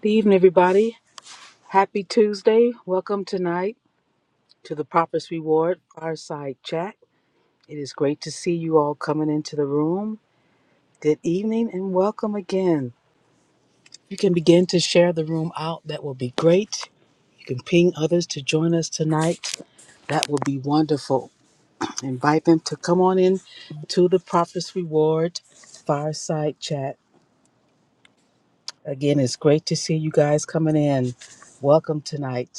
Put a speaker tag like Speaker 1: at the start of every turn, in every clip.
Speaker 1: Good evening, everybody. Happy Tuesday. Welcome tonight to the Prophet's Reward Fireside Chat. It is great to see you all coming into the room. Good evening and welcome again. you can begin to share the room out, that will be great. You can ping others to join us tonight. That will be wonderful. Invite them to come on in to the Prophet's Reward Fireside Chat. Again, it's great to see you guys coming in. Welcome tonight.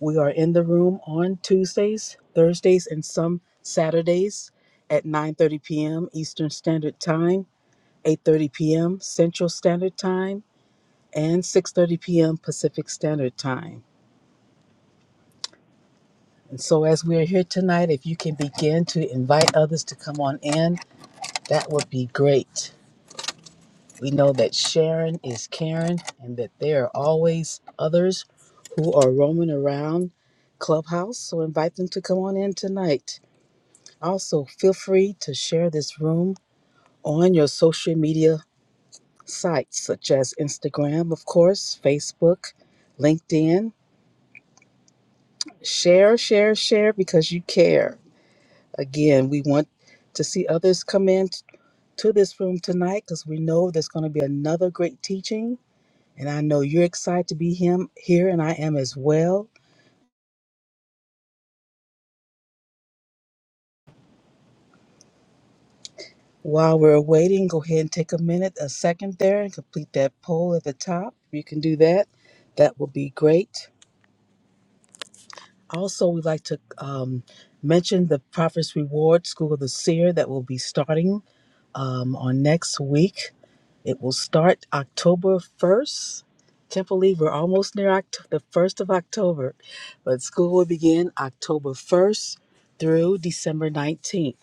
Speaker 1: We are in the room on Tuesdays, Thursdays, and some Saturdays at 9:30 p.m. Eastern Standard Time, 8:30 p.m. Central Standard Time, and 6:30 p.m. Pacific Standard Time. And so as we are here tonight, if you can begin to invite others to come on in, that would be great. We know that Sharon is Karen and that there are always others who are roaming around Clubhouse, so invite them to come on in tonight. Also, feel free to share this room on your social media sites such as Instagram, of course, Facebook, LinkedIn. Share, share, share because you care. Again, we want to see others come in t- to this room tonight because we know there's going to be another great teaching. And I know you're excited to be him here, and I am as well. While we're waiting, go ahead and take a minute, a second there, and complete that poll at the top. You can do that. That will be great. Also, we'd like to um, mention the Prophet's Reward School of the Seer that will be starting um, on next week. It will start October 1st. Can't believe we're almost near Oct- the 1st of October, but school will begin October 1st through December 19th.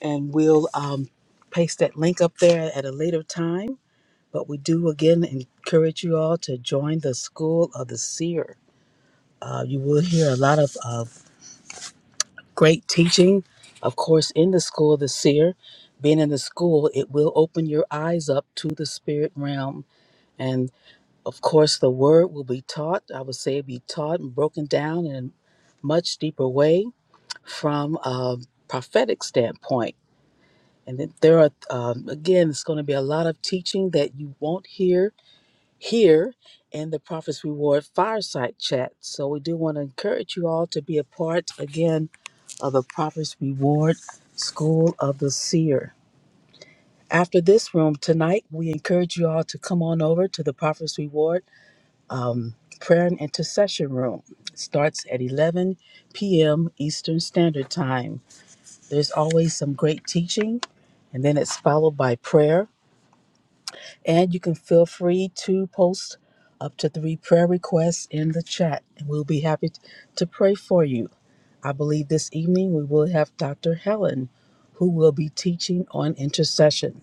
Speaker 1: And we'll um, paste that link up there at a later time. But we do again encourage you all to join the School of the Seer. Uh, you will hear a lot of uh, great teaching. Of course, in the school of the seer, being in the school, it will open your eyes up to the spirit realm. And of course, the word will be taught. I would say be taught and broken down in a much deeper way from a prophetic standpoint. And then there are, um, again, it's going to be a lot of teaching that you won't hear here in the Prophet's Reward Fireside Chat. So we do want to encourage you all to be a part again of the Prophet's Reward School of the Seer. After this room tonight, we encourage you all to come on over to the Prophet's Reward Prayer and Intercession Room. It starts at 11 p.m. Eastern Standard Time. There's always some great teaching, and then it's followed by prayer And you can feel free to post up to three prayer requests in the chat, and we'll be happy to pray for you. I believe this evening we will have Dr. Helen, who will be teaching on intercession.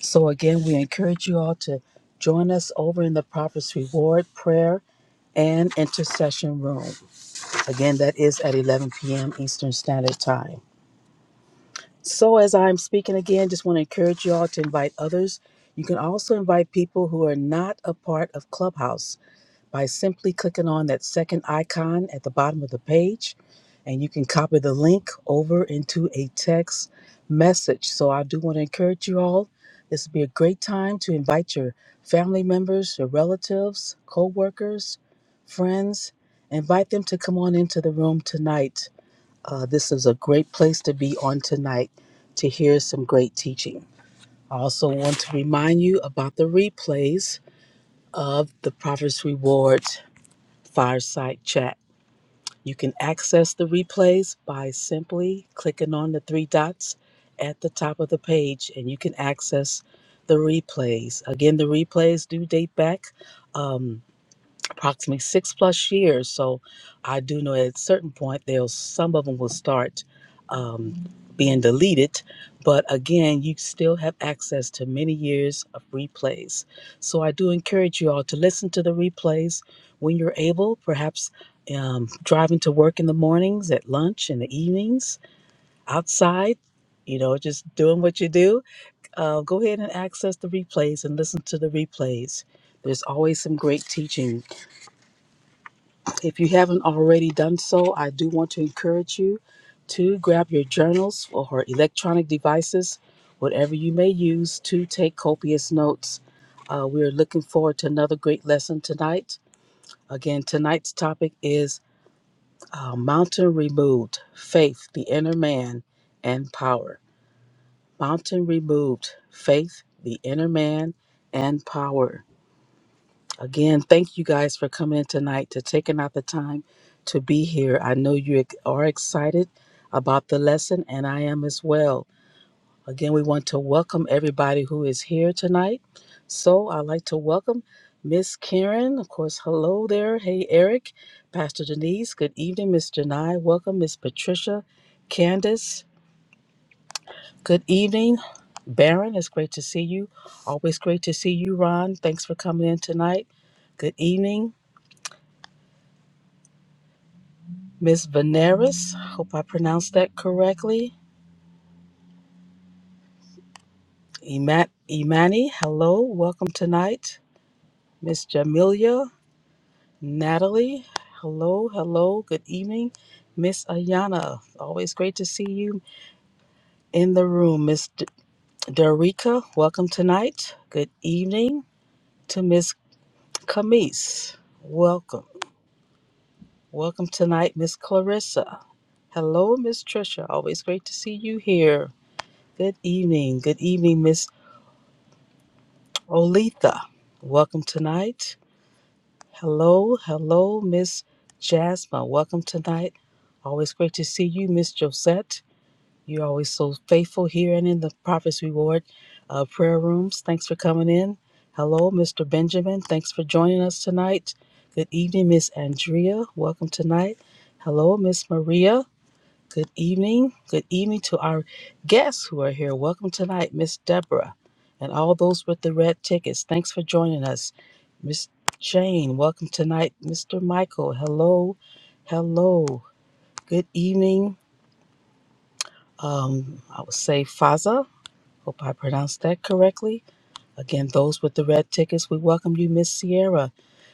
Speaker 1: So, again, we encourage you all to join us over in the Prophet's Reward Prayer and Intercession Room. Again, that is at 11 p.m. Eastern Standard Time. So, as I'm speaking again, just want to encourage you all to invite others. You can also invite people who are not a part of Clubhouse by simply clicking on that second icon at the bottom of the page, and you can copy the link over into a text message. So, I do want to encourage you all. This would be a great time to invite your family members, your relatives, co workers, friends. Invite them to come on into the room tonight uh, this is a great place to be on tonight to hear some great teaching. I also want to remind you about the replays of the Prophet's Reward Fireside Chat. You can access the replays by simply clicking on the three dots at the top of the page, and you can access the replays. Again, the replays do date back. Um, approximately six plus years. So I do know at a certain point there'll some of them will start um, being deleted, but again, you still have access to many years of replays. So I do encourage you all to listen to the replays when you're able, perhaps um, driving to work in the mornings, at lunch, in the evenings, outside. You know, just doing what you do. Uh, go ahead and access the replays and listen to the replays. There's always some great teaching if you haven't already done so, I do want to encourage you to grab your journals or electronic devices, whatever you may use, to take copious notes. Uh, we're looking forward to another great lesson tonight. Again, tonight's topic is uh, Mountain Removed Faith, the Inner Man, and Power. Mountain Removed Faith, the Inner Man, and Power. Again, thank you guys for coming in tonight to taking out the time to be here. I know you ex- are excited about the lesson, and I am as well. Again, we want to welcome everybody who is here tonight. So I'd like to welcome Miss Karen. Of course, hello there. Hey, Eric, Pastor Denise. Good evening, Miss Janai. Welcome, Miss Patricia, Candace. Good evening, Baron. It's great to see you. Always great to see you, Ron. Thanks for coming in tonight. Good evening. Miss Veneris, hope I pronounced that correctly. Ima- Imani, hello, welcome tonight. Miss Jamelia, Natalie, hello, hello, good evening. Miss Ayana, always great to see you in the room. Miss D- Darica, welcome tonight. Good evening to Miss Camise, welcome. Welcome tonight, Miss Clarissa. Hello, Miss Trisha, always great to see you here. Good evening. Good evening, Miss Olitha, welcome tonight. Hello, hello, Miss Jasmine. Welcome tonight. Always great to see you, Miss Josette. You're always so faithful here and in the Prophet's Reward uh, prayer rooms. Thanks for coming in. Hello, Mr. Benjamin. Thanks for joining us tonight. Good evening, Miss Andrea. Welcome tonight. Hello, Miss Maria. Good evening. Good evening to our guests who are here. Welcome tonight, Miss Deborah, and all those with the red tickets. Thanks for joining us. Miss Jane, welcome tonight. Mr. Michael, hello. Hello. Good evening. Um, I would say Faza. Hope I pronounced that correctly. Again, those with the red tickets, we welcome you, Miss Sierra.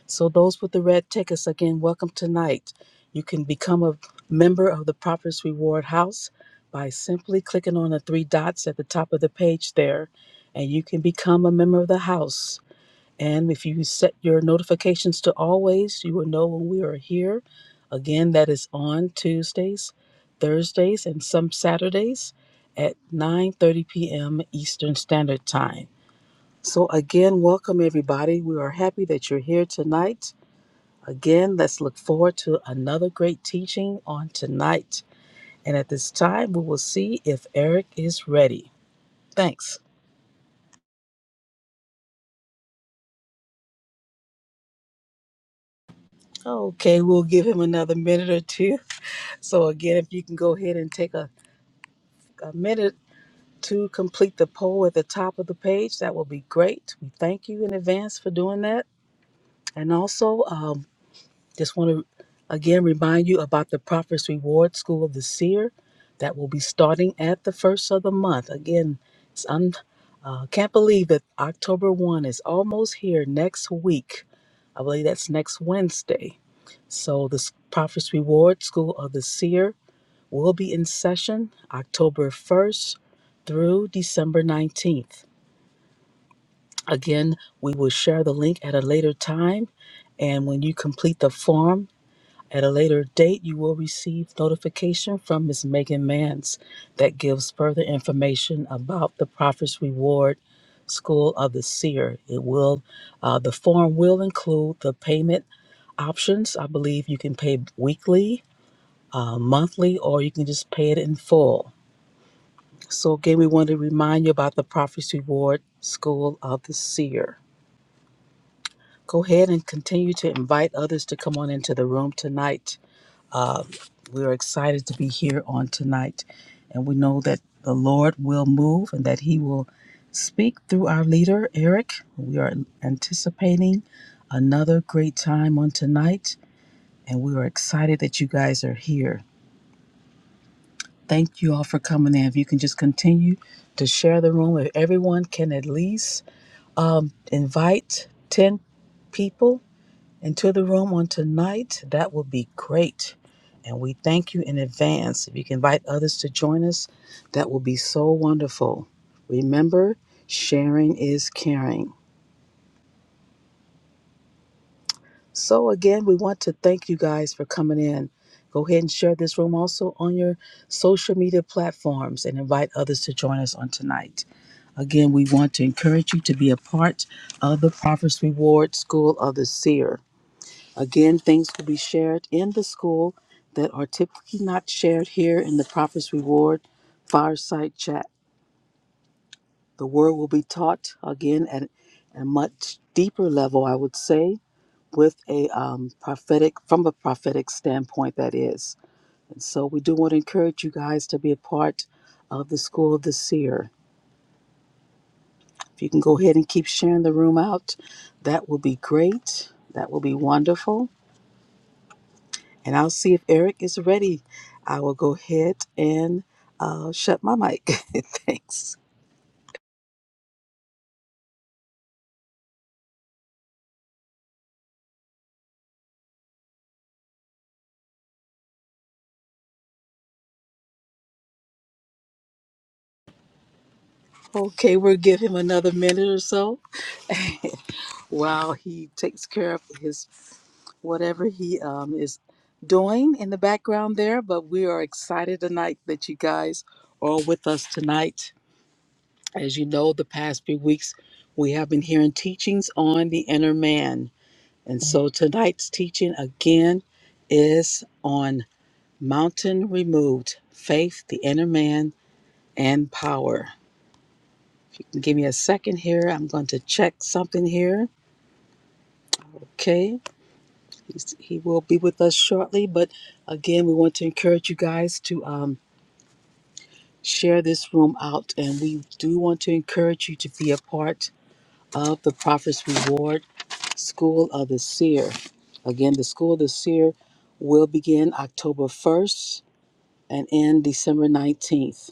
Speaker 1: So, those with the red tickets, again, welcome tonight. You can become a member of the Properties Reward House by simply clicking on the three dots at the top of the page there, and you can become a member of the house. And if you set your notifications to always, you will know when we are here. Again, that is on Tuesdays, Thursdays, and some Saturdays at 9:30 p.m. Eastern Standard Time. So, again, welcome everybody. We are happy that you're here tonight. Again, let's look forward to another great teaching on tonight. And at this time, we will see if Eric is ready. Thanks. Okay, we'll give him another minute or two. So, again, if you can go ahead and take a, a minute to complete the poll at the top of the page, that will be great. We thank you in advance for doing that. And also, um, Just want to again remind you about the Prophet's Reward School of the Seer that will be starting at the first of the month. Again, it's un- uh, can't believe that October 1 is almost here next week. I believe that's next Wednesday. So, the S- Prophet's Reward School of the Seer will be in session October 1st through December 19th. Again, we will share the link at a later time. And when you complete the form, at a later date, you will receive notification from Ms. Megan Mance that gives further information about the Prophet's Reward School of the Seer. It will, uh, the form will include the payment options. I believe you can pay weekly, uh, monthly, or you can just pay it in full. So again, we want to remind you about the Prophet's Reward School of the Seer. Go ahead and continue to invite others to come on into the room tonight. Um, we're excited to be here on tonight, and we know that the Lord will move and that He will speak through our leader, Eric. We are anticipating another great time on tonight, and we are excited that you guys are here. Thank you all for coming in. If you can just continue to share the room, if everyone can at least um, invite 10 people into the room on tonight. That will be great. And we thank you in advance. If you can invite others to join us, that will be so wonderful. Remember, sharing is caring. So, again, we want to thank you guys for coming in. Go ahead and share this room also on your social media platforms and invite others to join us on tonight. Again, we want to encourage you to be a part of the Prophet's Reward School of the Seer. Again, things will be shared in the school that are typically not shared here in the Prophet's Reward fireside chat. The word will be taught again at a much deeper level, I would say, with a um, prophetic, from a prophetic standpoint, that is. And so we do want to encourage you guys to be a part of the School of the Seer. If you can go ahead and keep sharing the room out, that will be great. That will be wonderful. And I'll see if Eric is ready. I will go ahead and uh, shut my mic. Thanks. Okay, we'll give him another minute or so while he takes care of his whatever he um, is doing in the background there. But we are excited tonight that you guys are with us tonight. As you know, the past few weeks we have been hearing teachings on the inner man. And so tonight's teaching again is on. Mountain removed, faith, the inner man, and power. Give me a second here. I'm going to check something here. Okay. He's, he will be with us shortly. But again, we want to encourage you guys to um, share this room out. And we do want to encourage you to be a part of the Prophet's Reward School of the Seer. Again, the School of the Seer will begin October 1st and end December 19th.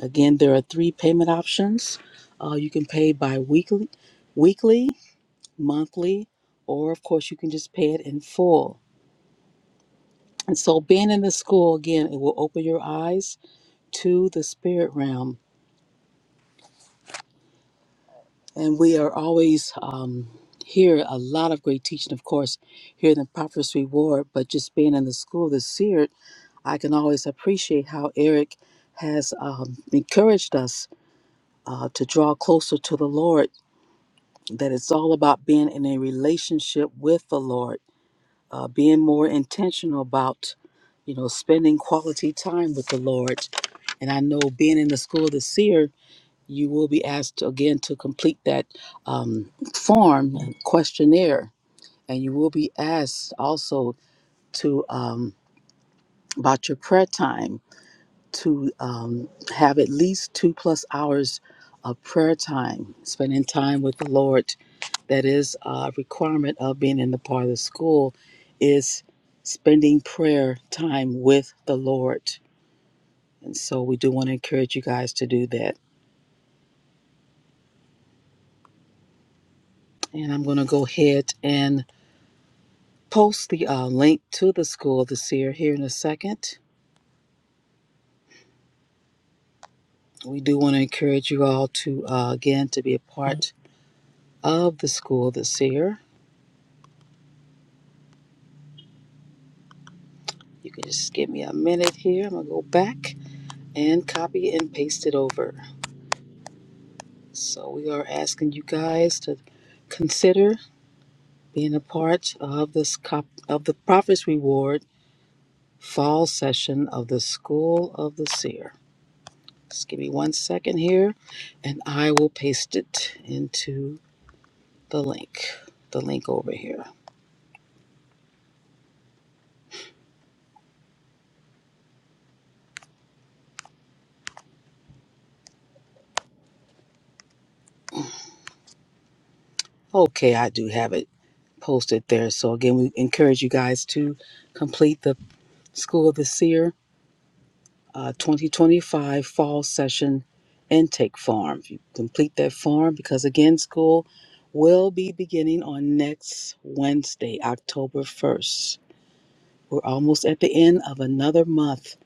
Speaker 1: Again, there are three payment options. Uh, you can pay by weekly, weekly, monthly, or of course you can just pay it in full. And so, being in the school again, it will open your eyes to the spirit realm. And we are always um, here a lot of great teaching, of course, here in the Prophet's Reward. But just being in the school, the seared, I can always appreciate how Eric has um, encouraged us uh, to draw closer to the Lord that it's all about being in a relationship with the Lord, uh, being more intentional about, you know, spending quality time with the Lord. And I know being in the School of the Seer, you will be asked again to complete that um, form and questionnaire. And you will be asked also to, um, about your prayer time, to um, have at least two plus hours of prayer time, spending time with the Lord that is a requirement of being in the part of the school is spending prayer time with the Lord. And so we do want to encourage you guys to do that. And I'm going to go ahead and post the uh, link to the School of the Seer here in a second. We do want to encourage you all to, uh, again, to be a part of the School of the Seer. You can just give me a minute here. I'm going to go back and copy and paste it over. So we are asking you guys to consider being a part of this cop- of the Prophet's Reward fall session of the School of the Seer. Just give me one second here, and I will paste it into the link. The link over here. Okay, I do have it posted there. So again, we encourage you guys to complete the School of the Seer uh, 2025 fall session intake form. you complete that form, because again, school will be beginning on next Wednesday, October 1st. We're almost at the end of another month.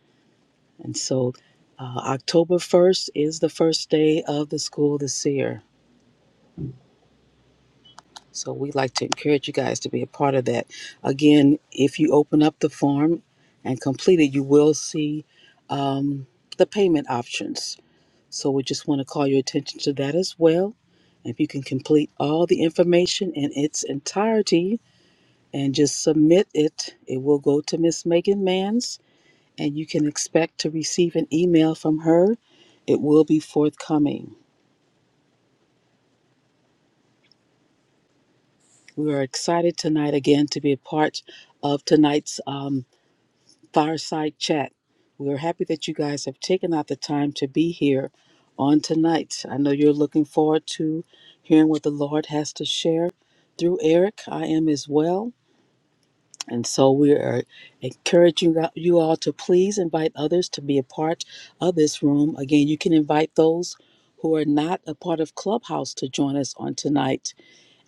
Speaker 1: And so uh, October 1st is the first day of the school this year. So we'd like to encourage you guys to be a part of that. Again, if you open up the form and complete it, you will see um, the payment options So we just want to call your attention to that as well. If you can complete all the information in its entirety and just submit it, it will go to Miss Megan Manns and you can expect to receive an email from her. It will be forthcoming. We are excited tonight again to be a part of tonight's um, Fireside Chat. We're happy that you guys have taken out the time to be here on tonight. I know you're looking forward to hearing what the Lord has to share through Eric. I am as well. And so we are encouraging you all to please invite others to be a part of this room. Again, you can invite those who are not a part of Clubhouse to join us on tonight.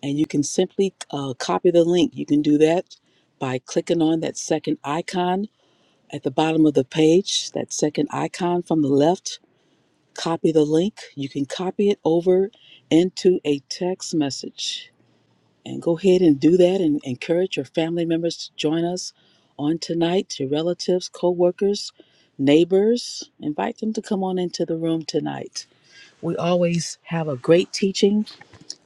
Speaker 1: And you can simply uh, copy the link. You can do that by clicking on that second icon at the bottom of the page, that second icon from the left, copy the link. You can copy it over into a text message. And go ahead and do that and encourage your family members to join us on tonight, your relatives, co workers, neighbors. Invite them to come on into the room tonight. We always have a great teaching,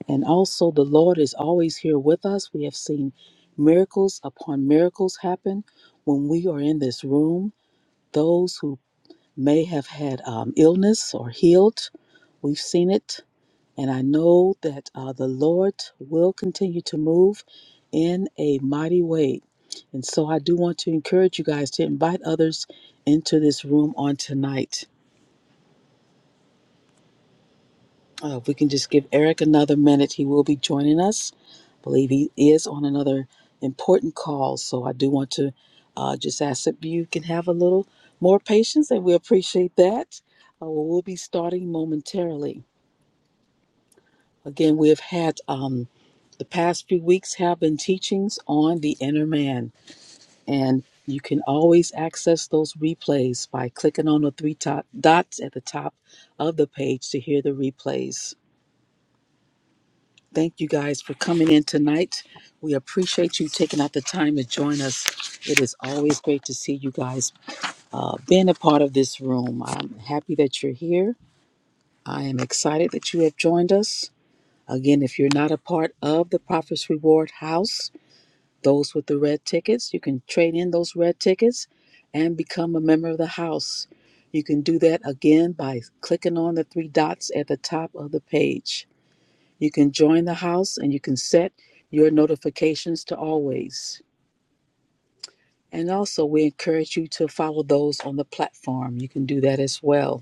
Speaker 1: and also the Lord is always here with us. We have seen miracles upon miracles happen when we are in this room. Those who may have had um, illness or healed. We've seen it. And I know that uh, the Lord will continue to move in a mighty way. And so I do want to encourage you guys to invite others into this room on tonight. Uh, if we can just give Eric another minute, he will be joining us. I believe he is on another important call. So I do want to uh, just ask that you can have a little more patience, and we appreciate that. Uh, we'll be starting momentarily. Again, we have had um, the past few weeks have been teachings on the inner man, and you can always access those replays by clicking on the three top dots at the top of the page to hear the replays. Thank you guys for coming in tonight. We appreciate you taking out the time to join us. It is always great to see you guys uh, being a part of this room. I'm happy that you're here. I am excited that you have joined us. Again, if you're not a part of the Prophet's Reward House, those with the red tickets, you can trade in those red tickets and become a member of the house. You can do that again by clicking on the three dots at the top of the page. You can join the house and you can set your notifications to always. And also, we encourage you to follow those on the platform. You can do that as well.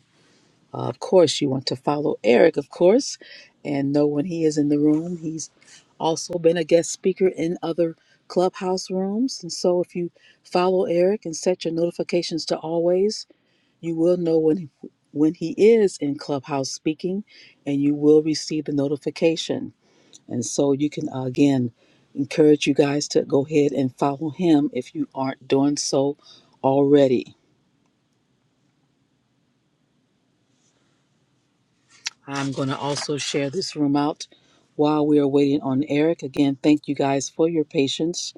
Speaker 1: Uh, of course, you want to follow Eric, of course, and know when he is in the room. He's also been a guest speaker in other clubhouse rooms. And so, if you follow Eric and set your notifications to always, you will know when when he is in clubhouse speaking, and you will receive the notification. And so, you can uh, again encourage you guys to go ahead and follow him if you aren't doing so already. I'm going to also share this room out while we are waiting on Eric. Again, thank you guys for your patience.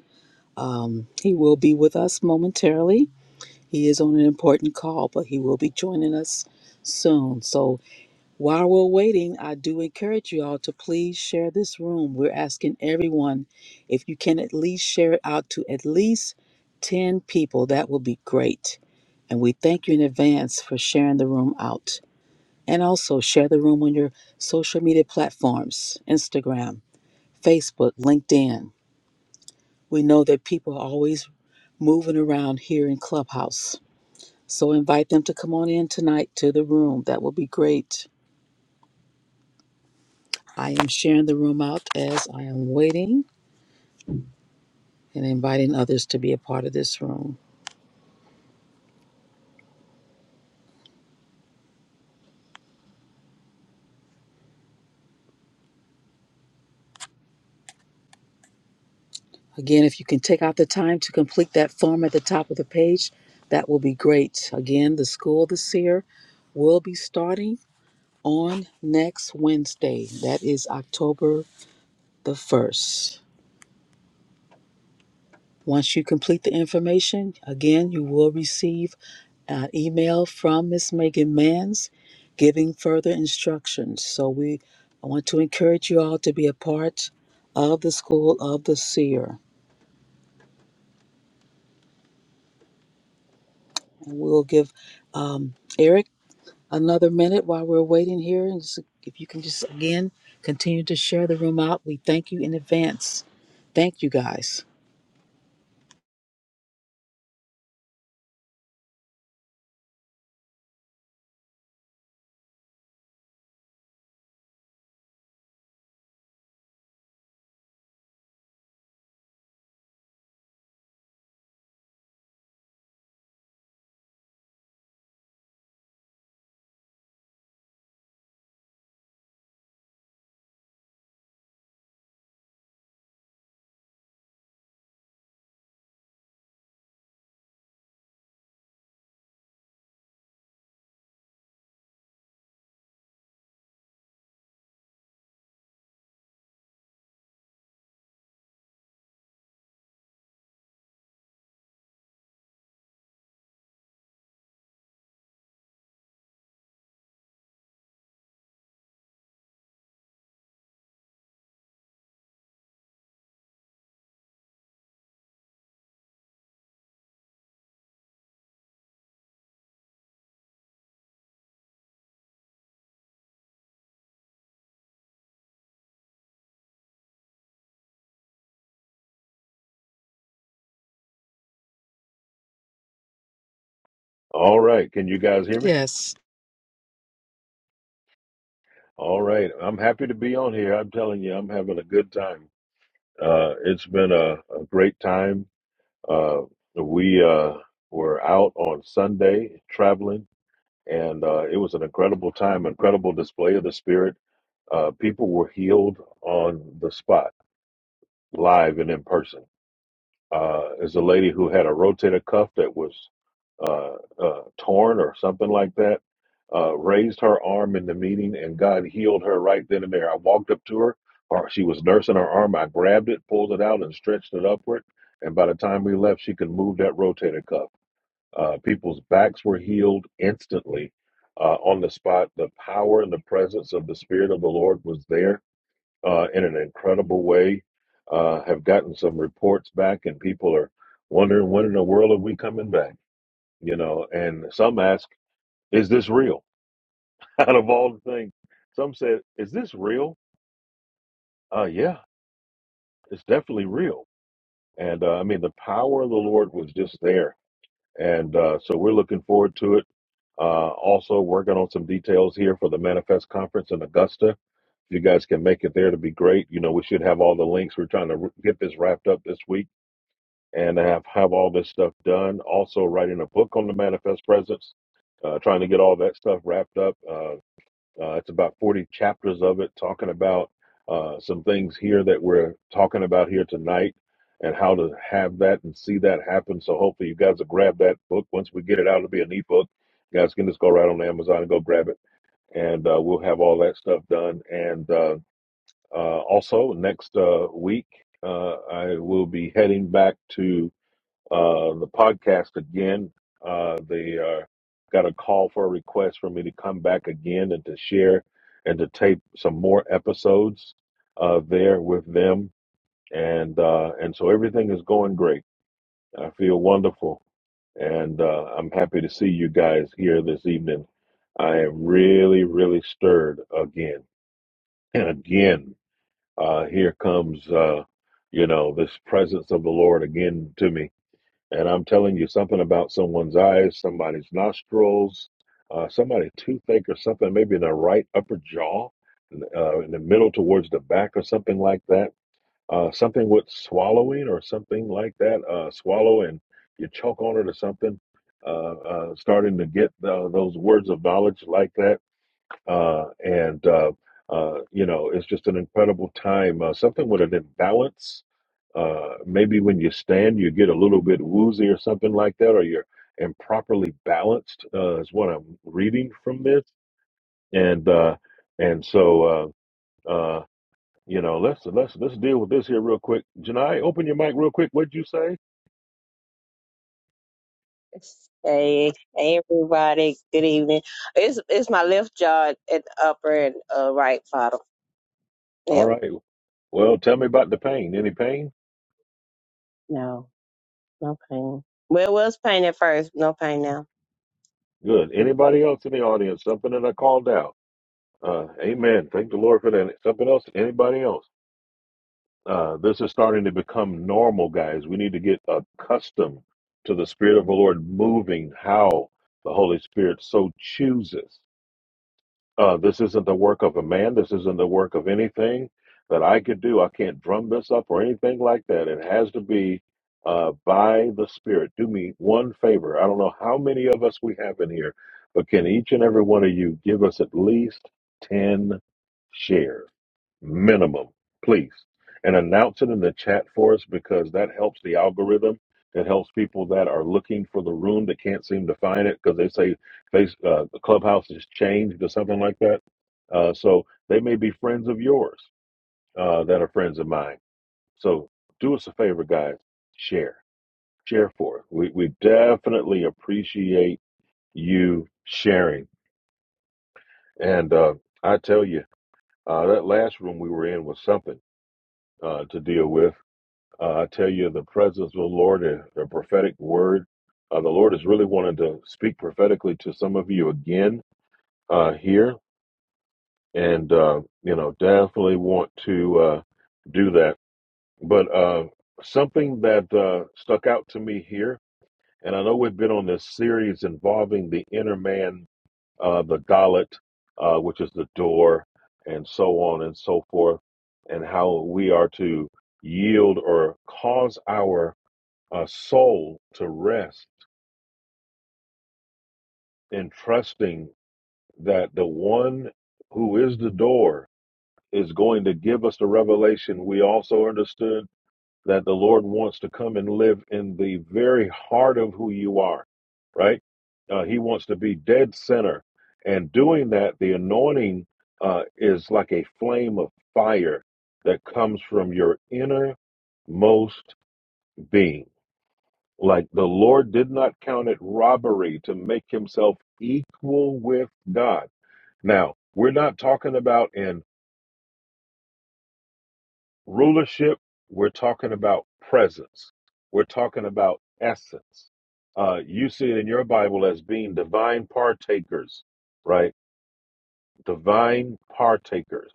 Speaker 1: Um, he will be with us momentarily. He is on an important call, but he will be joining us soon. So while we're waiting, I do encourage you all to please share this room. We're asking everyone if you can at least share it out to at least 10 people, that will be great. And we thank you in advance for sharing the room out. And also share the room on your social media platforms Instagram, Facebook, LinkedIn. We know that people are always moving around here in Clubhouse. So invite them to come on in tonight to the room. That will be great. I am sharing the room out as I am waiting and inviting others to be a part of this room. Again, if you can take out the time to complete that form at the top of the page, that will be great. Again, the School of the Seer will be starting on next Wednesday. That is October the 1st. Once you complete the information, again, you will receive an email from Ms. Megan Manns giving further instructions. So we I want to encourage you all to be a part of the School of the Seer. And we'll give um, Eric another minute while we're waiting here. And s- if you can just, again, continue to share the room out, we thank you in advance. Thank you guys.
Speaker 2: All right. Can you guys hear me?
Speaker 1: Yes.
Speaker 2: All right. I'm happy to be on here. I'm telling you, I'm having a good time. Uh, it's been a, a great time. Uh, we uh, were out on Sunday traveling, and uh, it was an incredible time, incredible display of the Spirit. Uh, people were healed on the spot, live and in person. Uh, is a lady who had a rotator cuff that was uh, uh, torn or something like that. Uh, raised her arm in the meeting, and God healed her right then and there. I walked up to her, or she was nursing her arm. I grabbed it, pulled it out, and stretched it upward. And by the time we left, she could move that rotator cuff. Uh, people's backs were healed instantly uh, on the spot. The power and the presence of the Spirit of the Lord was there uh, in an incredible way. Uh, have gotten some reports back, and people are wondering when in the world are we coming back? You know, and some ask, "Is this real?" Out of all the things, some said, "Is this real?" Uh, yeah, it's definitely real. And uh, I mean, the power of the Lord was just there, and uh, so we're looking forward to it. Uh, also, working on some details here for the Manifest Conference in Augusta if you guys can make it there to be great you know we should have all the links we're trying to r- get this wrapped up this week and have have all this stuff done. Also, writing a book on the manifest presence, uh, trying to get all that stuff wrapped up. Uh, uh, it's about forty chapters of it, talking about uh, some things here that we're talking about here tonight, and how to have that and see that happen. So hopefully, you guys will grab that book once we get it out. It'll be an ebook. You guys can just go right on Amazon and go grab it, and uh, we'll have all that stuff done. And uh, uh, also next uh, week, uh, I will be heading back to uh, the podcast again. Uh, they uh, got a call for a request for me to come back again and to share and to tape some more episodes uh, there with them. And uh, and so everything is going great. I feel wonderful, and uh, I'm happy to see you guys here this evening. I am really, really stirred again and again. Uh, here comes, uh, you know, this presence of the Lord again to me and I'm telling you something about someone's eyes, somebody's nostrils, uh, somebody's toothache or something, maybe in the right upper jaw, uh, in the middle towards the back or something like that. Uh, something with swallowing or something like that. Uh, swallow and you choke on it or something. Uh, uh, starting to get uh, those words of knowledge like that uh, and uh, uh, you know it's just an incredible time. Uh, something with an imbalance. Uh, maybe when you stand, you get a little bit woozy or something like that, or you're improperly balanced. Uh, is what I'm reading from this, and uh, and so uh, uh, you know let's let's let's deal with this here real quick. Janai, open your mic real quick. What'd you say?
Speaker 3: Hey, hey everybody. Good evening. It's it's my left jaw and upper and uh, right bottom.
Speaker 2: All
Speaker 3: Yeah.
Speaker 2: right. Well, tell me about the pain. Any pain?
Speaker 3: No, no pain. Well, it was pain at first. No pain now.
Speaker 2: Good.
Speaker 3: Mhm.
Speaker 2: Anybody else in the audience? Something that I called out? Uh, amen. Thank the Lord for that. Something else? Anybody else? Uh, this is starting to become normal, guys. We need to get accustomed to the Spirit of the Lord moving how the Holy Spirit so chooses. Uh, this isn't the work of a man. This isn't the work of anything that I could do. I can't drum this up or anything like that. It has to be uh, by the Spirit. Do me one favor. I don't know how many of us we have in here, but can each and every one of you give us at least 10 shares? minimum, please. And announce it in the chat for us because that helps the algorithm. It helps people that are looking for the room that can't seem to find it because they say face uh, the clubhouse has changed or something like that. Uh, so they may be friends of yours uh, that are friends of mine. So do us a favor, guys. Share, share for us. We we definitely appreciate you sharing. And uh, I tell you, uh, that last room we were in was something uh, to deal with. Uh, I tell you, the presence of the Lord and the prophetic word, uh, the Lord is really wanting to speak prophetically to some of you again uh, here, and uh, you know, definitely want to uh, do that. But uh, something that uh, stuck out to me here, and I know we've been on this series involving the inner man, uh, the Dalit, uh, which is the door, and so on and so forth, and how we are to yield or cause our a soul to rest in trusting that the one who is the door is going to give us the revelation. We also understood that the Lord wants to come and live in the very heart of who you are, right? Uh, he wants to be dead center. And doing that, the anointing uh, is like a flame of fire that comes from your innermost being Like the Lord did not count it robbery to make himself equal with God. Now, we're not talking about in rulership, we're talking about presence, we're talking about essence. Uh, you see it in your Bible as being divine partakers, right? Divine partakers.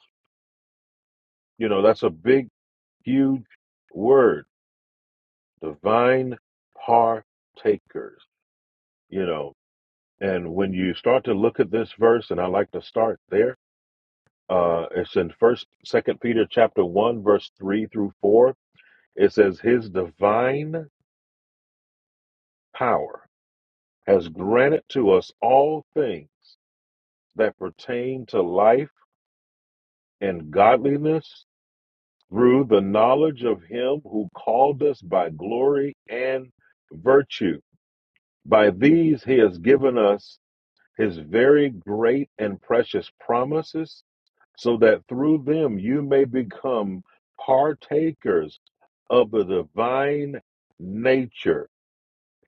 Speaker 2: You know, that's a big, huge word. Divine partakers, you know. And when you start to look at this verse, and I like to start there uh it's in first second peter chapter 1 verse 3 through 4 it says his divine power has granted to us all things that pertain to life and godliness through the knowledge of him who called us by glory and virtue by these he has given us his very great and precious promises so that through them you may become partakers of the divine nature,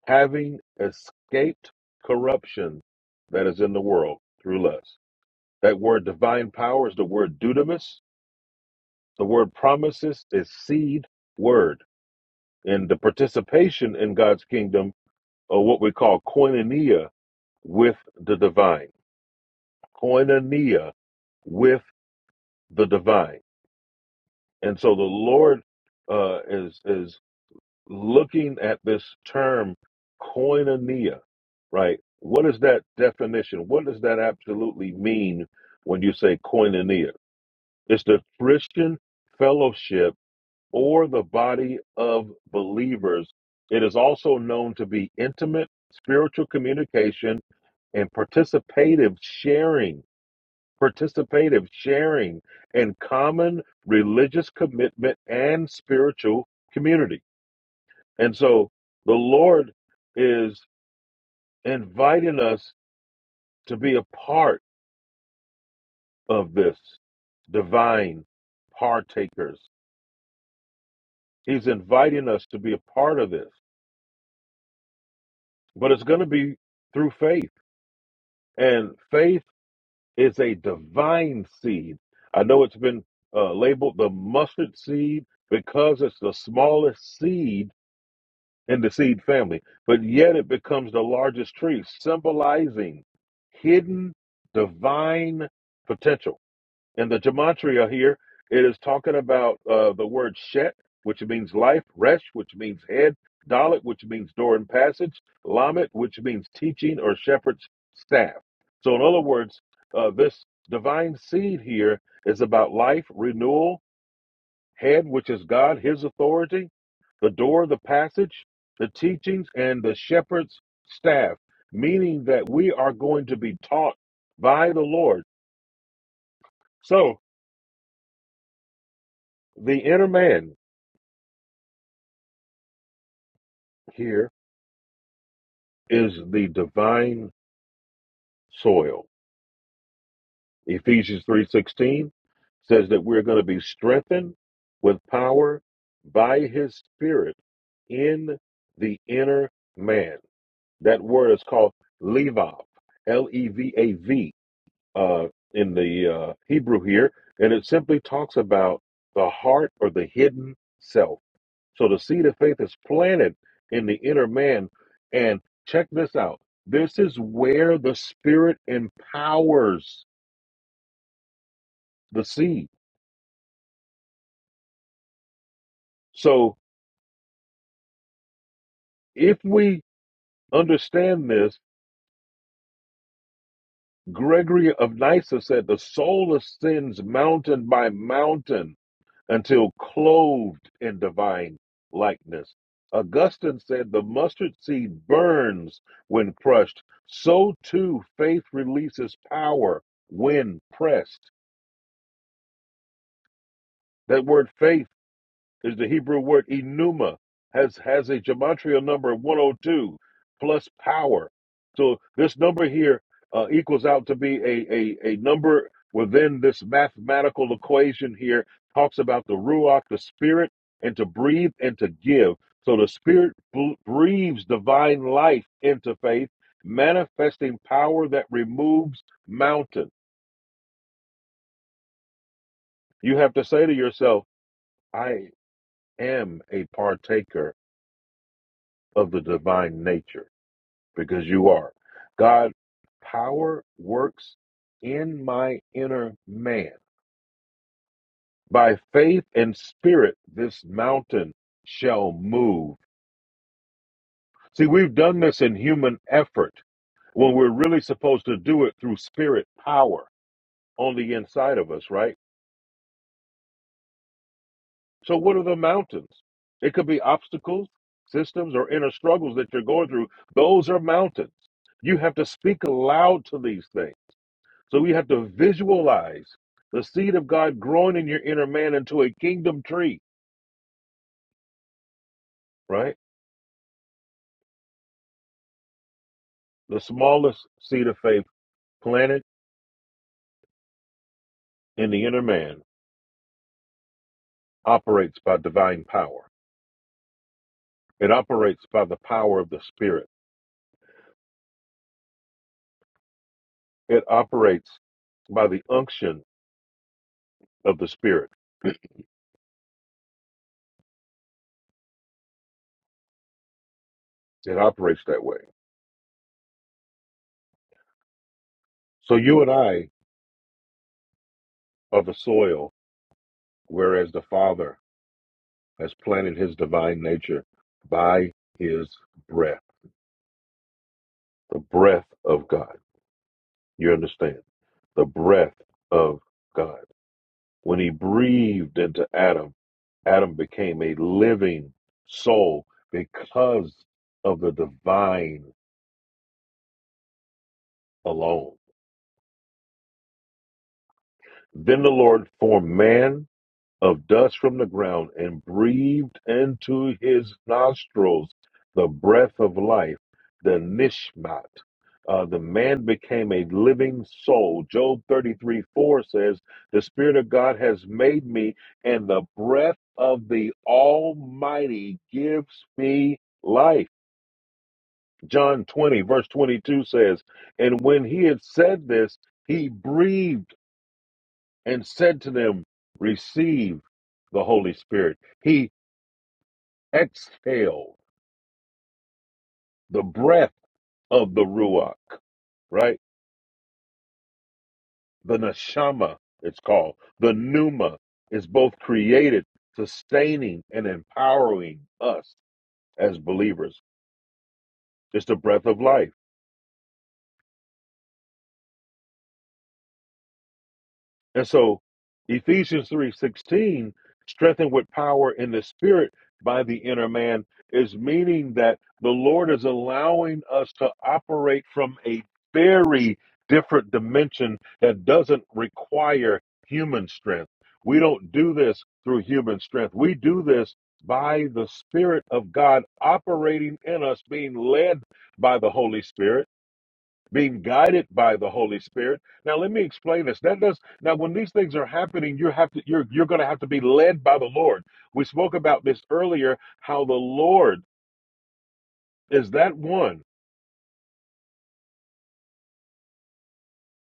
Speaker 2: having escaped corruption that is in the world through lust. That word divine power is the word dudamus. The word promises is seed word. And the participation in God's kingdom, or what we call koinonia with the divine, koinonia with the divine. And so the Lord uh, is is looking at this term koinonia, right? What is that definition? What does that absolutely mean when you say koinonia? It's the Christian fellowship or the body of believers. It is also known to be intimate spiritual communication and participative sharing, participative sharing and common religious commitment and spiritual community and so the Lord is inviting us to be a part of this divine partakers. He's inviting us to be a part of this, but it's going to be through faith. And faith is a divine seed. I know it's been uh, labeled the mustard seed because it's the smallest seed and the seed family, but yet it becomes the largest tree, symbolizing hidden divine potential. In the gematria here, it is talking about uh, the word shet, which means life, resh, which means head, dalit, which means door and passage, lamet, which means teaching or shepherd's staff. So, in other words, uh, this divine seed here is about life, renewal, head, which is God, his authority, the door, the passage, the teachings, and the shepherd's staff, meaning that we are going to be taught by the Lord. So the inner man here is the divine soil. Ephesians 3:16 says that we're going to be strengthened with power by his spirit in the inner man. That word is called levav, L E V A V uh, in the uh, Hebrew here, and it simply talks about the heart or the hidden self. So the seed of faith is planted in the inner man. And check this out this is where the Spirit empowers the seed. So if we understand this, Gregory of Nyssa said, The soul ascends mountain by mountain until clothed in divine likeness. Augustine said, The mustard seed burns when crushed. So too, faith releases power when pressed. That word faith is the Hebrew word enuma, has has a gematria number of 102 plus power. So this number here uh, equals out to be a, a a number within this mathematical equation here. Talks about the ruach, the spirit, and to breathe and to give. So the spirit bl- breathes divine life into faith, manifesting power that removes mountains. You have to say to yourself, I am a partaker of the divine nature. because you are. God, power works in my inner man. By faith and spirit, this mountain shall move. See, we've done this in human effort when we're really supposed to do it through spirit power on the inside of us, right? So, what are the mountains? It could be obstacles, systems, or inner struggles that you're going through. Those are mountains. You have to speak aloud to these things. So we have to visualize the seed of God growing in your inner man into a kingdom tree, right? The smallest seed of faith planted in the inner man operates by divine power. It operates by the power of the Spirit. It operates by the unction of the Spirit. It operates that way. So you and I are the soil, whereas the Father has planted his divine nature by his breath, the breath of God. You understand? the breath of God. When he breathed into Adam, Adam became a living soul because of the divine alone. Then the Lord formed man of dust from the ground and breathed into his nostrils the breath of life, the nishmat. Uh, the man became a living soul. Job 33 4 says, The Spirit of God has made me, and the breath of the Almighty gives me life. John 20, verse 22 says, And when he had said this, he breathed and said to them, Receive the Holy Spirit. He exhale the breath of the Ruach, right? The Neshama, it's called. The Pneuma is both created, sustaining, and empowering us as believers. It's the breath of life. And so Ephesians 3:16, strengthened with power in the spirit by the inner man, is meaning that the Lord is allowing us to operate from a very different dimension that doesn't require human strength. We don't do this through human strength. We do this by the Spirit of God operating in us, being led by the Holy Spirit being guided by the Holy Spirit. Now let me explain this. That does now when these things are happening, you have to you're you're gonna have to be led by the Lord. We spoke about this earlier, how the Lord is that one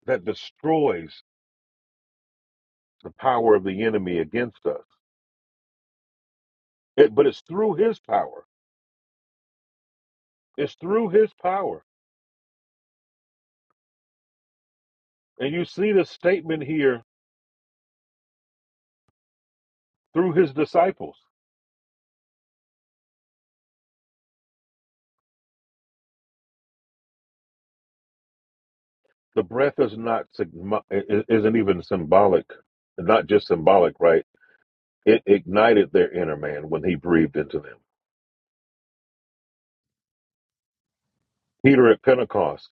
Speaker 2: that destroys the power of the enemy against us. It- but it's through his power. It's through his power. And you see the statement here through his disciples. The breath is not sigma- i- i- isn't even symbolic, not just symbolic, right? It ignited their inner man when he breathed into them. Peter at Pentecost,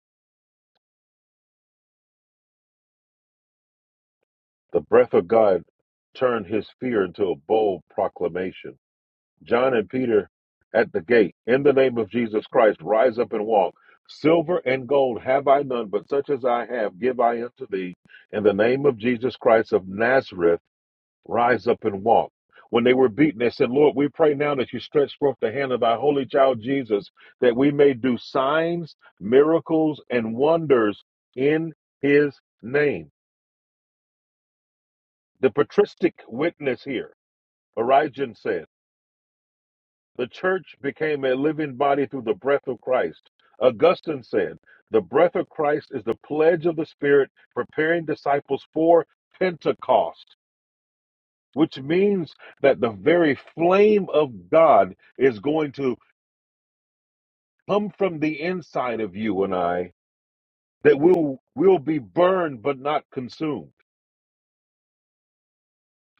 Speaker 2: the breath of God turned his fear into a bold proclamation. John and Peter at the gate, in the name of Jesus Christ, rise up and walk. Silver and gold have I none, but such as I have give I unto thee. In the name of Jesus Christ of Nazareth, rise up and walk. When they were beaten, they said, Lord, we pray now that you stretch forth the hand of thy holy child Jesus, that we may do signs, miracles, and wonders in his name. The patristic witness here, Origen said, the church became a living body through the breath of Christ. Augustine said, the breath of Christ is the pledge of the Spirit, preparing disciples for Pentecost. which means that the very flame of God is going to come from the inside of you and I, that we'll, we'll be burned but not consumed.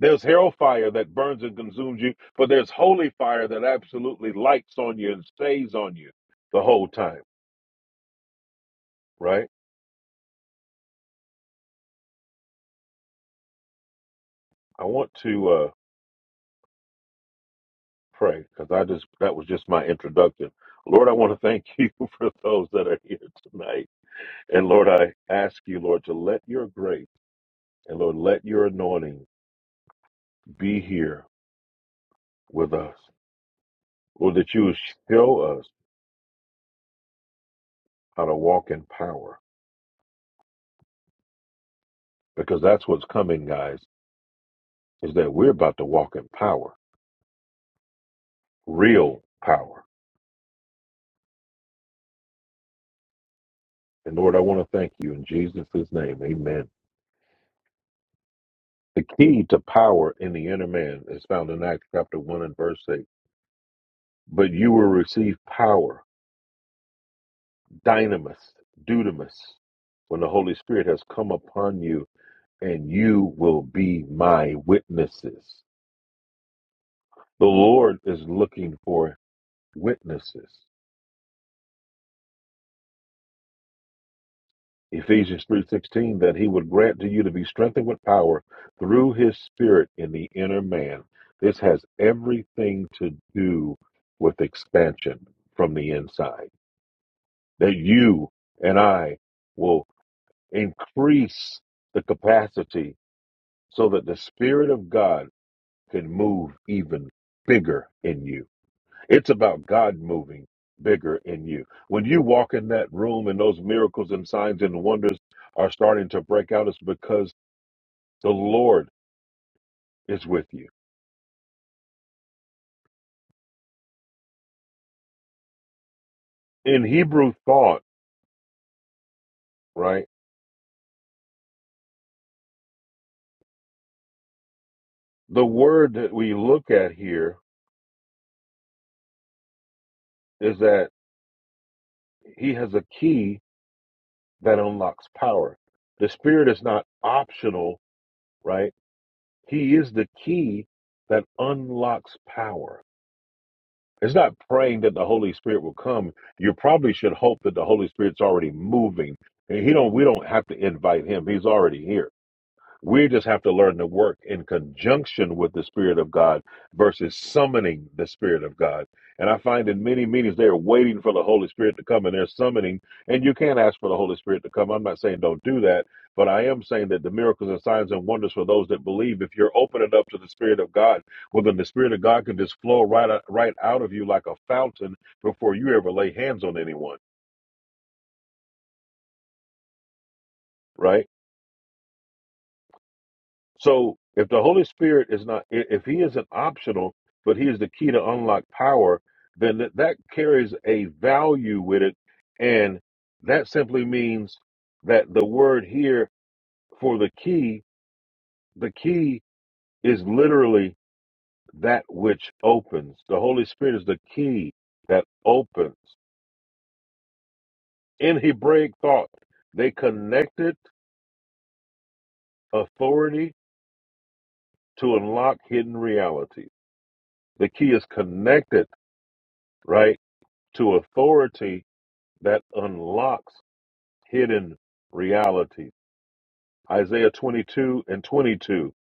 Speaker 2: There's hell fire that burns and consumes you, but there's holy fire that absolutely lights on you and stays on you the whole time, right? I want to uh, pray because I just that was just my introduction. Lord, I want to thank you for those that are here tonight. And Lord, I ask you, Lord, to let your grace And Lord, let your anointing be here with us. Lord, that you would show us how to walk in power. Because that's what's coming, guys, is that we're about to walk in power, real power. And Lord, I want to thank you in Jesus' name. Amen. The key to power in the inner man is found in Acts chapter 1 and verse 8. But you will receive power, dynamis, dudamis, when the Holy Spirit has come upon you, and you will be my witnesses. The Lord is looking for witnesses. Ephesians 3:16 that he would grant to you to be strengthened with power through his spirit in the inner man. This has everything to do with expansion from the inside. That you and I will increase the capacity so that the spirit of God can move even bigger in you. It's about God moving bigger in you. When you walk in that room and those miracles and signs and wonders are starting to break out, it's because the Lord is with you. In Hebrew thought, right, the word that we look at here is that He has a key that unlocks power. The Spirit is not optional, right? He is the key that unlocks power It's not praying that the Holy Spirit will come. You probably should hope that the Holy Spirit's already moving. And he don't we don't have to invite him. He's already here. We just have to learn to work in conjunction with the Spirit of God versus summoning the Spirit of God. And I find in many meetings they're waiting for the Holy Spirit to come and they're summoning. And you can't ask for the Holy Spirit to come. I'm not saying don't do that, but I am saying that the miracles and signs and wonders for those that believe, if you're opening up to the Spirit of God, well, then the Spirit of God can just flow right, uh, right out of you like a fountain before you ever lay hands on anyone, right? So if the Holy Spirit is not, i- if He isn't optional, but He is the key to unlock power, then that, that carries a value with it. And that simply means that the word here for the key, the key is literally that which opens. The Holy Spirit is the key that opens. In Hebraic thought, they connected authority to unlock hidden reality. The key is connected, right? to authority that unlocks hidden realities. Isaiah 22 and 22.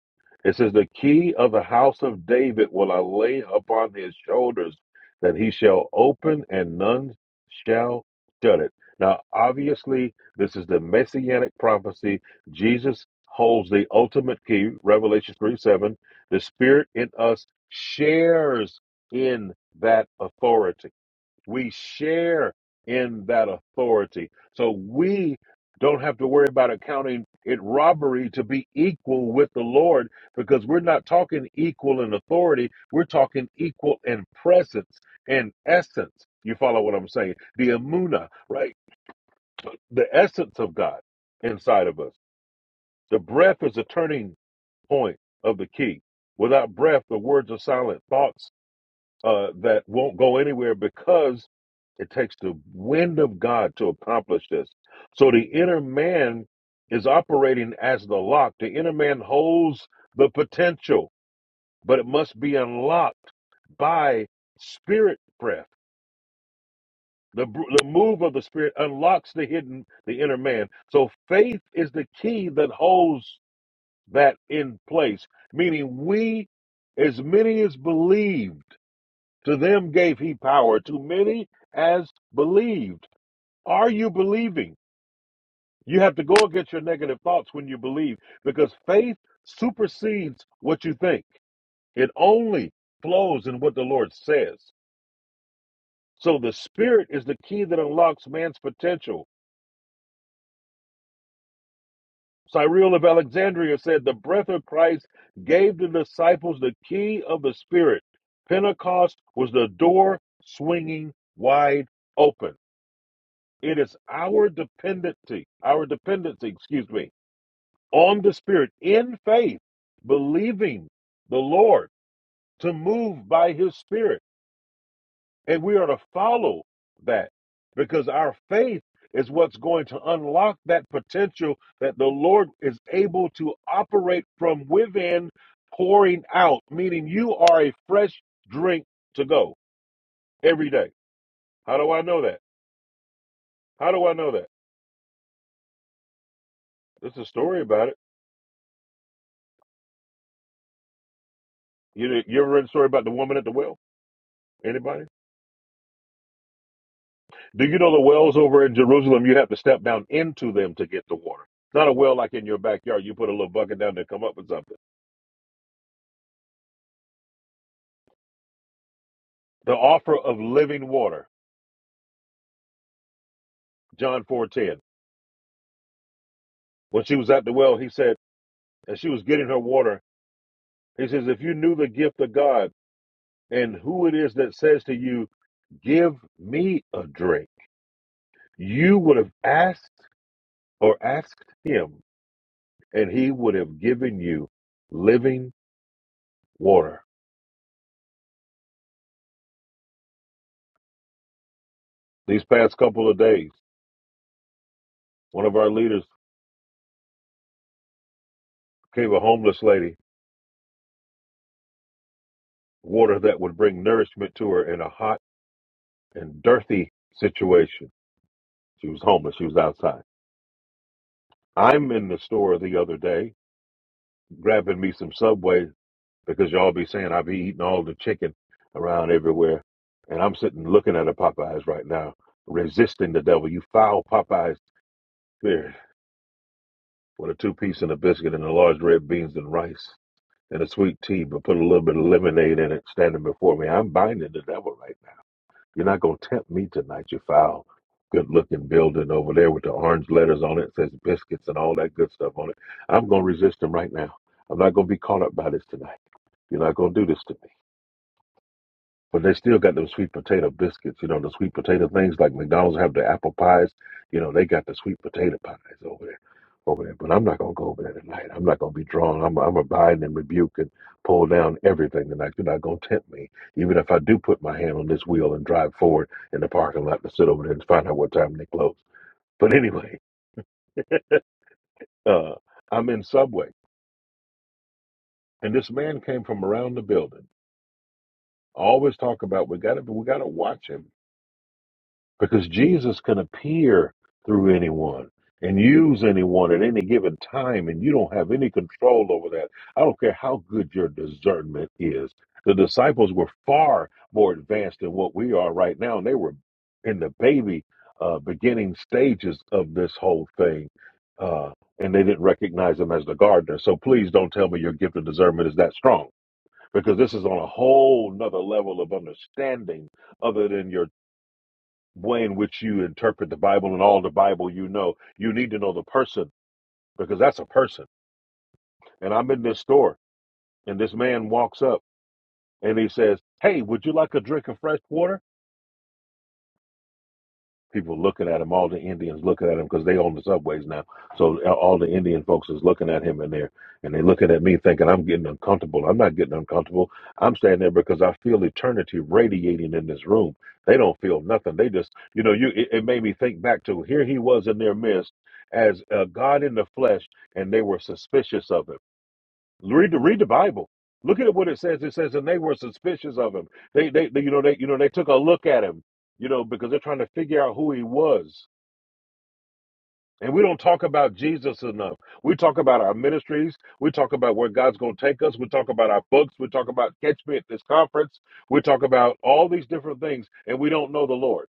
Speaker 2: It says, The key of the house of David will I lay upon his shoulders, that he shall open and none shall shut it. Now, obviously, this is the messianic prophecy. Jesus holds the ultimate key, Revelation 3 7. The Spirit in us shares in that authority. We share in that authority. So we don't have to worry about accounting it robbery to be equal with the Lord because we're not talking equal in authority. We're talking equal in presence and essence. You follow what I'm saying? The amuna, right? The essence of God inside of us. The breath is the turning point of the key. Without breath, the words are silent. Thoughts uh, that won't go anywhere because it takes the wind of God to accomplish this. So the inner man is operating as the lock. The inner man holds the potential, but it must be unlocked by spirit breath. The, br- the move of the spirit unlocks the hidden, the inner man. So faith is the key that holds that in place, meaning we, as many as believe. To them gave he power, to many as believed. Are you believing? You have to go against your negative thoughts when you believe because faith supersedes what you think. It only flows in what the Lord says. So the Spirit is the key that unlocks man's potential. Cyril of Alexandria said, The breath of Christ gave the disciples the key of the Spirit. Pentecost was the door swinging wide open. It is our dependency, our dependency, excuse me, on the Spirit in faith, believing the Lord to move by His Spirit. And we are to follow that because our faith is what's going to unlock that potential that the Lord is able to operate from within, pouring out, meaning you are a fresh drink to go every day. How do I know that? How do I know that? There's a story about it. You, you ever read the story about the woman at the well? Anybody? Do you know the wells over in Jerusalem? You have to step down into them to get the water. It's not a well like in your backyard. You put a little bucket down there, come up with something. The offer of living water, John four ten. When she was at the well, he said, as she was getting her water, he says, if you knew the gift of God and who it is that says to you, give me a drink, you would have asked or asked him, and he would have given you living water. These past couple of days, one of our leaders gave a homeless lady water that would bring nourishment to her in a hot and dirty situation. She was homeless, she was outside. I'm in the store the other day grabbing me some Subway because y'all be saying I be eating all the chicken around everywhere. And I'm sitting looking at a Popeyes right now, resisting the devil. You foul Popeyes spirit with a two piece and a biscuit and a large red beans and rice. and a sweet tea, but put a little bit of lemonade in it standing before me. I'm binding the devil right now. You're not going to tempt me tonight, you foul, good looking building over there with the orange letters on it, says biscuits and all that good stuff on it. I'm going to resist him right now. I'm not going to be caught up by this tonight. You're not going to do this to me. But they still got those sweet potato biscuits, you know, the sweet potato things like McDonald's have the apple pies. You know, they got the sweet potato pies over there, over there. But I'm not gonna go over there tonight. I'm not gonna be drawn. I'm I'm going and rebuke and pull down everything tonight. You're not gonna tempt me, even if I do put my hand on this wheel and drive forward in the parking lot to sit over there and find out what time they close. But anyway, uh, I'm in Subway, and this man came from around the building. I always talk about we gotta we gotta watch him because Jesus can appear through anyone and use anyone at any given time, and you don't have any control over that. I don't care how good your discernment is. The disciples were far more advanced than what we are right now, and they were in the baby uh, beginning stages of this whole thing. Uh, and they didn't recognize him as the gardener. So please don't tell me your gift of discernment is that strong because this is on a whole nother level of understanding other than your way in which you interpret the Bible and all the Bible you know. You need to know the person because that's a person. And I'm in this store and this man walks up and he says, Hey, would you like a drink of fresh water? people looking at him. All the Indians looking at him because they own the subways now. So uh, all the Indian folks is looking at him in there, and they looking at me thinking I'm getting uncomfortable. I'm not getting uncomfortable. I'm standing there because I feel eternity radiating in this room. They don't feel nothing. They just, you know, you. It, it made me think back to here he was in their midst as a God in the flesh, and they were suspicious of him Read the read the Bible. Look at what it says. It says, and they were suspicious of him. They, they, they you know, they, you know, they took a look at him, you know, because they're trying to figure out who he was. And we don't talk about Jesus enough. We talk about our ministries. We talk about where God's going to take us. We talk about our books. We talk about catch me at this conference. We talk about all these different things, and we don't know the Lord.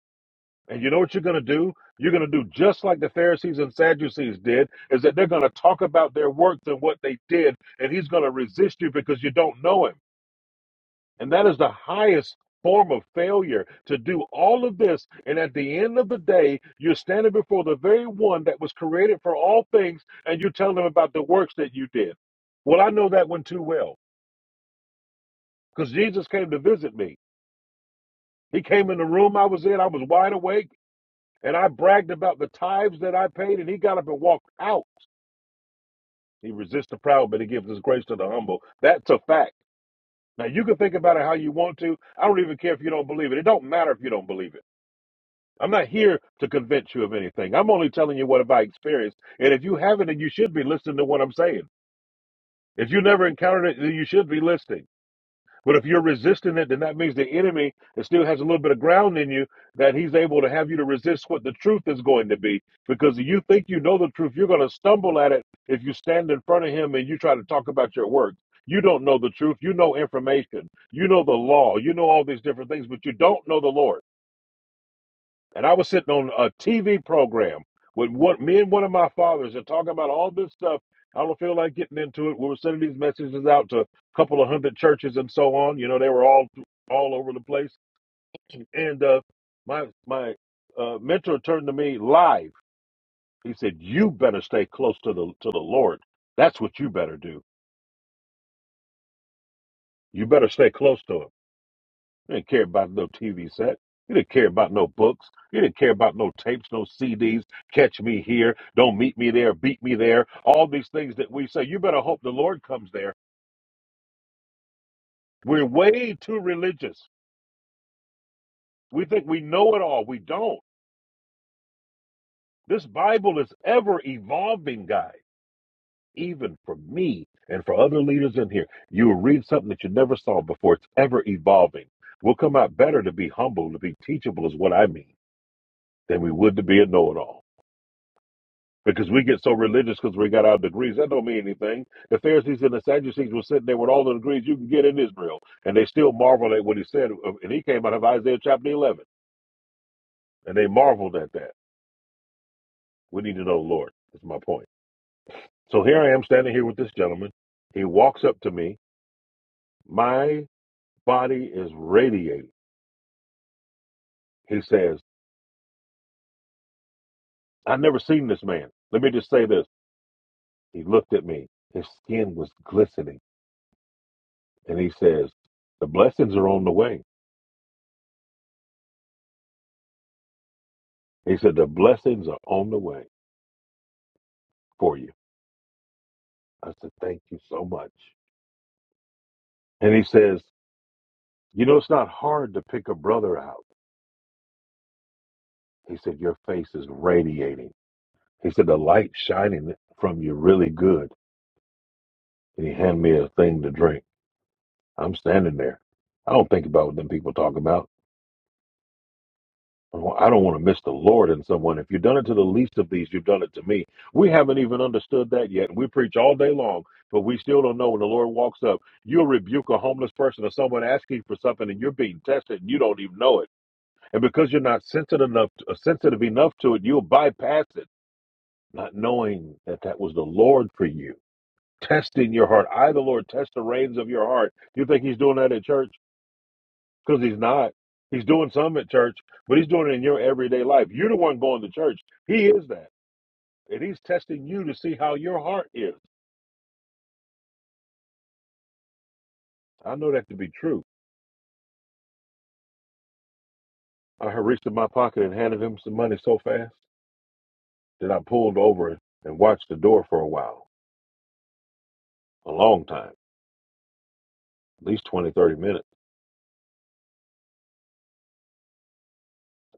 Speaker 2: And you know what you're going to do? You're going to do just like the Pharisees and Sadducees did, is that they're going to talk about their works and what they did, and he's going to resist you because you don't know him. And that is the highest form of failure to do all of this. And at the end of the day, you're standing before the very one that was created for all things, and you tell telling him about the works that you did. Well, I know that one too well because Jesus came to visit me. He came in the room I was in. I was wide awake. And I bragged about the tithes that I paid, and he got up and walked out. He resists the proud, but he gives his grace to the humble. That's a fact. Now you can think about it how you want to. I don't even care if you don't believe it. It don't matter if you don't believe it. I'm not here to convince you of anything. I'm only telling you what have I experienced. And if you haven't, then you should be listening to what I'm saying. If you never encountered it, then you should be listening. But if you're resisting it, then that means the enemy that still has a little bit of ground in you that he's able to have you to resist what the truth is going to be. Because you think you know the truth, you're going to stumble at it if you stand in front of him and you try to talk about your work. You don't know the truth. You know information. You know the law. You know all these different things, but you don't know the Lord. And I was sitting on a TV program with one, me and one of my fathers and talking about all this stuff. I don't feel like getting into it. We were sending these messages out to a couple of hundred churches and so on. You know, they were all all over the place. And uh, my my uh, mentor turned to me live. He said, "You better stay close to the to the Lord. That's what you better do. You better stay close to Him." He didn't care about no TV set. He didn't care about no books. He didn't care about no tapes, no CDs. Catch me here. Don't meet me there. Beat me there. All these things that we say. You better hope the Lord comes there. We're way too religious. We think we know it all. We don't. This Bible is ever evolving, guys. Even for me and for other leaders in here, you will read something that you never saw before. It's ever evolving. We'll come out better to be humble, to be teachable, is what I mean, than we would to be a know it all. Because we get so religious because we got our degrees. That don't mean anything. The Pharisees and the Sadducees were sitting there with all the degrees you can get in Israel. And they still marveled at what he said. uh, And he came out of Isaiah chapter 11. And they marveled at that. We need to know the Lord. That's my point. So here I am standing here with this gentleman. He walks up to me. My body is radiating. He says, I've never seen this man. Let me just say this. He looked at me. His skin was glistening. And he says, The blessings are on the way. He said, The blessings are on the way for you. I said, Thank you so much. And he says, You know, it's not hard to pick a brother out. He said, Your face is radiating. He said, The light shining from you really good. And he handed me a thing to drink. I'm standing there. I don't think about what them people talk about. I don't want to miss the Lord in someone. If you've done it to the least of these, you've done it to me. We haven't even understood that yet. We preach all day long, but we still don't know when the Lord walks up. You'll rebuke a homeless person or someone asking for something, and you're being tested, and you don't even know it. And because you're not sensitive enough, uh, sensitive enough to it, you'll bypass it, not knowing that that was the Lord for you. Testing your heart. I, the Lord, test the reins of your heart. You think He's doing that at church? Because he's not. He's doing some at church, but he's doing it in your everyday life. You're the one going to church. He is that. And he's testing you to see how your heart is. I know that to be true. I had reached in my pocket and handed him some money so fast that I pulled over and watched the door for a while, a long time, at least 20, 30 minutes.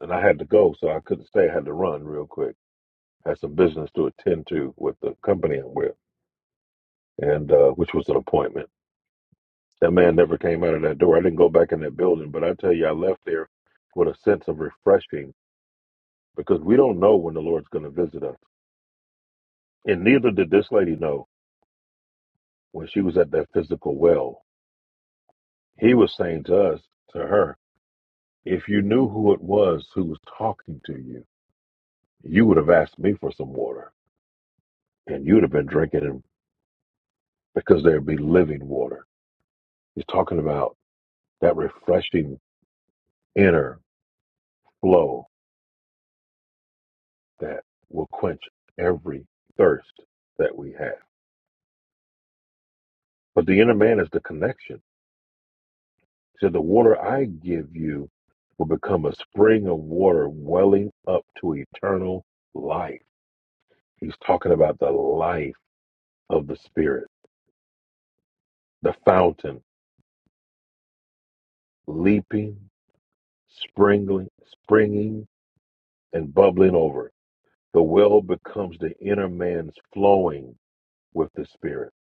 Speaker 2: And I had to go, so I couldn't stay. I had to run real quick. I had some business to attend to with the company I'm with, and uh, which was an appointment. That man never came out of that door. I didn't go back in that building, but I tell you, I left there with a sense of refreshing because we don't know when the Lord's going to visit us. And neither did this lady know when she was at that physical well. He was saying to us, to her, if you knew who it was who was talking to you, you would have asked me for some water and you'd have been drinking it because there'd be living water. He's talking about that refreshing inner flow that will quench every thirst that we have. But the inner man is the connection. He said, The water I give you will become a spring of water welling up to eternal life. He's talking about the life of the Spirit, the fountain leaping, springing, springing, and bubbling over. The well becomes the inner man's flowing with the Spirit.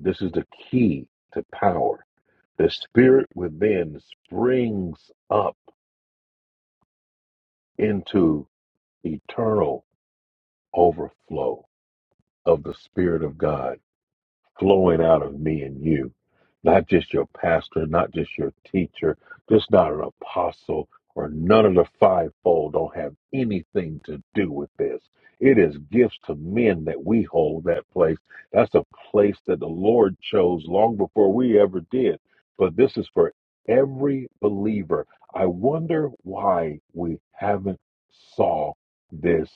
Speaker 2: This is the key to power. The Spirit within springs up into eternal overflow of the Spirit of God flowing out of me and you. Not just your pastor, not just your teacher, just not an apostle or none of the fivefold don't have anything to do with this. It is gifts to men that we hold that place. That's a place that the Lord chose long before we ever did. But this is for every believer. I wonder why we haven't saw this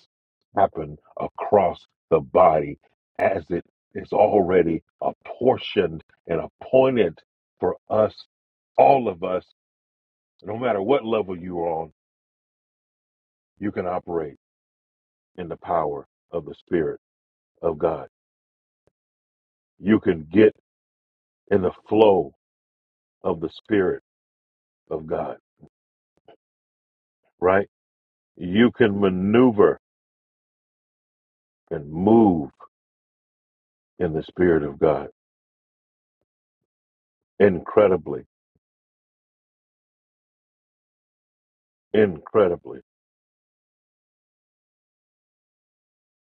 Speaker 2: happen across the body as it is already apportioned and appointed for us, all of us, no matter what level you're on, you can operate in the power of the Spirit of God. You can get in the flow of the Spirit of God, right? You can maneuver and move in the Spirit of God incredibly, incredibly.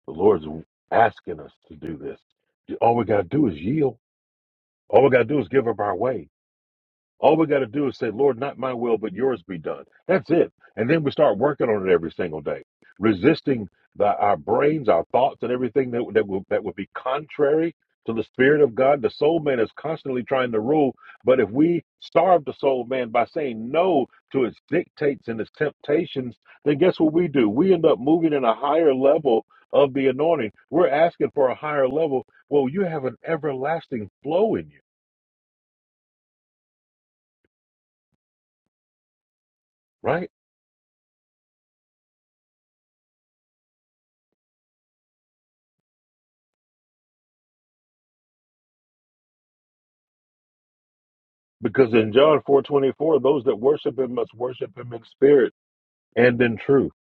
Speaker 2: The Lord's asking us to do this. All we got to do is yield. All we got to do is give up our way All we got to do is say, Lord, not my will, but yours be done. That's it. And then we start working on it every single day, resisting the, our brains, our thoughts, and everything that, that, will, that would be contrary to the Spirit of God. The soul man is constantly trying to rule. But if we starve the soul man by saying no to its dictates and its temptations, then guess what we do? We end up moving in a higher level of the anointing. We're asking for a higher level. Well, you have an everlasting flow in you, right? Because in John 4:24, those that worship him must worship him in spirit and in truth.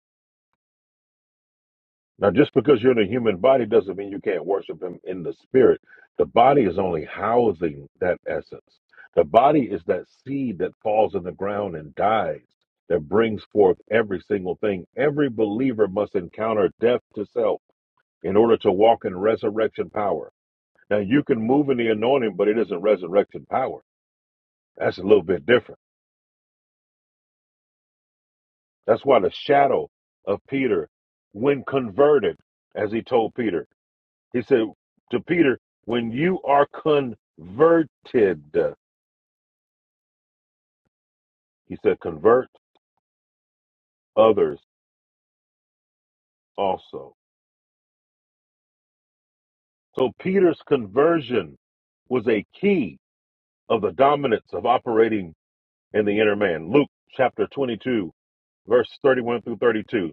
Speaker 2: Now, just because you're in a human body doesn't mean you can't worship him in the spirit. The body is only housing that essence. The body is that seed that falls in the ground and dies, that brings forth every single thing. Every believer must encounter death to self in order to walk in resurrection power. Now, you can move in the anointing, but it isn't resurrection power. That's a little bit different. That's why the shadow of Peter, when converted, as he told Peter, he said to Peter, when you are converted, he said, convert others also. So Peter's conversion was a key of the dominance of operating in the inner man. Luke chapter 22, verse 31 through 32.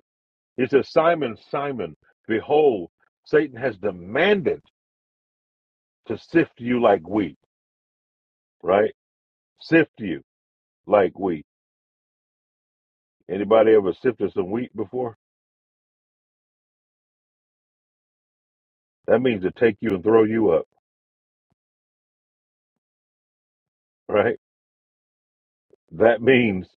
Speaker 2: He says, Simon, Simon, behold, Satan has demanded to sift you like wheat, right? Sift you. like wheat. Anybody ever sifted some wheat before? That means to take you and throw you up, right? That means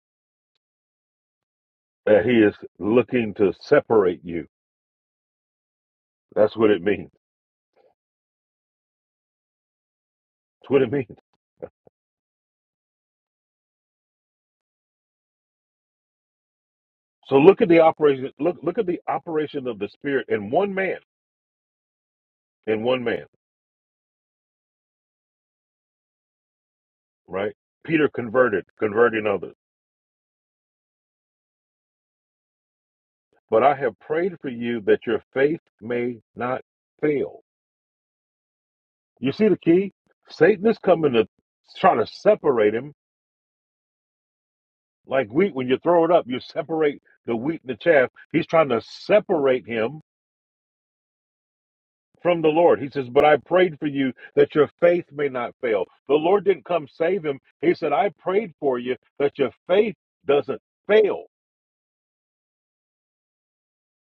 Speaker 2: that he is looking to separate you. That's what it means. That's what it means. So look at the operation. Look, look at the operation of the Spirit in one man. In one man, right? Peter converted, converting others. But I have prayed for you that your faith may not fail. You see the key? Satan is coming to try to separate him Like wheat, when you throw it up, you separate the wheat and the chaff. He's trying to separate him from the Lord. He says, But I prayed for you that your faith may not fail. The Lord didn't come save him. He said, I prayed for you that your faith doesn't fail,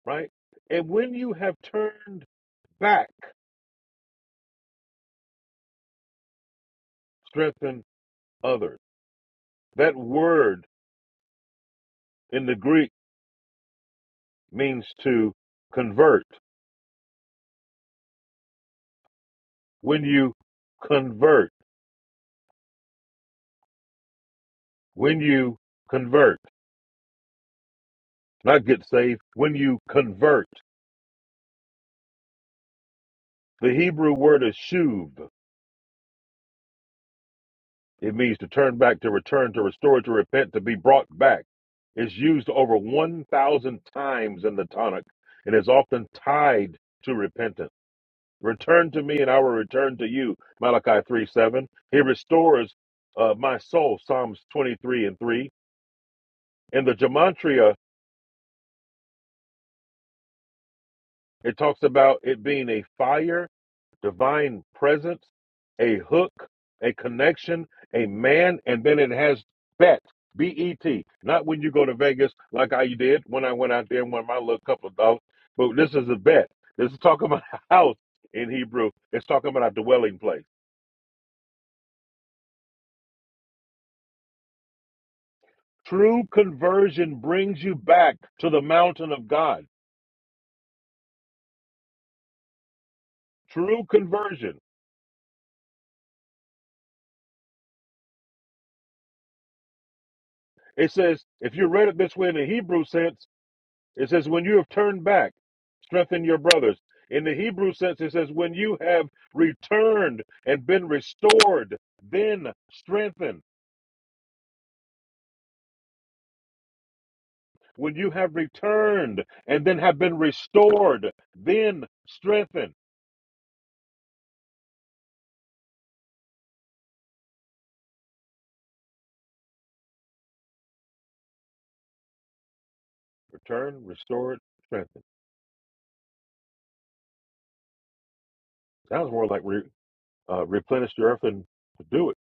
Speaker 2: right? And when you have turned back, strengthen others. That word in the Greek means to convert. When you convert, when you convert, not get saved, when you convert The Hebrew word is shuv. It means to turn back, to return, to restore, to repent, to be brought back. It's used over 1,000 times in the Tanakh and is often tied to repentance. Return to me and I will return to you, Malachi 3 7. He restores uh, my soul, Psalms 23 and 3. In the Gematria, it talks about it being a fire divine presence, a hook, a connection, a man, and then it has bet, B E T. Not when you go to Vegas like I did when I went out there and won my little couple of dollars, but this is a bet. This is talking about a house in Hebrew. It's talking about a dwelling place. True conversion brings you back to the mountain of God. True conversion. It says, if you read it this way in the Hebrew sense, It says, when you have turned back, strengthen your brothers. In the Hebrew sense, it says, when you have returned and been restored, then strengthen. When you have returned and then have been restored, then strengthen. Return, restored, strengthen. Sounds more like re, uh, replenish the earth and do it.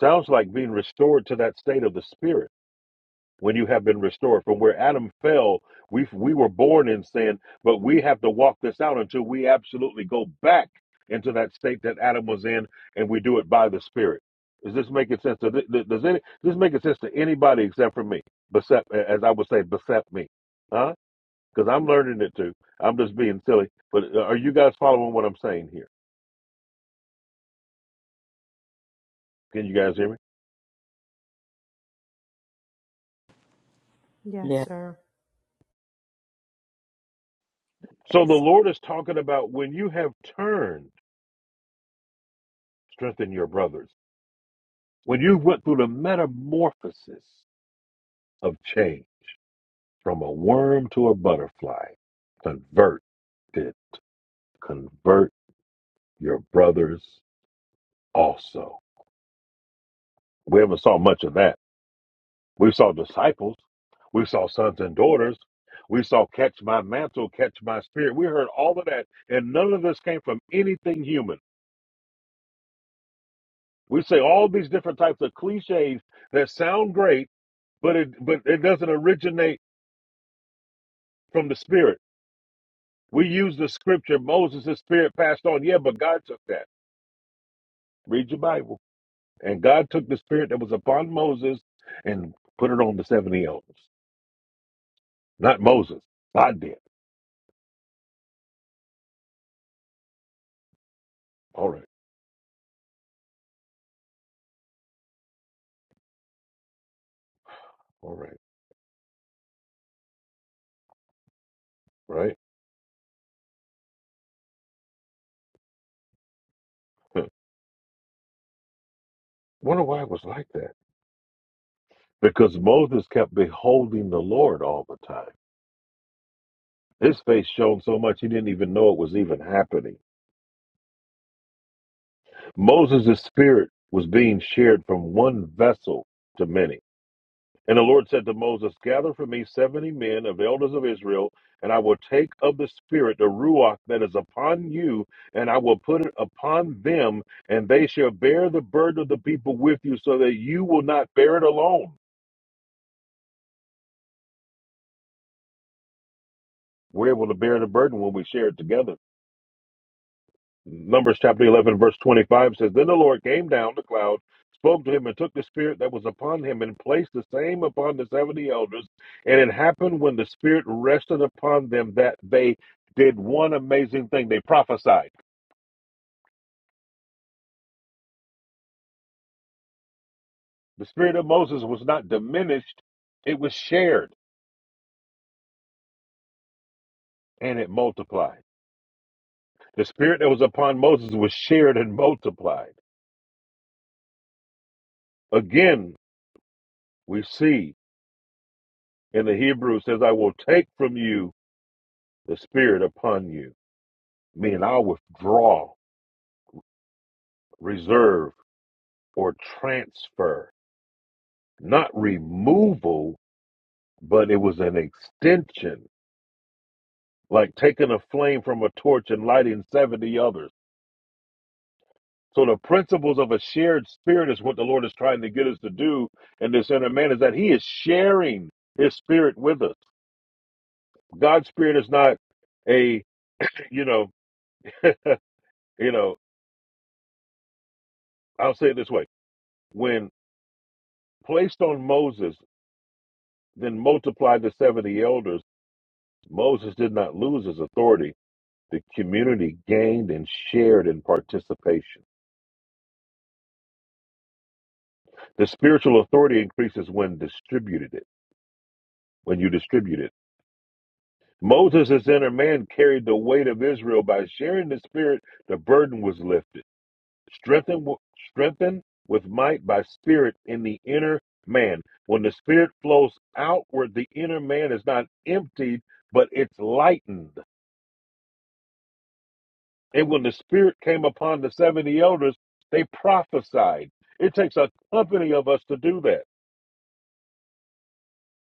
Speaker 2: Sounds like being restored to that state of the spirit when you have been restored from where adam fell we we were born in sin but we have to walk this out until we absolutely go back into that state that adam was in and we do it by the spirit is this making sense to, th- th- does any does this making sense to anybody except for me except as i would say except me huh because i'm learning it too i'm just being silly but uh, are you guys following what i'm saying here can you guys hear me
Speaker 4: Yes,
Speaker 1: Yeah.
Speaker 4: sir.
Speaker 2: so the
Speaker 5: Yes
Speaker 2: lord is talking about when you have turned strengthen your brothers When you went through the metamorphosis of change from a worm to a butterfly, convert it. convert your brothers also. We haven't saw much of that. We saw disciples, we saw sons and daughters, we saw catch my mantle, catch my spirit. We heard all of that, and none of this came from anything human. We say all these different types of cliches that sound great, but it but it doesn't originate from the spirit. We use the scripture Moses' spirit passed on. Yeah, but God took that. Read your Bible. And God took the spirit that was upon Moses and put it on the 70 elders. Not Moses. God did. All right. All right. Right? Huh. Wonder why it was like that. Because Moses kept beholding the Lord all the time. His face shone so much he didn't even know it was even happening. Moses' spirit was being shared from one vessel to many. And the Lord said to Moses, Gather for me seventy men of elders of Israel, and I will take of the Spirit the Ruach that is upon you, and I will put it upon them, and they shall bear the burden of the people with you, so that you will not bear it alone. We're able to bear the burden when we share it together. Numbers chapter 11, verse 25 says, Then the Lord came down the cloud, spoke to him, and took the Spirit that was upon him, and placed the same upon the 70 elders. And it happened when the Spirit rested upon them that they did one amazing thing they prophesied. The Spirit of Moses was not diminished, it was shared and it multiplied. The Spirit that was upon Moses was shared and multiplied. Again, we see in the Hebrews says, I will take from you the Spirit upon you mean I'll withdraw, reserve, or transfer, not removal, but it was an extension, like taking a flame from a torch and lighting 70 others. So the principles of a shared spirit is what the Lord is trying to get us to do in this inner man is that he is sharing his spirit with us. God's spirit is not a, you know, you know, I'll say it this way. When placed on Moses, then multiplied the 70 elders. Moses did not lose his authority. The community gained and shared in participation. The spiritual authority increases when distributed it, when you distribute it. Moses' inner man carried the weight of Israel by sharing the spirit, the burden was lifted. Strengthened, w- strengthened with might by spirit in the inner man. When the spirit flows outward, the inner man is not emptied, but it's lightened. And when the Spirit came upon the 70 elders, they prophesied. It takes a company of us to do that.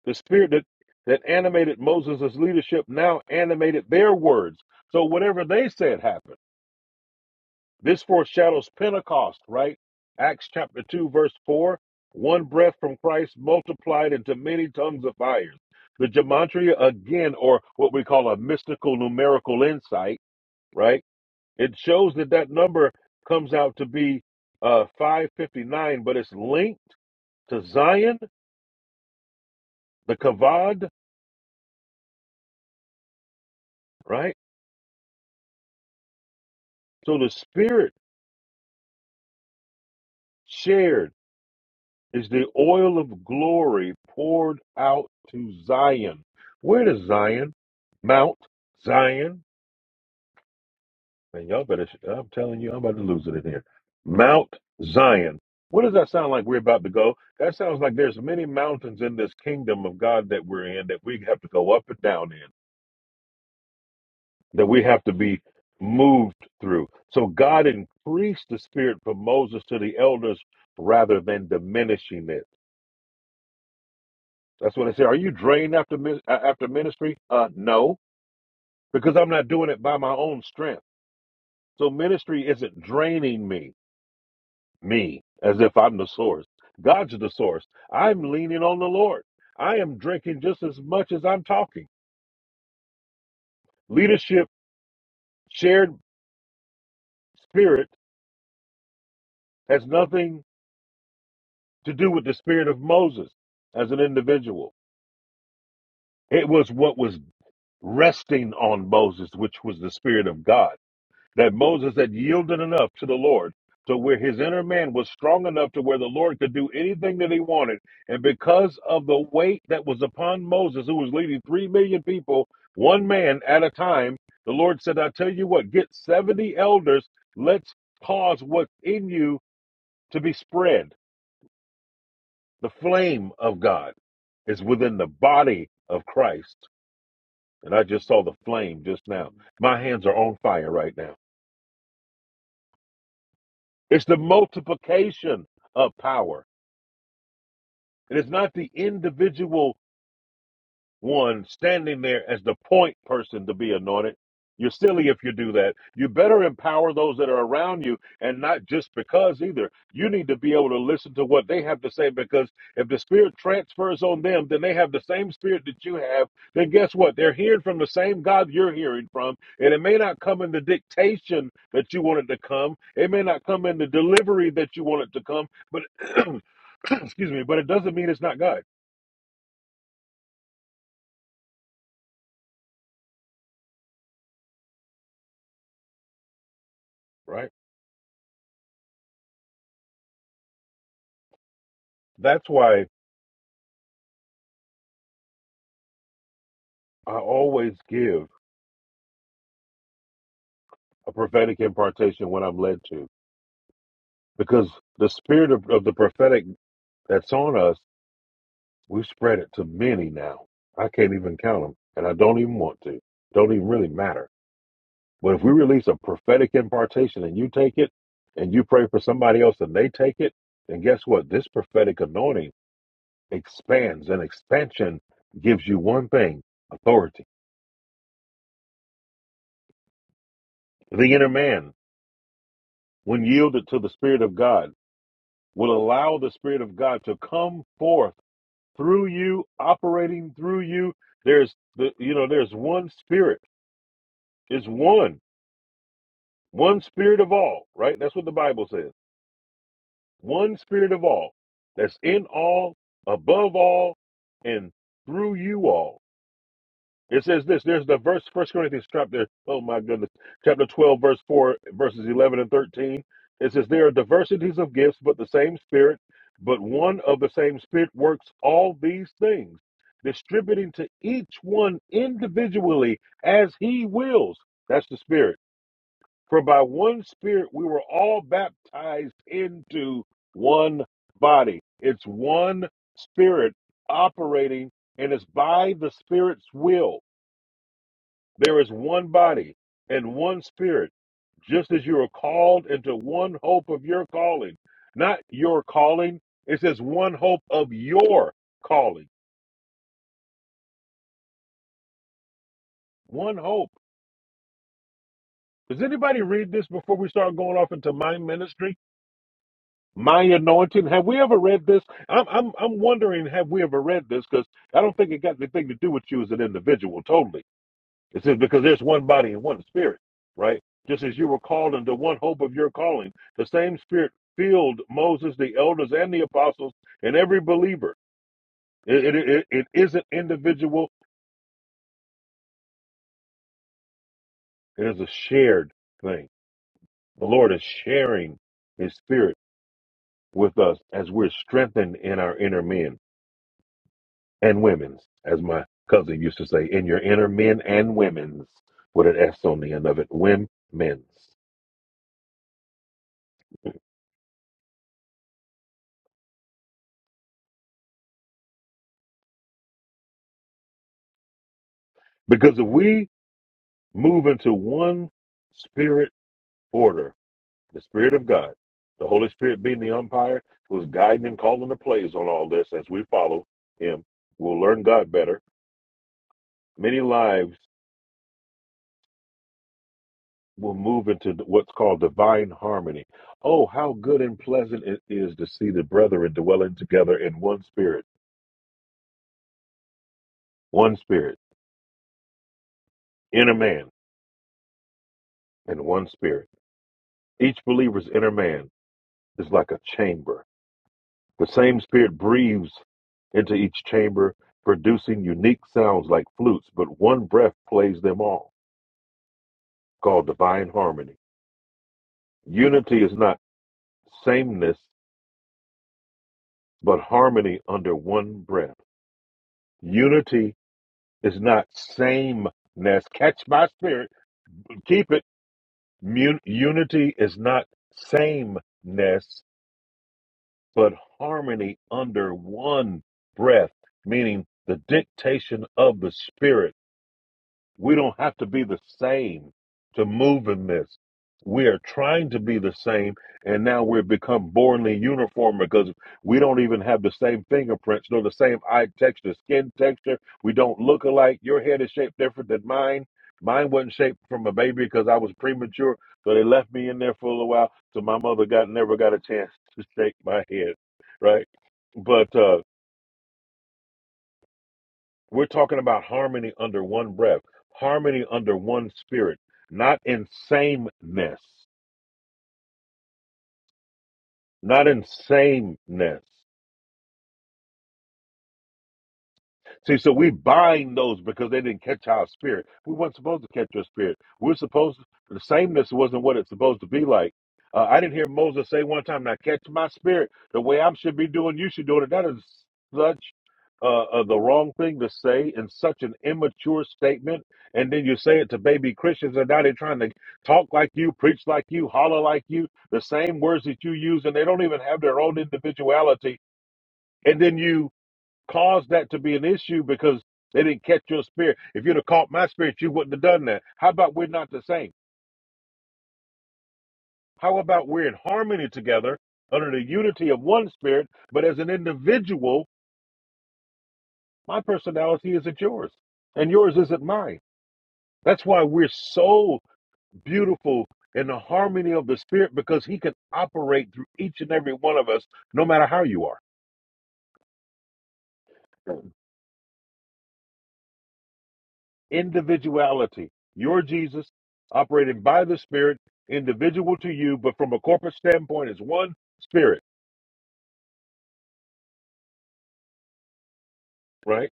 Speaker 2: The Spirit that, that animated Moses' leadership now animated their words. So whatever they said happened. This foreshadows Pentecost, right? Acts chapter 2, verse 4 one breath from Christ multiplied into many tongues of fire. The gematria, again, or what we call a mystical numerical insight, right? It shows that that number comes out to be uh, 559, but it's linked to Zion, the Kavod, right? So the Spirit shared is the oil of glory poured out to Zion. Where does Zion? Mount Zion. And y'all better, I'm telling you, I'm about to lose it in here. Mount Zion. What does that sound like we're about to go? That sounds like there's many mountains in this kingdom of God that we're in that we have to go up and down in that we have to be moved through. So God increased the spirit from Moses to the elders rather than diminishing it. That's what I say. Are you drained after mi- uh, after ministry? Uh, no, because I'm not doing it by my own strength. So ministry isn't draining me, me as if I'm the source. God's the source. I'm leaning on the Lord. I am drinking just as much as I'm talking. Leadership, shared spirit has nothing to do with the spirit of Moses as an individual. It was what was resting on Moses, which was the spirit of God. That Moses had yielded enough to the Lord to where his inner man was strong enough to where the Lord could do anything that he wanted. And because of the weight that was upon Moses, who was leading 3 million people, one man at a time, the Lord said, I tell you what, get 70 elders. Let's cause what's in you to be spread. The flame of God is within the body of Christ. And I just saw the flame just now. My hands are on fire right now. It's the multiplication of power. It is not the individual one standing there as the point person to be anointed. You're silly if you do that. You better empower those that are around you and not just because either. You need to be able to listen to what they have to say because if the Spirit transfers on them, then they have the same Spirit that you have. Then guess what? They're hearing from the same God you're hearing from. And it may not come in the dictation that you want it to come, it may not come in the delivery that you want it to come, but excuse me, but it doesn't mean it's not God, right? That's why I always give a prophetic impartation when I'm led to, because the spirit of, of the prophetic that's on us, we spread it to many now. I can't even count them, and I don't even want to. Don't even really matter. But if we release a prophetic impartation and you take it, and you pray for somebody else and they take it, then guess what? This prophetic anointing expands, and expansion gives you one thing: authority. The inner man, when yielded to the spirit of God. will allow the Spirit of God to come forth through you, operating through you. There's the you know, there's one spirit. It's one, one spirit of all, right? That's what the Bible says. One spirit of all that's in all, above all, and through you all It says this. There's the verse, First Corinthians chapter. Oh my goodness, chapter twelve, verse four, verses eleven and thirteen. It says there are diversities of gifts, but the same Spirit. But one of the same Spirit works all these things, distributing to each one individually as He wills. That's the Spirit. For by one Spirit we were all baptized into one body. It's one Spirit operating, and it's by the Spirit's will. There is one body and one spirit, just as you are called into one hope of your calling. Not your calling, it says one hope of your calling. One hope. Does anybody read this before we start going off into my ministry? My anointing. Have we ever read this? I'm I'm I'm wondering, have we ever read this? Because I don't think it got anything to do with you as an individual, totally It says, because there's one body and one spirit, right? Just as you were called into one hope of your calling, the same spirit filled Moses, the elders, and the apostles, and every believer. It, it, it, it isn't individual, it is a shared thing. The Lord is sharing his spirit with us as we're strengthened in our inner men and women's, as my cousin used to say, in your inner men and women's, with an S on the end of it, women's. Because if we move into one spirit order, the Spirit of God. The Holy Spirit being the umpire who's guiding and calling the plays on all this as we follow him. We'll learn God better. Many lives will move into what's called divine harmony. Oh, how good and pleasant it is to see the brethren dwelling together in one spirit, one spirit, inner man, and one spirit. Each believer's inner man is like a chamber The same spirit breathes into each chamber, producing unique sounds like flutes, but one breath plays them all, called divine harmony. Unity is not sameness, but harmony under one breath. Unity is not sameness. Catch my spirit. Keep it. Mun- unity is not sameness, but harmony under one breath, meaning the dictation of the spirit We don't have to be the same to move in this. We are trying to be the same, and now we've become boringly uniform because we don't even have the same fingerprints, nor the same eye texture, skin texture. We don't look alike. Your head is shaped different than mine. Mine wasn't shaped from a baby because I was premature, so they left me in there for a little while. So my mother got never got a chance to shake my head, right? But uh, we're talking about harmony under one breath, harmony under one spirit, not in sameness, not in sameness. See, so we bind those because they didn't catch our spirit. We weren't supposed to catch your spirit. We're supposed to, the sameness wasn't what it's supposed to be like. Uh, I didn't hear Moses say one time, now catch my spirit the way I should be doing, you should do it. That is such uh, uh, the wrong thing to say in such an immature statement. And then you say it to baby Christians, and now they're trying to talk like you, preach like you, holler like you, the same words that you use, and they don't even have their own individuality. And then you caused that to be an issue because they didn't catch your spirit. If you'd have caught my spirit, you wouldn't have done that. How about we're not the same? How about we're in harmony together under the unity of one spirit, but as an individual, my personality isn't yours and yours isn't mine. That's why we're so beautiful in the harmony of the spirit because he can operate through each and every one of us, no matter how you are. individuality. Your Jesus, operating by the Spirit, individual to you, but from a corporate standpoint, it's one Spirit, right?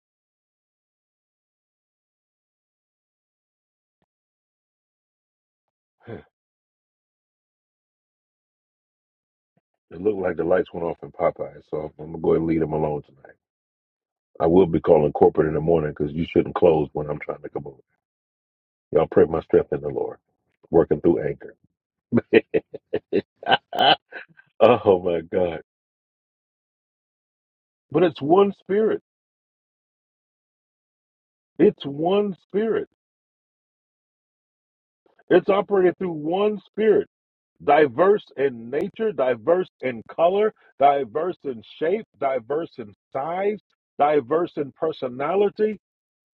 Speaker 2: It looked like the lights went off in Popeye, so I'm gonna go ahead and leave them alone tonight. I will be calling corporate in the morning because you shouldn't close when I'm trying to come over. Y'all pray my strength in the Lord, working through anchor. oh my God! But it's one Spirit. It's one Spirit. It's operated through one spirit, diverse in nature, diverse in color, diverse in shape, diverse in size, diverse in personality,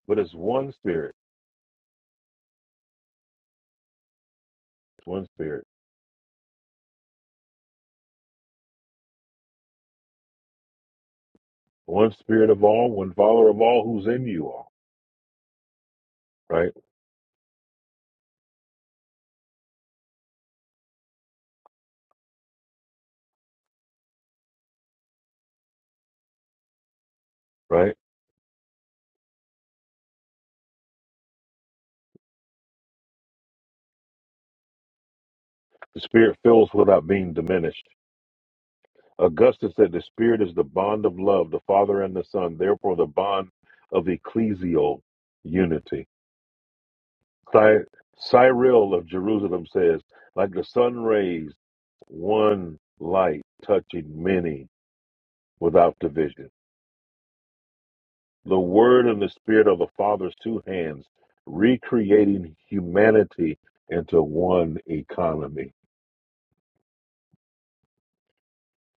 Speaker 2: but it's one spirit, It's one spirit, one spirit of all, one father of all who's in you all, right? Right? The spirit fills without being diminished. Augustine said the spirit is the bond of love, the father and the son, therefore the bond of ecclesial unity Cy- Cyril of Jerusalem says, like the sun rays, one light touching many without division. The word and the spirit of the Father's two hands, recreating humanity into one economy.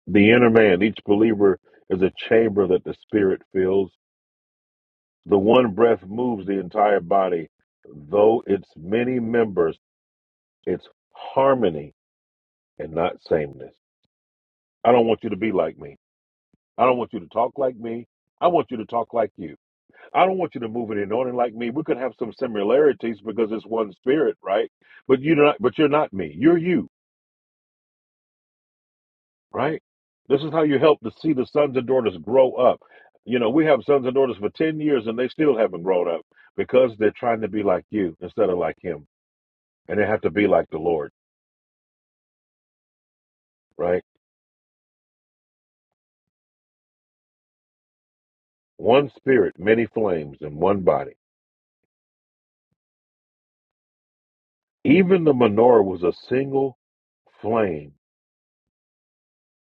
Speaker 2: The inner man, each believer is a chamber that the spirit fills. The one breath moves the entire body, though its many members, it's harmony and not sameness. I don't want you to be like me. I don't want you to talk like me. I want you to talk like you. I don't want you to move in anointing like me. We could have some similarities because it's one spirit, right? But you're not but you're not me. You're you, right? This is how you help to see the sons and daughters grow up. You know, we have sons and daughters for ten years and they still haven't grown up because they're trying to be like you instead of like him. And they have to be like the Lord, right? One spirit, many flames, and one body. Even the menorah was a single flame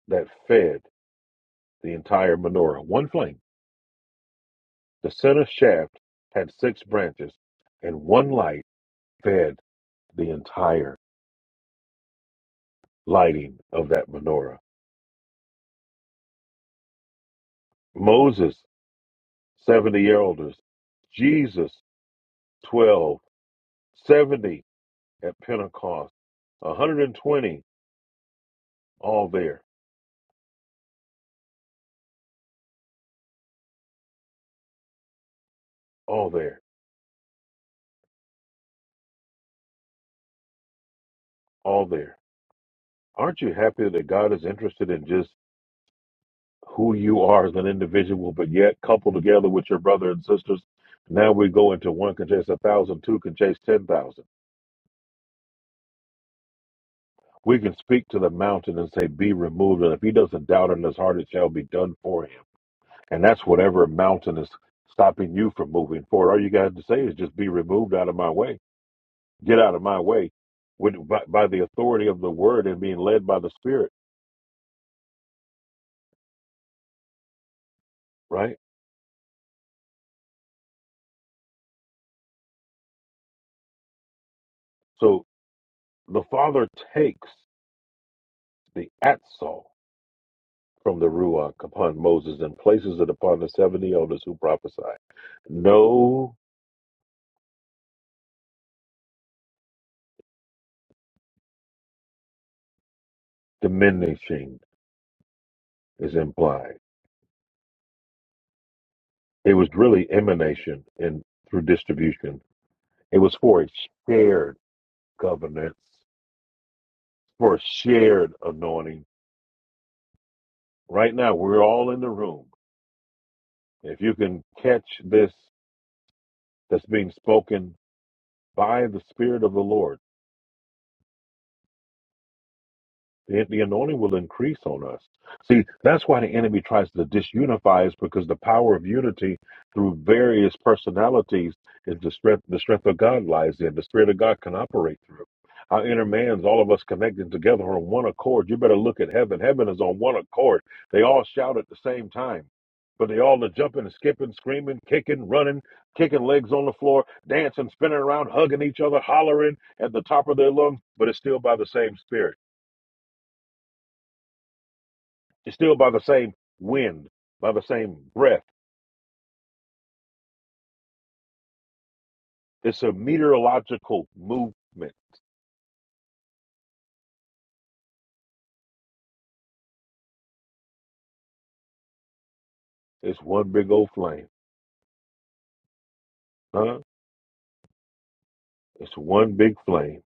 Speaker 2: that fed. the entire menorah, one flame. The center shaft had six branches, and one light fed the entire lighting of that menorah. Moses, 70 elders, Jesus, 12, 70 at Pentecost, 120, all there, all there, all there. Aren't you happy that God is interested in just who you are as an individual, but yet coupled together with your brother and sisters. Now we go into one can chase a thousand, two can chase ten thousand. We can speak to the mountain and say, Be removed. And if he doesn't doubt in his heart, it shall be done for him. And that's whatever mountain is stopping you from moving forward. All you got to say is just be removed out of my way. Get out of my way with, by, by the authority of the word and being led by the spirit, right? So the Father takes the atzal from the Ruach upon Moses and places it upon the 70 elders who prophesy. No diminishing is implied. It was really emanation and through distribution. It was for a shared governance, for a shared anointing. Right now, we're all in the room. If you can catch this that's being spoken by the Spirit of the Lord, The, the anointing will increase on us. See, that's why the enemy tries to disunify us because the power of unity through various personalities is the strength. The strength of God lies in the Spirit of God can operate through. Our inner man's all of us connected together on one accord. You better look at heaven. Heaven is on one accord. They all shout at the same time, but they all are jumping and skipping, screaming, kicking, running, kicking legs on the floor, dancing, spinning around, hugging each other, hollering at the top of their lungs. But it's still by the same Spirit. It's still by the same wind, by the same breath. It's a meteorological movement. It's one big old flame, huh? It's one big flame.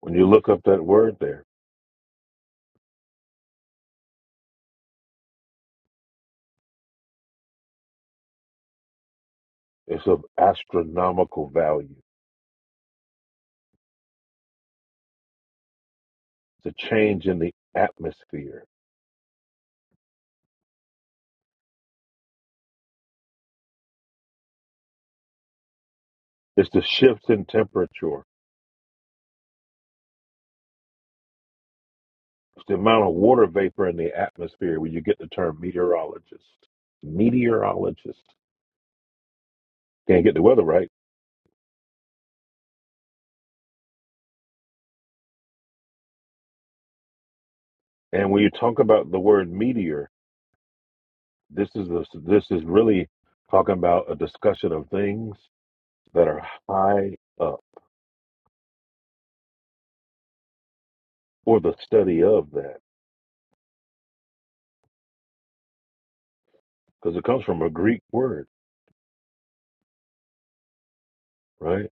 Speaker 2: When you look up that word there, it's of astronomical value. It's a change in the atmosphere. It's the shifts in temperature. It's the amount of water vapor in the atmosphere where you get the term meteorologist. Meteorologist. Can't get the weather right. And when you talk about the word meteor, This is a, this is really talking about a discussion of things that are high up or the study of that because it comes from a Greek word, right?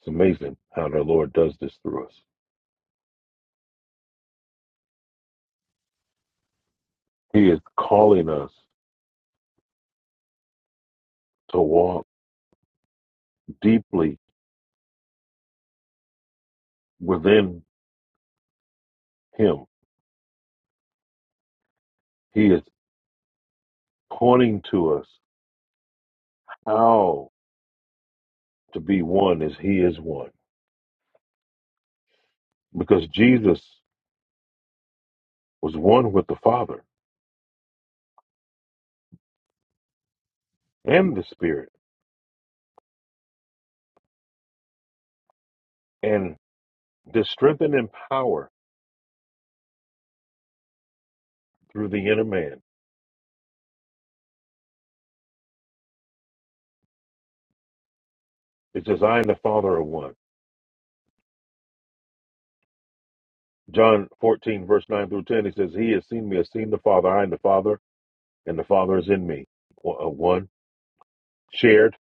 Speaker 2: It's amazing how the Lord does this through us. He is calling us to walk deeply within Him. He is pointing to us how to be one as He is one because Jesus was one with the Father and the Spirit and is strengthened in power through the inner man It says, I am the Father of one. John 14, verse 9 through 10, he says, He has seen me, has seen the Father. I am the Father, and the Father is in me. O- uh, One, shared.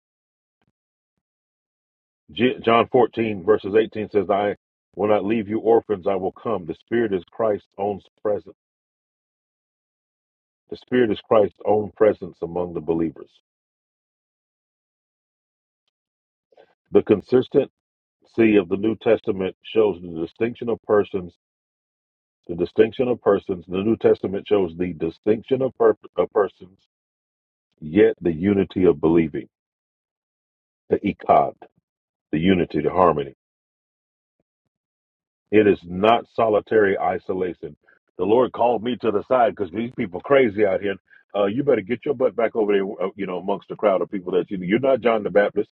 Speaker 2: J- John 14, verses 18 says, I will not leave you orphans, I will come. The Spirit is Christ's own presence. The Spirit is Christ's own presence among the believers. The consistency of the New Testament shows the distinction of persons. The distinction of persons. The New Testament shows the distinction of, per- of persons, yet the unity of believing. the ikad, the unity, the harmony. It is not solitary isolation. The Lord called me to the side because these people crazy out here. Uh, you better get your butt back over there, uh, you know, amongst the crowd of people that you, you're not John the Baptist.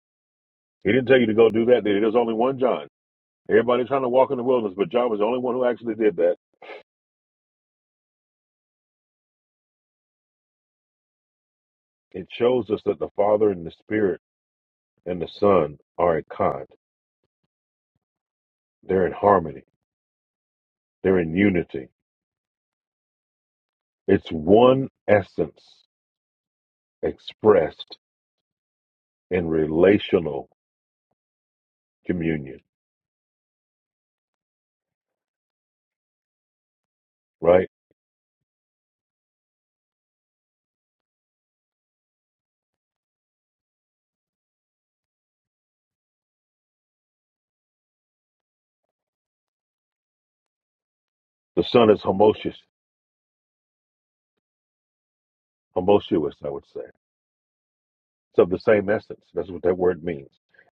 Speaker 2: He didn't tell you to go do that. There's only one John. Everybody's trying to walk in the wilderness, but John was the only one who actually did that. It shows us that the Father and the Spirit and the Son are ikad. They're in harmony. They're in unity. It's one essence expressed in relational communion, right? The Son is homotious, homotious, I would say. It's of the same essence. That's what that word means.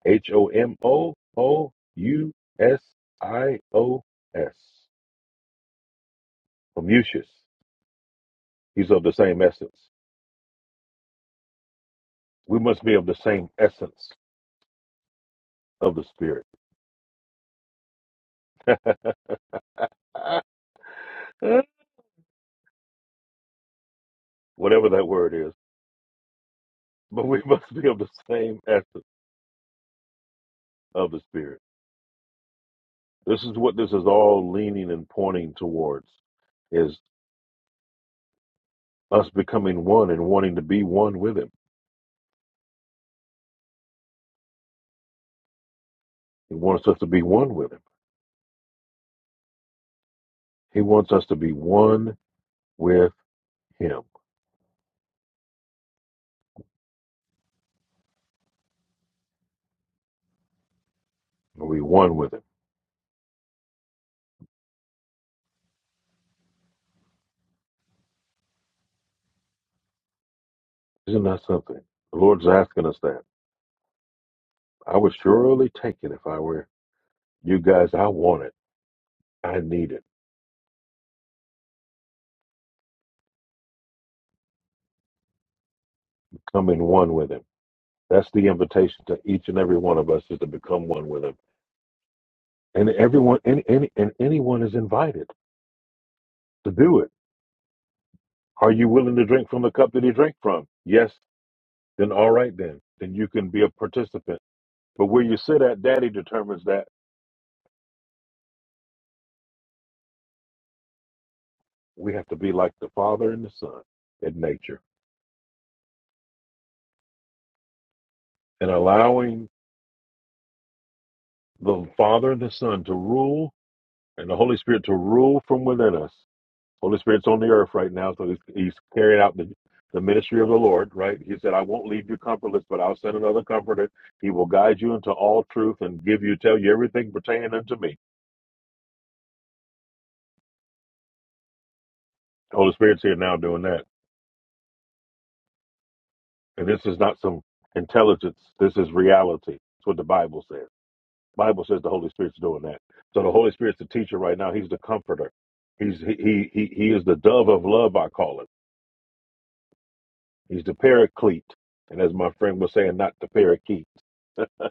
Speaker 2: H O M O O U S I O S. Homotious. He's of the same essence. We must be of the same essence of the Spirit. Whatever that word is. But we must be of the same essence of the Spirit. This is what this is all leaning and pointing towards is us becoming one and wanting to be one with him He wants us to be one with him. He wants us to be one with him. Are we one with him? Isn't that something? The Lord's asking us that. I would surely take it if I were you guys. I want it. I need it. Come in one with him. That's the invitation to each and every one of us is to become one with him. And everyone and, and, and anyone is invited to do it. Are you willing to drink from the cup that he drank from? Yes, then all right then. Then you can be a participant. But where you sit at, Daddy determines that We have to be like the Father and the Son in nature and allowing the Father and the Son to rule and the Holy Spirit to rule from within us. Holy Spirit's on the earth right now, so he's, he's carrying out the, the ministry of the Lord, right? He said, I won't leave you comfortless, but I'll send another comforter. He will guide you into all truth and give you, tell you everything pertaining unto me. The Holy Spirit's here now doing that. And this is not some intelligence, this is reality. That's what the Bible says. Bible says the Holy Spirit's doing that. So the Holy Spirit's the teacher right now. He's the comforter. He's he he he, he is the dove of love. I call him. He's the paraclete. And as my friend was saying, not the parakeet.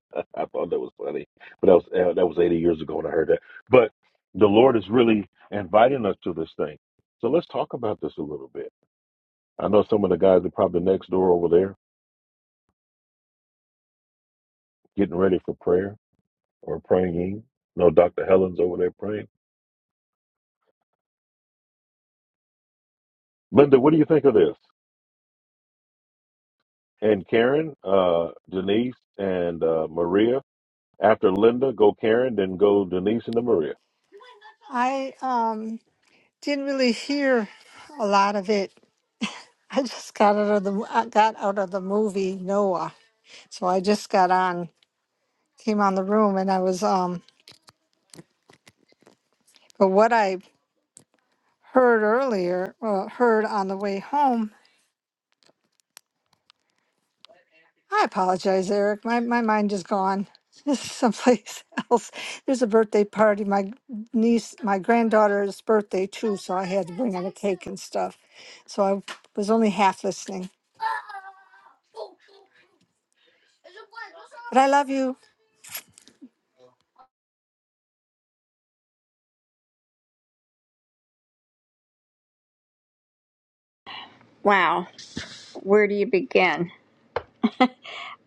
Speaker 2: I thought that was funny, but that was uh, that was 80 years ago when I heard that. But the Lord is really inviting us to this thing. So let's talk about this a little bit. I know some of the guys are probably next door over there getting ready for prayer or praying. in. No, Dr. Helen's over there praying. Linda, what do you think of this? and Karen, uh, Denise and uh, Maria. After Linda, go Karen, then go Denise and then Maria.
Speaker 6: I um didn't really hear a lot of it. I just got out of the I got out of the movie Noah, so I just got on, came on the room, and I was um. But what I heard earlier, uh, heard on the way home. I apologize, Eric. My my mind is gone. This is someplace else. There's a birthday party. My niece, my granddaughter's birthday too, so I had to bring out a cake and stuff. So I was only half listening. But I love you.
Speaker 7: Wow, where do you begin?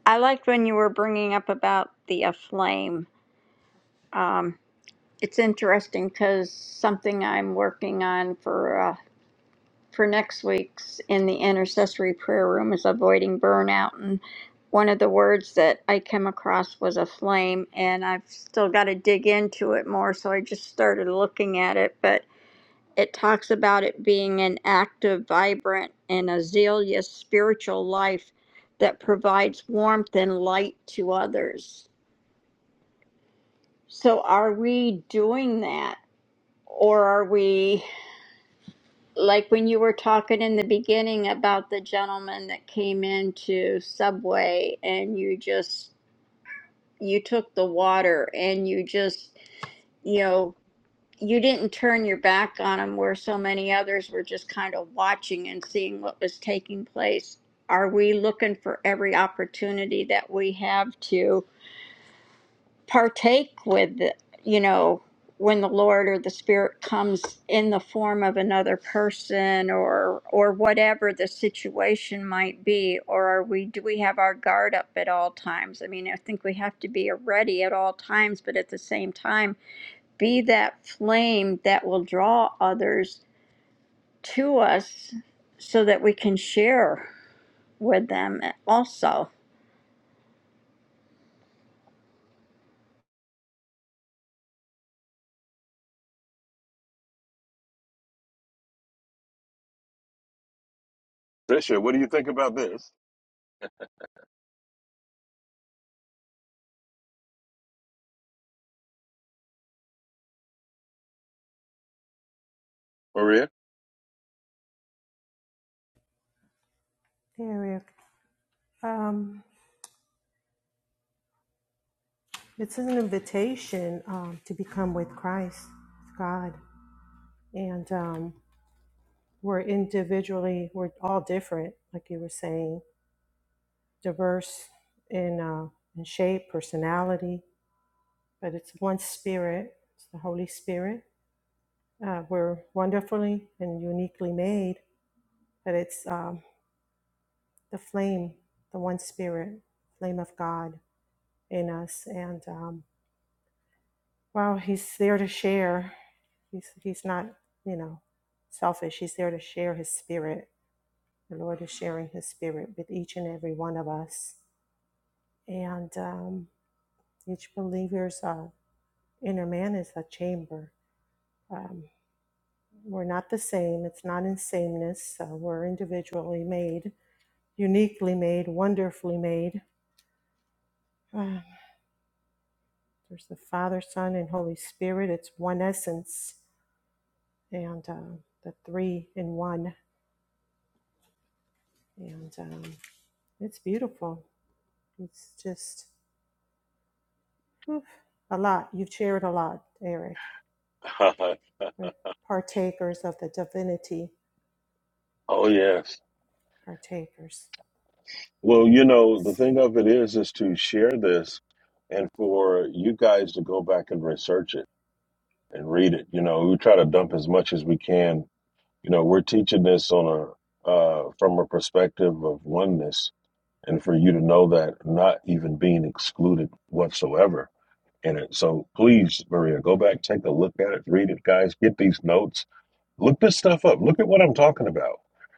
Speaker 7: I liked when you were bringing up about the uh, flame. Um, it's interesting because something I'm working on for uh, for next week's in the intercessory prayer room is avoiding burnout, and one of the words that I came across was a flame, and I've still got to dig into it more. So I just started looking at it, but it talks about it being an active, vibrant, and a zealous spiritual life that provides warmth and light to others. So, are we doing that? Or are we, like when you were talking in the beginning about the gentleman that came into Subway and you just, you took the water and you just, you know. you didn't turn your back on them where so many others were just kind of watching and seeing what was taking place. Are we looking for every opportunity that we have to partake with, the- you know, when the Lord or the Spirit comes in the form of another person or or whatever the situation might be, or are we do we have our guard up at all times? I mean, I think we have to be ready at all times, but at the same time be that flame that will draw others to us so that we can share with them also.
Speaker 2: Trisha, what do you think about this, Maria?
Speaker 4: Hey, Eric, um, it's an invitation um, to become with Christ, with God. And um, we're individually, we're all different, like you were saying, diverse in, uh, in shape, personality, but it's one spirit, it's the Holy Spirit. Uh, we're wonderfully and uniquely made, but it's um, the flame, the one spirit, flame of God in us. And um, Wow, he's there to share. He's he's not, you know, selfish. He's there to share his spirit. The Lord is sharing his spirit with each and every one of us. And um, each believer's uh, inner man is a chamber. Um, we're not the same. It's not in sameness. Uh, we're individually made, uniquely made, wonderfully made. Ah, there's the Father, Son, and Holy Spirit. It's one essence and uh, the three in one. And um, it's beautiful. It's just whew, a lot. You've shared a lot, Eric. We're partakers of the divinity,
Speaker 2: oh yes.
Speaker 4: partakers.
Speaker 2: Well, you know the thing of it is, is to share this, and for you guys to go back and research it and read it. You know, we try to dump as much as we can. You know, we're teaching this on a uh, from a perspective of oneness, and for you to know that not even being excluded whatsoever. in it. So please, Maria, go back, take a look at it, read it, guys. Get these notes. Look this stuff up. Look at what I'm talking about.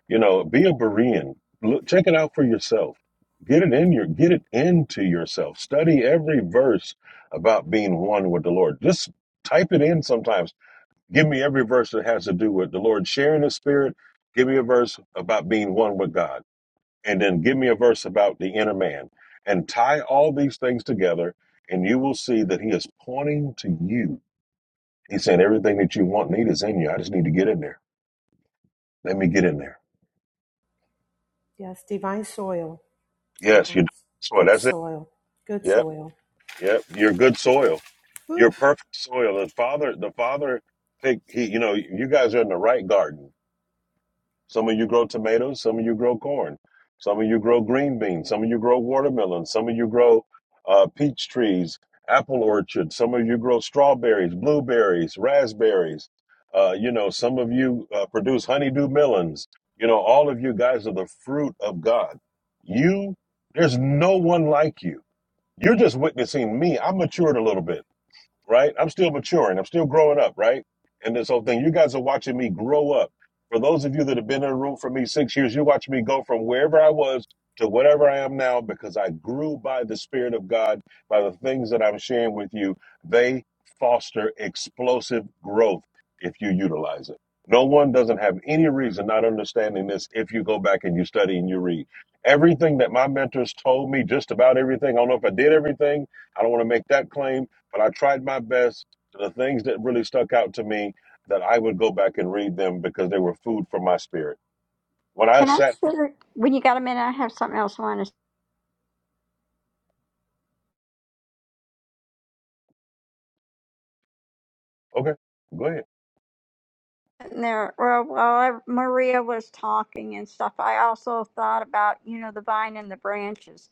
Speaker 2: You know, be a Berean. Look, check it out for yourself. Get it in your, get it into yourself. Study every verse about being one with the Lord. Just type it in sometimes. Give me every verse that has to do with the Lord sharing His Spirit. Give me a verse about being one with God and then give me a verse about the inner man and tie all these things together and you will see that he is pointing to you he's saying everything that you want and need is in you i just need to get in there let me get in there
Speaker 4: Yes, divine soil,
Speaker 2: yes you
Speaker 4: divine,
Speaker 2: so
Speaker 4: good
Speaker 2: that's it
Speaker 4: soil, good
Speaker 2: yep
Speaker 4: soil.
Speaker 2: yep you're good soil you're
Speaker 4: Oof.
Speaker 2: perfect soil the father the father pick he you know you guys are in the right garden Some of you grow tomatoes, some of you grow corn, some of you grow green beans, some of you grow watermelons. some of you grow uh, peach trees, apple orchards, some of you grow strawberries, blueberries, raspberries. Uh, you know, some of you uh, produce honeydew melons. You know, all of you guys are the fruit of God. You, there's no one like you. You're just witnessing me. I matured a little bit right? I'm still maturing. I'm still growing up, right? And this whole thing, you guys are watching me grow up. For those of you that have been in the room for me six years, you're watching me go from wherever I was to whatever I am now because I grew by the Spirit of God, by the things that I'm sharing with you. They foster explosive growth if you utilize it. No one doesn't have any reason not understanding this if you go back and you study and you read. Everything that my mentors told me, just about everything, I don't know if I did everything, I don't want to make that claim but I tried my best. The things that really stuck out to me that I would go back and read them because they were food for my spirit. When I
Speaker 7: Can I,
Speaker 2: sat,
Speaker 7: share- when you got a minute, I have something else I want to
Speaker 2: okay, go ahead.
Speaker 7: and there well while I, maria was talking and stuff i also thought about you know the vine and the branches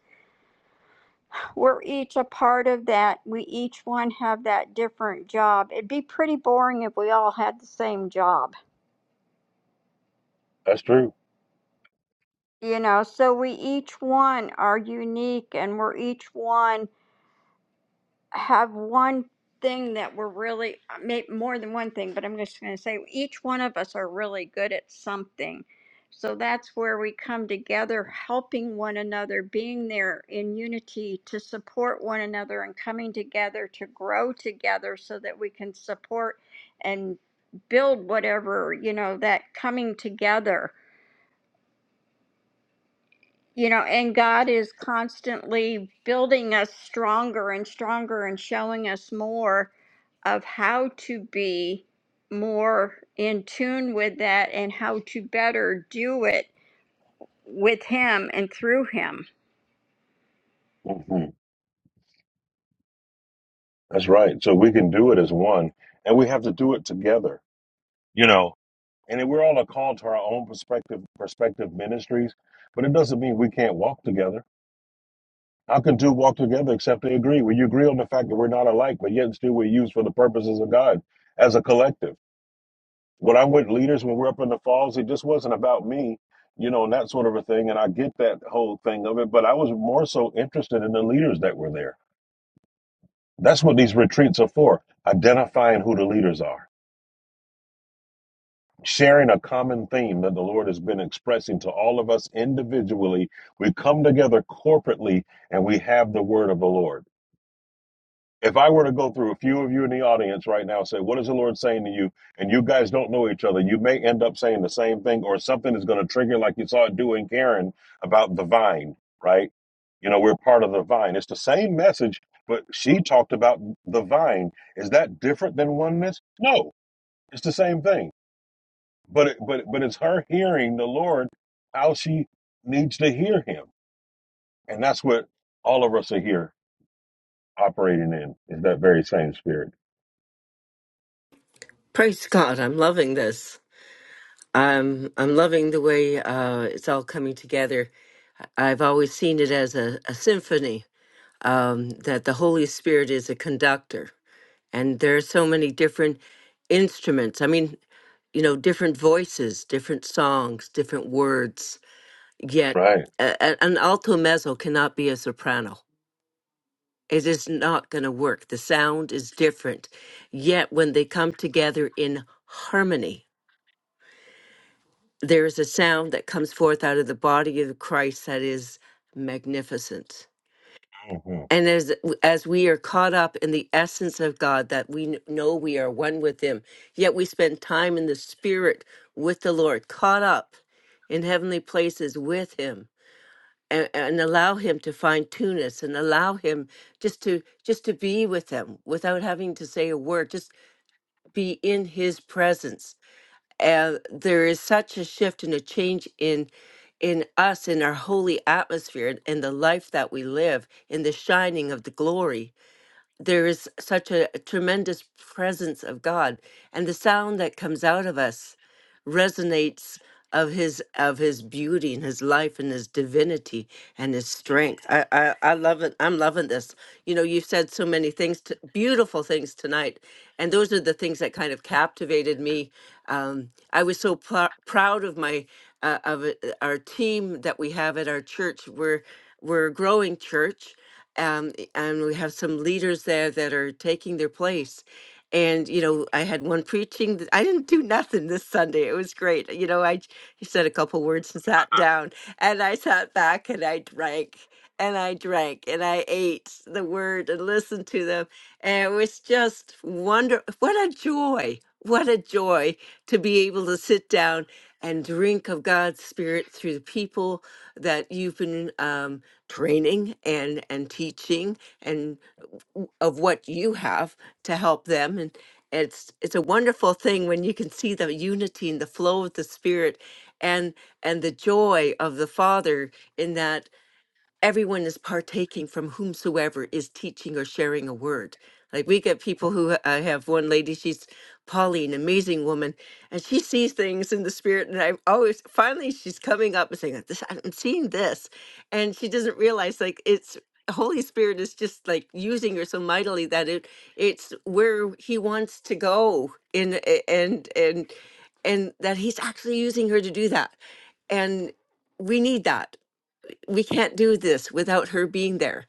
Speaker 7: we're each a part of that we each one have that different job it'd be pretty boring if we all had the same job
Speaker 2: That's true.
Speaker 7: you know so we each one are unique and we're each one have one thing that we're really uh, may- more than one thing, but I'm just going to say each one of us are really good at something. So that's where we come together, helping one another, being there in unity to support one another and coming together to grow together so that we can support and build whatever, you know, that coming together you know, and God is constantly building us stronger and stronger and showing us more of how to be more in tune with that and how to better do it with Him and through Him.
Speaker 2: hmm That's right. So we can do it as one, and we have to do it together. You know, and then we're all a call to our own perspective, perspective ministries, but it doesn't mean we can't walk together. How can two walk together except they agree? When you agree on the fact that we're not alike, but yet still we're used for the purposes of God as a collective. when I went leaders when we were up in the falls, it just wasn't about me, you know, and that sort of a thing. And I get that whole thing of it, but I was more so interested in the leaders that were there. That's what these retreats are for identifying who the leaders are, sharing a common theme that the Lord has been expressing to all of us individually. We come together corporately and we have the word of the Lord. if I were to go through a few of you in the audience right now and say, What is the Lord saying to you? And you guys don't know each other, you may end up saying the same thing or something is going to trigger, like you saw it do in Karen about the vine, right? You know, we're part of the vine. It's the same message, but she talked about the vine. Is that different than oneness? No, it's the same thing. But it, but but it's her hearing the Lord how she needs to hear Him, and that's what all of us are here operating in is that very same spirit,
Speaker 8: Praise God, I'm loving this. I'm I'm loving the way uh, it's all coming together. I've always seen it as a, a symphony um, that the Holy Spirit is a conductor, and there are so many different instruments. I mean, you know, different voices, different songs, different words. Yet,
Speaker 2: right?
Speaker 8: a, a- an alto mezzo cannot be a soprano. It is not going to work. The sound is different. Yet, when they come together in harmony there is a sound that comes forth out of the body of Christ that is magnificent.
Speaker 2: hmm
Speaker 8: And as as we are caught up in the essence of God, that we kn- know we are one with Him, yet we spend time in the Spirit with the Lord, caught up in heavenly places with Him, and, and allow Him to fine tune us, and allow Him just to just to be with Him without having to say a word, just be in His presence uh, there is such a shift and a change in in us in our holy atmosphere and in the life that we live in the shining of the glory there is such a, a tremendous presence of God, and the sound that comes out of us resonates of his of his beauty and his life and his divinity and his strength. I I, I love it. I'm loving this. You know, you've said so many things, to, beautiful things tonight, and those are the things that kind of captivated me. Um, I was so pr- proud of my uh, of it- our team that we have at our church. We're we're a growing church, um, i- and we have some leaders there that are taking their place. And you know, I had one preaching. th- I didn't do nothing this Sunday. It was great. You know, I j- he said a couple words and sat down, and I sat back and I drank and I drank and I ate the word and listened to them, and it was just wonder. What a joy! What a joy to be able to sit down and drink of God's Spirit through the people that you've been. Um, training and and teaching and w- of what you have to help them and it's it's a wonderful thing when you can see the unity and the flow of the spirit and and the joy of the father in that everyone is partaking from whomsoever is teaching or sharing a word. Like we get people who I have one lady, she's Pauline, amazing woman, and she sees things in the spirit. And I always finally she's coming up and saying, "This I'm seeing this," and she doesn't realize like it's Holy Spirit is just like using her so mightily that it it's where He wants to go in a- and and and that He's actually using her to do that, and we need that we can't do this without her being there,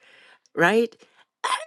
Speaker 8: right?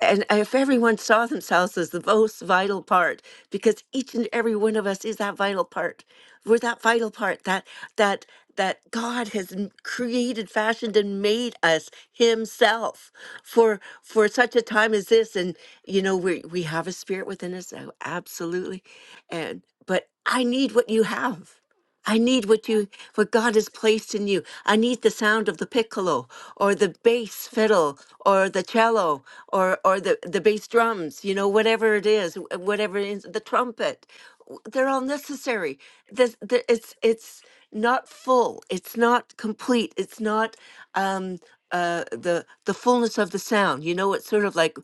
Speaker 8: And if everyone saw themselves as the most vital part, because each and every one of us is that vital part, we're that vital part that that that God has m- created, fashioned, and made us Himself for for such a time as this. And you know, we we have a spirit within us, uh, absolutely, and but I need what you have. I need what you what God has placed in you. I need the sound of the piccolo or the bass fiddle or the cello or or the the bass drums, you know, whatever it is, wh- whatever it is, the trumpet. W- They're all necessary. This, the, it's it's not full. It's not complete. It's not um uh the the fullness of the sound. You know, it's sort of like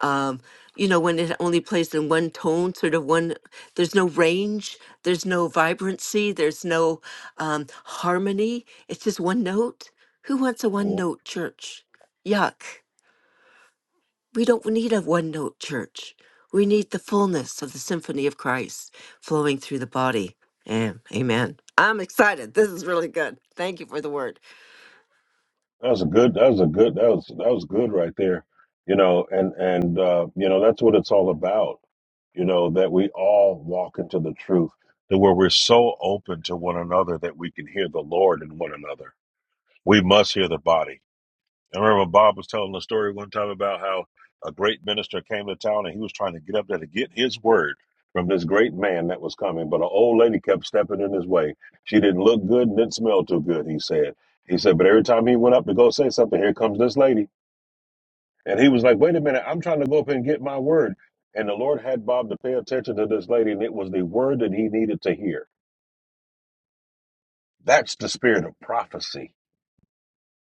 Speaker 8: um, you know, when it only plays in one tone, sort of one, there's no range, there's no vibrancy, there's no um, harmony. It's just one note. Who wants a one
Speaker 2: hmm
Speaker 8: note church? Yuck. We don't need a one note church. We need the fullness of the symphony of Christ flowing through the body. Yeah, amen. I'm excited. This is really good. Thank you for the word.
Speaker 2: That was a good. That was a good. That was that was good right there. You know, and and uh, you know that's what it's all about. You know that we all walk into the truth, that where we're so open to one another that we can hear the Lord in one another. We must hear the body. I remember Bob was telling a story one time about how a great minister came to town and he was trying to get up there to get his word from this great man that was coming, but an old lady kept stepping in his way. She didn't look good and didn't smell too good, he said. He said, but every time he went up to go say something, here comes this lady. And he was like, wait a minute, I'm trying to go up and get my word. And the Lord had Bob to pay attention to this lady, and it was the word that he needed to hear. That's the spirit of prophecy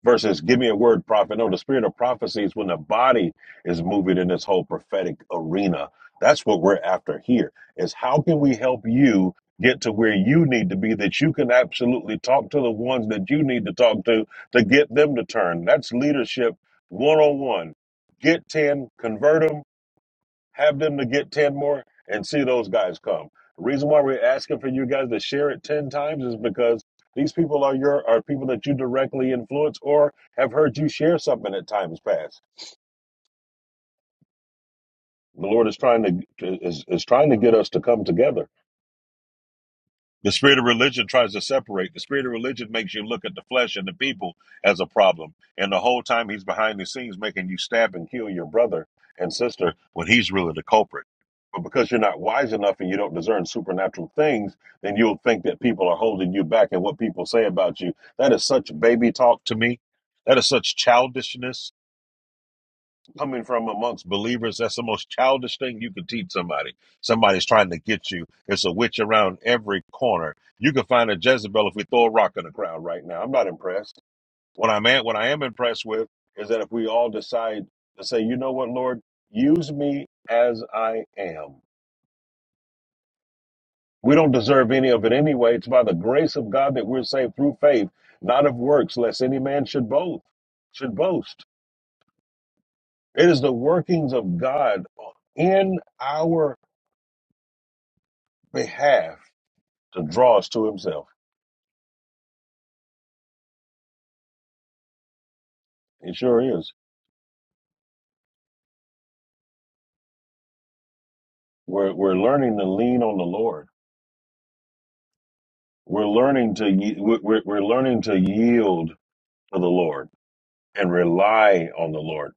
Speaker 2: versus give me a word prophet no the spirit of prophecy is when the body is moving in this whole prophetic arena that's what we're after here is how can we help you get to where you need to be that you can absolutely talk to the ones that you need to talk to to get them to turn that's leadership 101 get 10 convert them have them to get 10 more and see those guys come. The reason why we're asking for you guys to share it 10 times is because these people are your are people that you directly influence or have heard you share something at times past. The Lord is trying to is, is trying to get us to come together The spirit of religion tries to separate. The spirit of religion makes you look at the flesh and the people as a problem. And the whole time he's behind the scenes making you stab and kill your brother and sister when he's really the culprit. But because you're not wise enough and you don't discern supernatural things, then you'll think that people are holding you back and what people say about you. That is such baby talk to me. That is such childishness coming from amongst believers, that's the most childish thing you could teach somebody. Somebody's trying to get you. It's a witch around every corner. You can find a Jezebel if we throw a rock in the crowd right now. I'm not impressed. What I'm at, what I am impressed with is that if we all decide to say, you know what, Lord, use me as I am. We don't deserve any of it anyway. It's by the grace of God that we're saved through faith, not of works, lest any man should boast. Should boast. It is the workings of God in our They to draw us to Himself. It sure is. We're we're learning to lean on the Lord. We're learning to we're we're we're learning to yield to the Lord and rely on the Lord.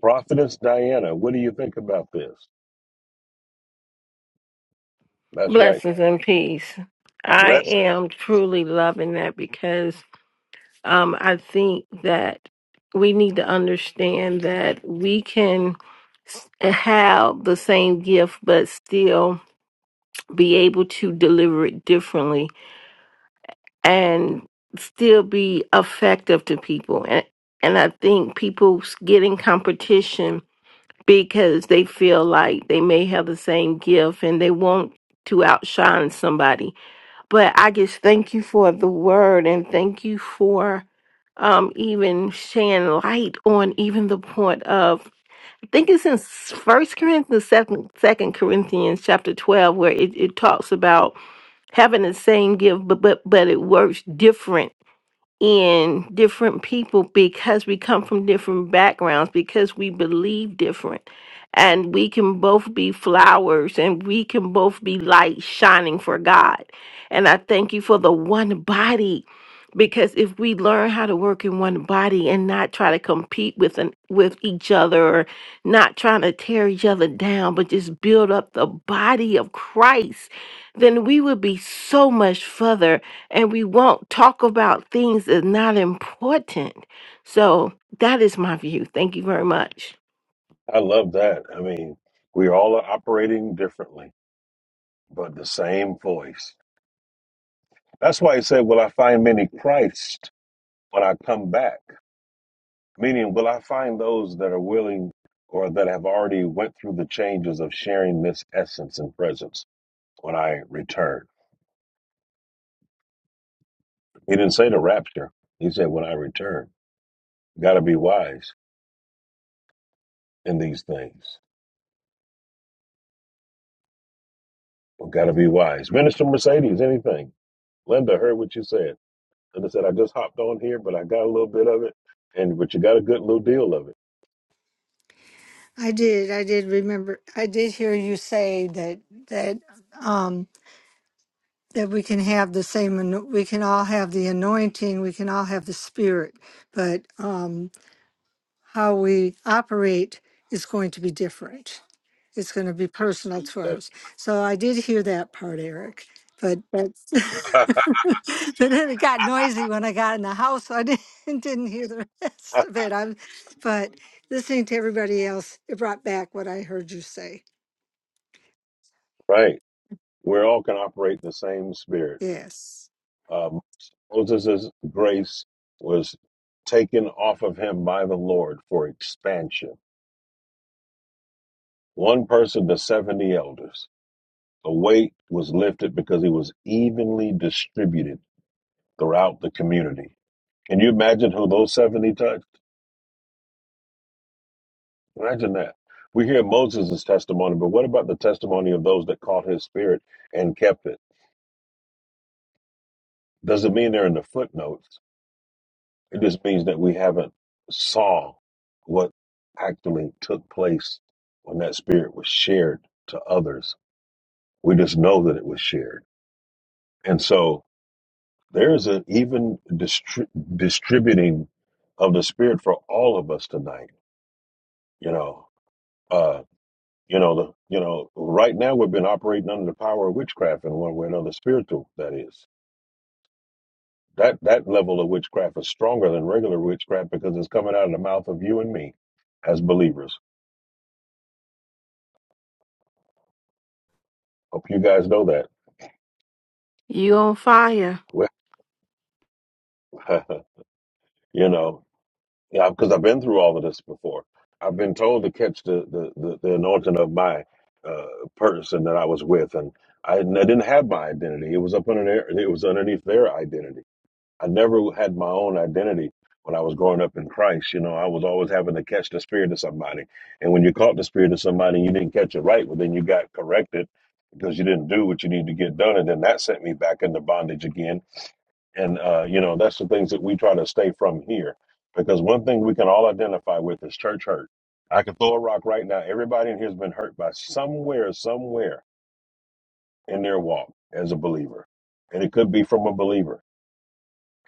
Speaker 2: Prophetess Diana, what do you think about this? That's right.
Speaker 9: Blessings and peace. I
Speaker 2: Blessed.
Speaker 9: am truly loving that because um, I think that we need to understand that we can s- eh, have the same gift, but still be able to deliver it differently and still be effective to people. And, and I think people s- get in competition because they feel like they may have the same gift and they want to outshine somebody but I just thank you for the word and thank you for um even shedding light on even the point of I think it's in First Corinthians, second Second Corinthians, chapter twelve, where it, it talks about having the same gift, but but but it works different in different people because we come from different backgrounds, because we believe different. And we can both be flowers and we can both be light shining for God. And I thank you for the one body because if we learn how to work in one body and not try to compete with an, with each other or not trying to tear each other down but just build up the body of Christ then we would be so much further and we won't talk about things that's not important. So that is my view. Thank you very much.
Speaker 2: I love that. I mean, we all are operating differently, but the same voice. That's why he said, "Will I find many Christ when I come back?" Meaning, will I find those that are willing or that have already went through the changes of sharing this essence and presence when I return? He didn't say the rapture. He said, when I return, got to be wise in these things. We've got to be wise. Minister Mercedes, anything. Linda heard what you said. Linda said, I just hopped on here, but I got a little bit of it. And but you got a good little deal of it.
Speaker 6: I did. I did remember. I did hear you say that that um that we can have the same. ano- We can all have the anointing. We can all have the spirit, but um how we operate is going to be different. It's going to be personal to us. So I did hear that part, Eric. But that's
Speaker 2: That's
Speaker 6: but then it got noisy when I got in the house. So I didn't didn't hear the rest of it. I'm but listening to everybody else, it brought back what I heard you say.
Speaker 2: right. we all can operate in the same spirit.
Speaker 6: Yes.
Speaker 2: Um, Moses' grace was taken off of him by the Lord for expansion. One person to 70 elders. The weight was lifted because it was evenly distributed throughout the community. Can you imagine who those 70 touched? Imagine that. We hear Moses' testimony, but what about the testimony of those that caught his spirit and kept it? Doesn't mean they're in the footnotes It just means that we haven't saw what actually took place when that spirit was shared to others. We just know that it was shared. And so there's an even distri- distributing of the spirit for all of us tonight. You know, uh, you know, the, you know, right now we've been operating under the power of witchcraft in one way or another, spiritual that is. That that level of witchcraft is stronger than regular witchcraft because it's coming out of the mouth of you and me as believers Hope you guys know that.
Speaker 9: You on fire.
Speaker 2: Well, you know, yeah, because I've been through all of this before. I've been told to catch the the, the, the anointing of my uh, person that I was with, and I, did I didn't have my identity. It was up under their, it was underneath their identity. I never had my own identity when I was growing up in Christ. You know, I was always having to catch the spirit of somebody, and when you caught the spirit of somebody, and you didn't catch it right. Well, then you got corrected because you didn't do what you needed to get done, and then that sent me back into bondage again And uh, you know, that's the things that we try to stay from here. Because one thing we can all identify with is church hurt. I could throw a rock right now. Everybody in here has been hurt by somewhere, somewhere in their walk as a believer. And it could be from a believer.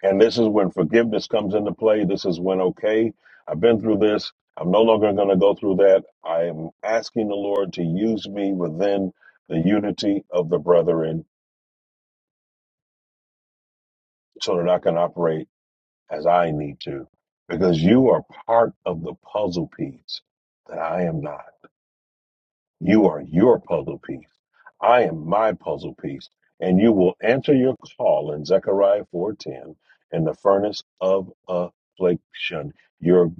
Speaker 2: And this is when forgiveness comes into play. This is when, okay, I've been through this. I'm no longer going to go through that. I am asking the Lord to use me within the unity of the brethren so that I can operate as I need to, because you are part of the puzzle piece that I am not. You are your puzzle piece. I am my puzzle piece. And you will answer your call in Zechariah 4.10 in the furnace of affliction. Your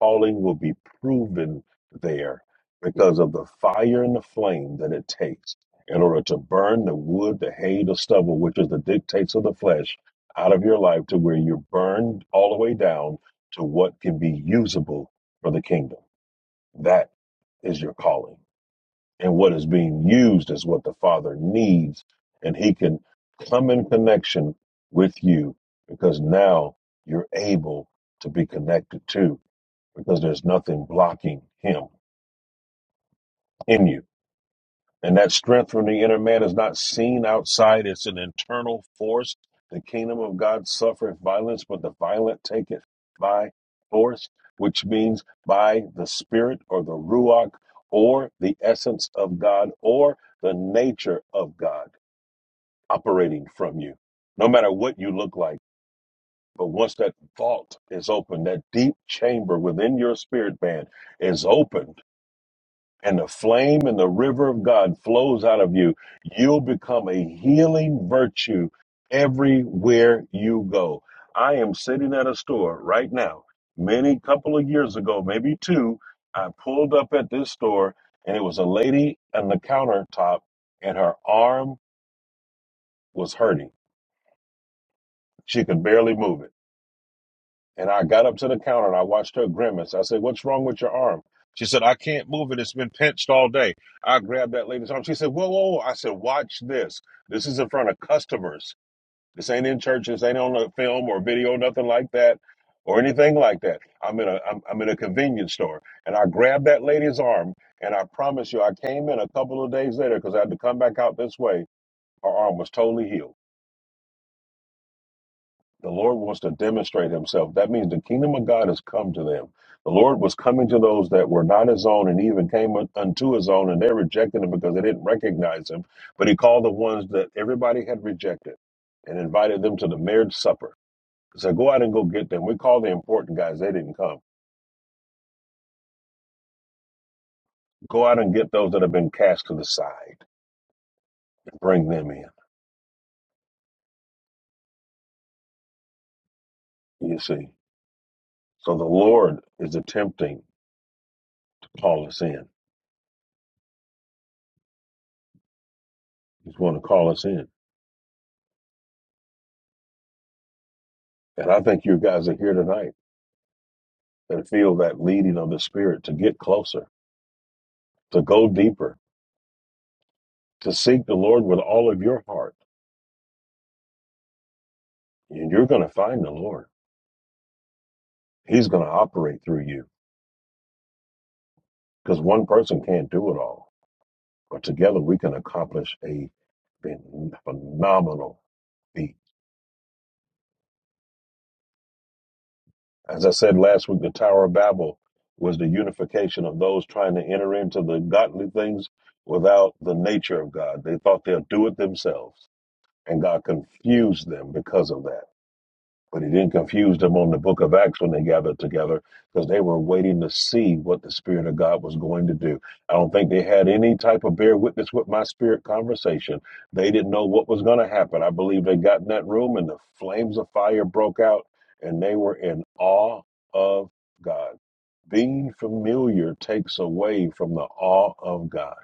Speaker 2: calling will be proven there because of the fire and the flame that it takes in order to burn the wood, the hay, the stubble, which is the dictates of the flesh, out of your life to where you're burned all the way down to what can be usable for the kingdom. That is your calling and what is being used is what the Father needs. And He can come in connection with you because now you're able to be connected to because there's nothing blocking Him in you. And that strength from the inner man is not seen outside, it's an internal force. The kingdom of God suffereth violence, but the violent take it by force, which means by the spirit or the ruach or the essence of God or the nature of God operating from you, no matter what you look like. But once that vault is open, that deep chamber within your spirit man is open and the flame and the river of God flows out of you, you'll become a healing virtue everywhere you go. I am sitting at a store right now. Many couple of years ago, maybe two, I pulled up at this store and it was a lady on the countertop and her arm was hurting. She could barely move it. And I got up to the counter and I watched her grimace. I said, What's wrong with your arm? She said, I can't move it. It's been pinched all day. I grabbed that lady's arm. She said, Whoa, whoa, whoa. I said, Watch this. This is in front of customers. This ain't in churches. Ain't on a film or video, nothing like that, or anything like that. I'm in a I'm, I'm in a convenience store. And I grabbed that lady's arm. And I promise you, I came in a couple of days later because I had to come back out this way. Her arm was totally healed. The Lord wants to demonstrate himself. That means the kingdom of God has come to them. The Lord was coming to those that were not his own and even came un- unto his own, and they rejected him because they didn't recognize him. But he called the ones that everybody had rejected and invited them to the marriage supper. He said, Go out and go get them. We call the important guys, they didn't come. Go out and get those that have been cast to the side and bring them in. You see. So the Lord is attempting to call us in. He's going to call us in. And I think you guys are here tonight. and feel that leading of the Spirit to get closer, to go deeper, to seek the Lord with all of your heart. And you're going to find the Lord. He's going to operate through you because one person can't do it all. But together we can accomplish a phenomenal feat. As I said last week, the Tower of Babel was the unification of those trying to enter into the godly things without the nature of God. They thought they'll do it themselves. And God confused them because of that. But he didn't confuse them on the book of Acts when they gathered together because they were waiting to see what the Spirit of God was going to do. I don't think they had any type of bear witness with my spirit conversation. They didn't know what was going to happen. I believe they got in that room and the flames of fire broke out and they were in awe of God. Being familiar takes away from the awe of God.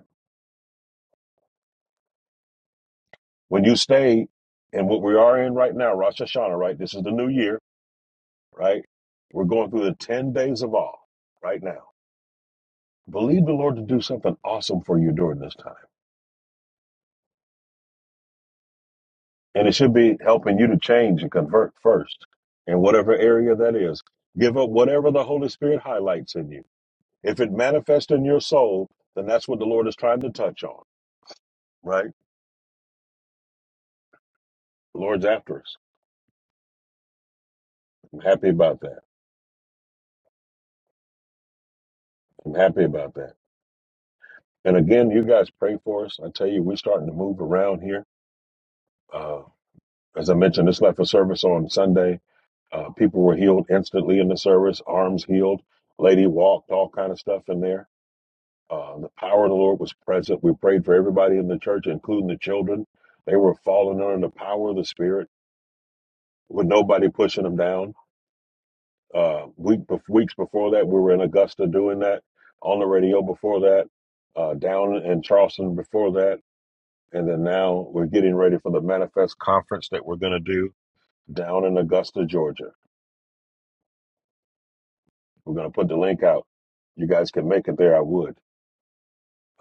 Speaker 2: When you stay in what we are in right now, Rosh Hashanah, right? This is the new year right? We're going through the 10 days of awe right now. Believe the Lord to do something awesome for you during this time. And it should be helping you to change and convert first in whatever area that is. Give up whatever the Holy Spirit highlights in you. If it manifests in your soul, then that's what the Lord is trying to touch on, right? The Lord's after us. I'm happy about that. I'm happy about that. And again, you guys pray for us. I tell you, we're starting to move around here. Uh, as I mentioned, it's like a service on Sunday Uh, people were healed instantly in the service, arms healed, lady walked, all kind of stuff in there. Uh, the power of the Lord was present. We prayed for everybody in the church, including the children. They were falling under the power of the Spirit with nobody pushing them down. Uh, week weeks before that, we were in Augusta doing that on the radio. Before that, uh, down in Charleston. Before that, and then now we're getting ready for the Manifest conference that we're going to do down in Augusta, Georgia. We're going to put the link out. You guys can make it there. I would.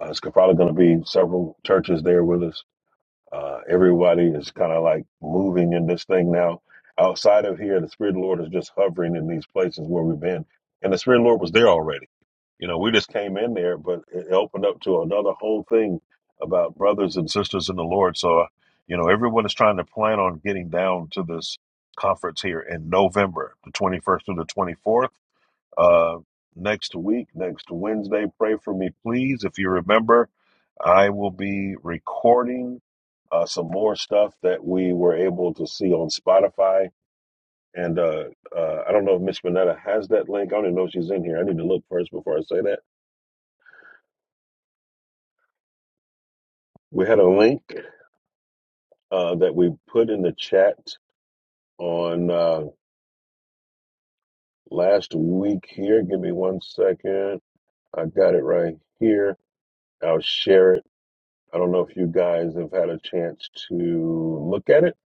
Speaker 2: Uh, it's probably going to be several churches there with us. Uh, everybody is kind of like moving in this thing now. Outside of here, the Spirit of the Lord is just hovering in these places where we've been. And the Spirit of the Lord was there already. You know, we just came in there, but it opened up to another whole thing about brothers and sisters in the Lord. So, uh, you know, everyone is trying to plan on getting down to this conference here in November, the 21st through the 24th uh, next week, next Wednesday, pray for me, please. If you remember, I will be recording uh, some more stuff that we were able to see on Spotify. And uh, uh, I don't know if Miss Minetta has that link. I don't even know if she's in here. I need to look first before I say that. We had a link uh, that we put in the chat on uh, last week here. Give me one second. I got it right here. I'll share it. I don't know if you guys have had a chance to look at it,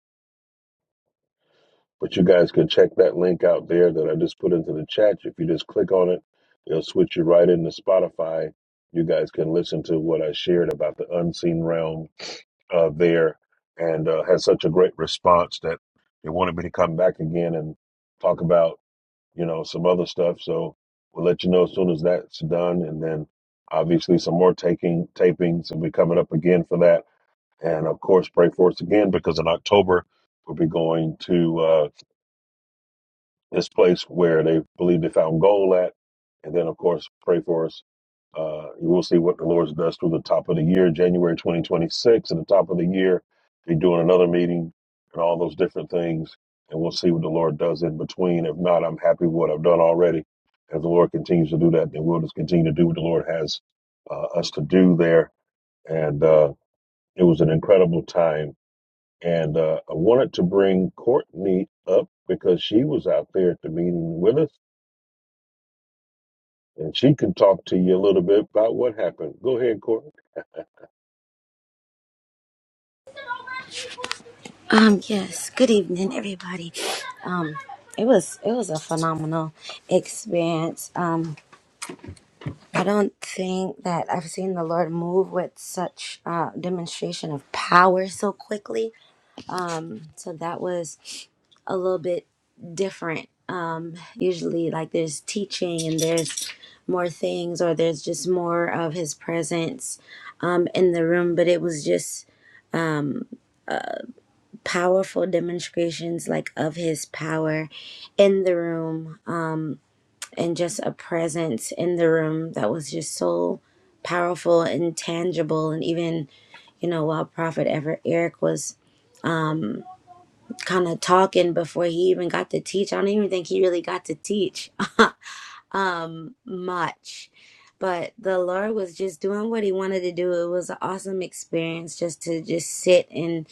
Speaker 2: but you guys can check that link out there that I just put into the chat. If you just click on it, it'll switch you right into Spotify. You guys can listen to what I shared about the unseen realm uh, there and uh, had such a great response that they wanted me to come back again and talk about, you know, some other stuff. So we'll let you know as soon as that's done. And then obviously some more taking tapings will be coming up again for that and of course, pray for us again because in October, we'll be going to uh, this place where they believe they found gold at. And then, of course, pray for us. Uh, you will see what the Lord does through the top of the year, January 2026. At the top of the year, they doing another meeting and all those different things. And we'll see what the Lord does in between. If not, I'm happy with what I've done already. If the Lord continues to do that, then we'll just continue to do what the Lord has uh, us to do there. And uh, it was an incredible time and uh, I wanted to bring Courtney up because she was out there at the meeting with us, and she can talk to you a little bit about what happened. Go ahead, Courtney.
Speaker 10: Um, yes. Good evening, everybody. Um, it was it was a phenomenal experience. Um, I don't think that I've seen the Lord move with such uh, demonstration of power so quickly. Um, so that was a little bit different. Usually, like there's teaching and there's more things, or there's just more of His presence um, in the room. But it was just powerful demonstrations, like of His power in the room and just a presence in the room that was just so powerful and tangible and even you know while prophet ever eric was kind of talking before he even got to teach i don't even think he really got to teach much but the lord was just doing what he wanted to do it was an awesome experience just to just sit and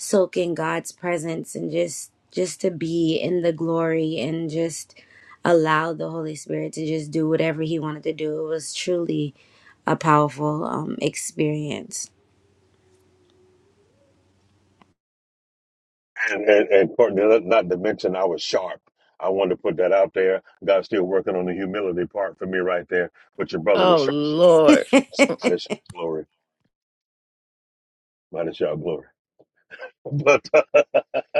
Speaker 10: soak in God's presence and just just to be in the glory and just allow the Holy Spirit to just do whatever he wanted to do. It was truly a powerful um experience.
Speaker 2: And, and, and Courtney, not not to mention I was sharp. I wanted to put that out there. God's still working on the humility part for me right there, but your brother was
Speaker 9: Oh,
Speaker 2: sharp.
Speaker 9: Lord.
Speaker 2: Might as glory, might as y'all glory. But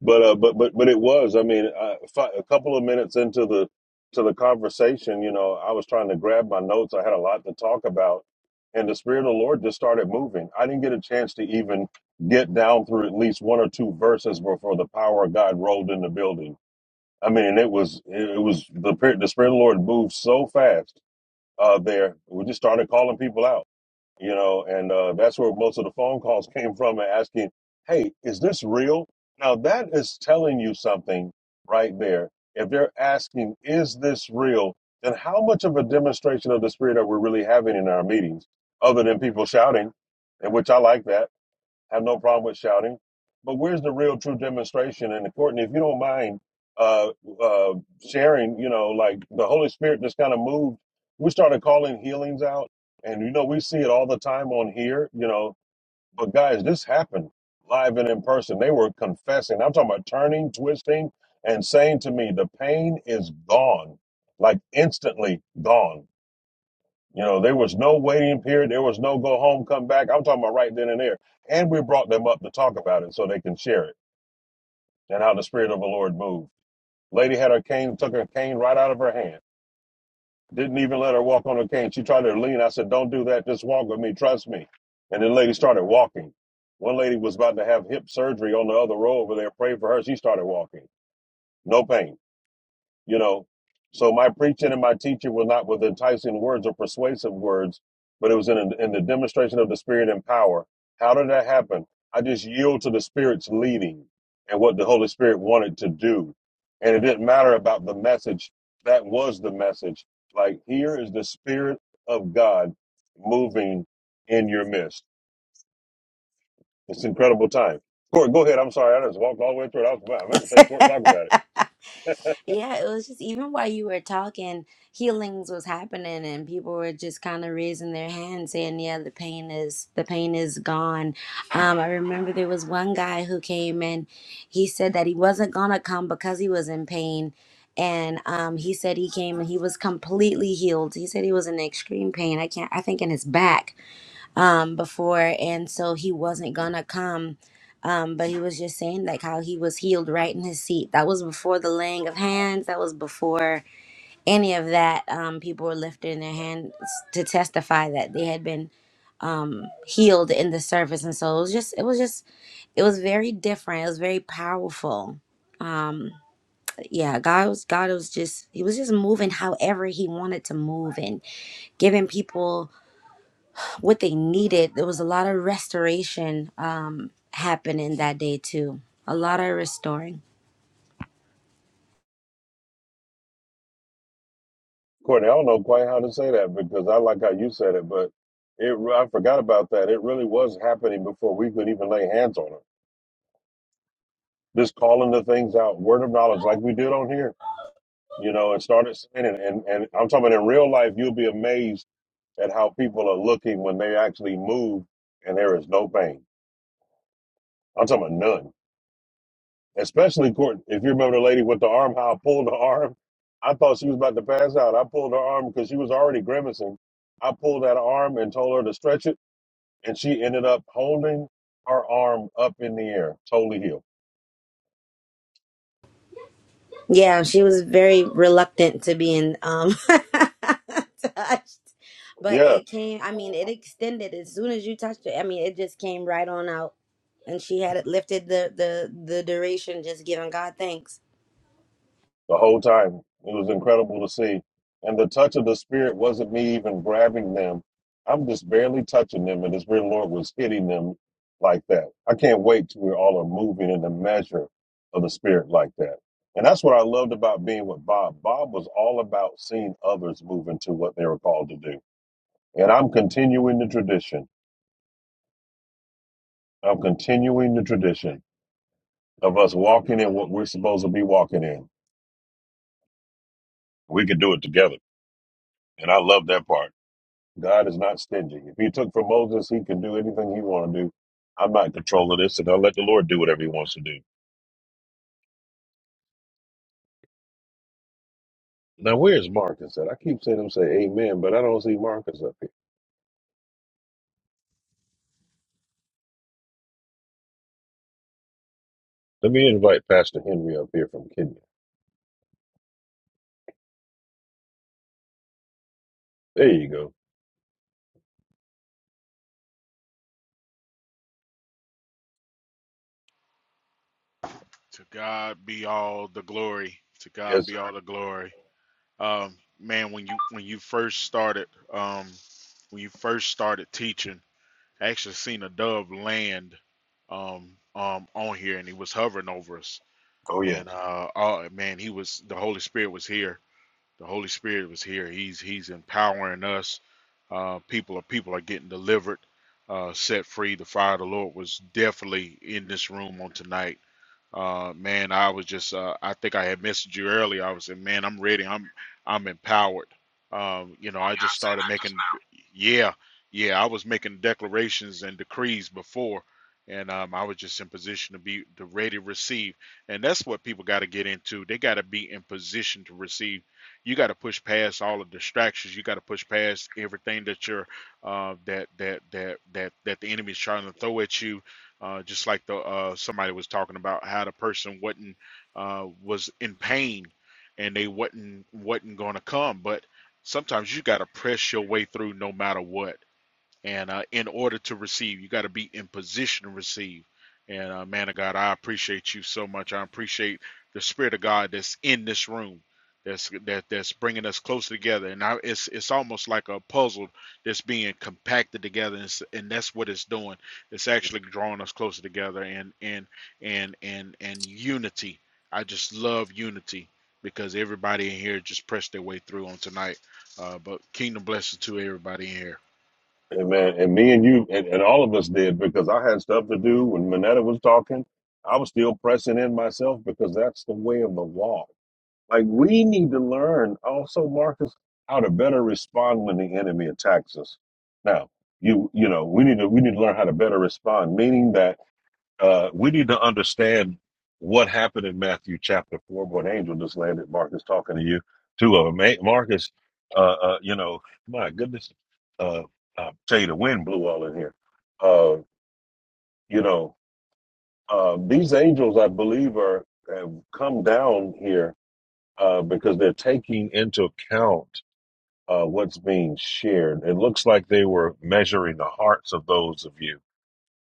Speaker 2: But uh, but but but it was. I mean, uh, fi- a couple of minutes into the to the conversation, you know, I was trying to grab my notes. I had a lot to talk about, and the spirit of the Lord just started moving. I didn't get a chance to even get down through at least one or two verses before the power of God rolled in the building. I mean, and it was it was the spirit- the spirit of the Lord moved so fast uh, there. We just started calling people out you know, and uh, that's where most of the phone calls came from asking, hey, is this real? Now, that is telling you something right there. If they're asking, is this real? Then how much of a demonstration of the spirit are we really having in our meetings other than people shouting, and which I like that? have no problem with shouting. But where's the real true demonstration? And Courtney, if you don't mind uh, uh, sharing, you know, like the Holy Spirit just kind of moved. We started calling healings out, and you know, we see it all the time on here, you know. But guys, this happened live and in person. They were confessing. I'm talking about turning, twisting, and saying to me, the pain is gone, like instantly gone you know, there was no waiting period. There was no go home, come back. I'm talking about right then and there. And we brought them up to talk about it so they can share it and how the Spirit of the Lord moved. Lady had her cane, took her cane right out of her hand. Didn't even let her walk on her cane. She tried to lean. I said, Don't do that. Just walk with me. Trust me. And the lady started walking. One lady was about to have hip surgery on the other row over there. Pray for her. She started walking. No pain. you know. So my preaching and my teaching were not with enticing words or persuasive words, but it was in, in the demonstration of the Spirit and power. How did that happen? I just yield to the Spirit's leading and what the Holy Spirit wanted to do. And it didn't matter about the message. That was the message. Like, here is the Spirit of God moving in your midst. It's an incredible time. Court, go ahead. I'm sorry. I just walked all the way through it. I was I meant to say, Court, talk about it.
Speaker 10: Yeah, it was just even while you were talking, healings was happening and people were just kind of raising their hands saying, "Yeah, the pain is the pain is gone." Um, I remember there was one guy who came and he said that he wasn't gonna come because he was in pain. And um, he said he came and he was completely healed. He said he was in extreme pain. I can't. I think in his back um before and so he wasn't gonna come um but he was just saying like how he was healed right in his seat that was before the laying of hands that was before any of that um people were lifting their hands to testify that they had been um healed in the service and so it was just it was just it was very different it was very powerful um yeah god was god was just he was just moving however he wanted to move and giving people what they needed. There was a lot of restoration um, happening that day too. A lot of restoring.
Speaker 2: Courtney, I don't know quite how to say that because I like how you said it, but it I forgot about that. It really was happening before we could even lay hands on them. Just calling the things out, word of knowledge, like we did on here, you know, and started saying it. And, and I'm talking about in real life, you'll be amazed at how people are looking when they actually move and there is no pain. I'm talking about none. Especially Courtney, if you remember the lady with the arm, how I pulled the arm. I thought she was about to pass out. I pulled her arm because she was already grimacing. I pulled that arm and told her to stretch it and she ended up holding her arm up in the air, totally healed.
Speaker 10: Yeah, she was very reluctant to being um, touched, but
Speaker 2: Yeah,
Speaker 10: it came. I mean, it extended as soon as you touched it. I mean, it just came right on out, and she had it lifted the the the duration. Just giving God thanks.
Speaker 2: the whole time. It was incredible to see. And the touch of the Spirit wasn't me even grabbing them. I'm just barely touching them, and the Spirit of the Lord was hitting them like that. I can't wait till we all are moving in the measure of the Spirit like that. And that's what I loved about being with Bob. Bob was all about seeing others move into what they were called to do. And I'm continuing the tradition. I'm continuing the tradition of us walking in what we're supposed to be walking in. We can do it together. And I love that part. God is not stingy. If he took from Moses, he can do anything he want to do. I'm not in control of this, and I'll let the Lord do whatever he wants to do. Now, where's Marcus at? I keep seeing him say amen, but I don't see Marcus up here. Let me invite Pastor Henry up here from Kenya. There you go.
Speaker 11: To God be all the glory. To God
Speaker 2: Yes, sir.
Speaker 11: be all the glory. Um, man, when you when you first started, um, when you first started teaching, I actually seen a dove land, um, um, on here, and he was hovering over us.
Speaker 2: Oh, yes.
Speaker 11: And uh, oh man, he was the Holy Spirit was here. The Holy Spirit was here. He's he's empowering us. Uh, people are people are getting delivered, uh, set free. The fire of the Lord was definitely in this room on tonight uh, man, I was just uh, I think I had messaged you earlier. I was saying, man, I'm ready. I'm I'm empowered. Um, you know,
Speaker 2: Oh,
Speaker 11: I
Speaker 2: yeah, I
Speaker 11: just
Speaker 2: see
Speaker 11: started
Speaker 2: that just
Speaker 11: making
Speaker 2: now.
Speaker 11: yeah, yeah, I was making declarations and decrees before and um, I was just in position to be to ready to receive. And that's what people got to get into. They got to be in position to receive. You got to push past all the distractions. You got to push past everything that you're uh, that that that that that the enemy's trying to throw at you uh, just like the uh, somebody was talking about how the person wasn't uh, was in pain and they wasn't wasn't going to come but sometimes you got to press your way through no matter what and uh, in order to receive, you got to be in position to receive. And uh, man of God, I appreciate you so much. I appreciate the spirit of God that's in this room, that's that that's bringing us closer together. And I, it's it's almost like a puzzle that's being compacted together, and, it's, and that's what it's doing. It's actually drawing us closer together, and and and and and unity. I just love unity because everybody in here just pressed their way through on tonight. Uh, but kingdom blessings to everybody in here.
Speaker 2: And man, and me and you and, and all of us did because I had stuff to do when Minetta was talking. I was still pressing in myself because that's the way of the law. Like we need to learn also, Marcus, how to better respond when the enemy attacks us. Now, you you know, we need to we need to learn how to better respond, meaning that uh, we need to understand what happened in Matthew chapter four. What angel just landed? Marcus talking to you. Two of them. Ma- Marcus, uh, uh, you know, my goodness, uh, I tell you, the wind blew all in here. Uh, you know, uh, these angels, I believe, are have come down here uh, because they're taking into account uh, what's being shared. It looks like they were measuring the hearts of those of you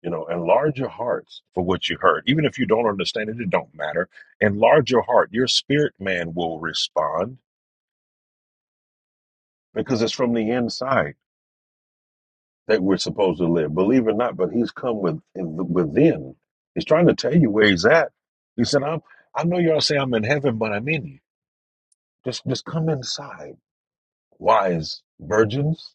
Speaker 2: you know enlarge your hearts for what you heard even if you don't understand it it don't matter enlarge your heart your spirit man will respond because it's from the inside that we're supposed to live believe it or not but he's come with within he's trying to tell you where he's at he said i'm i know y'all say i'm in heaven but i'm in you just just come inside wise virgins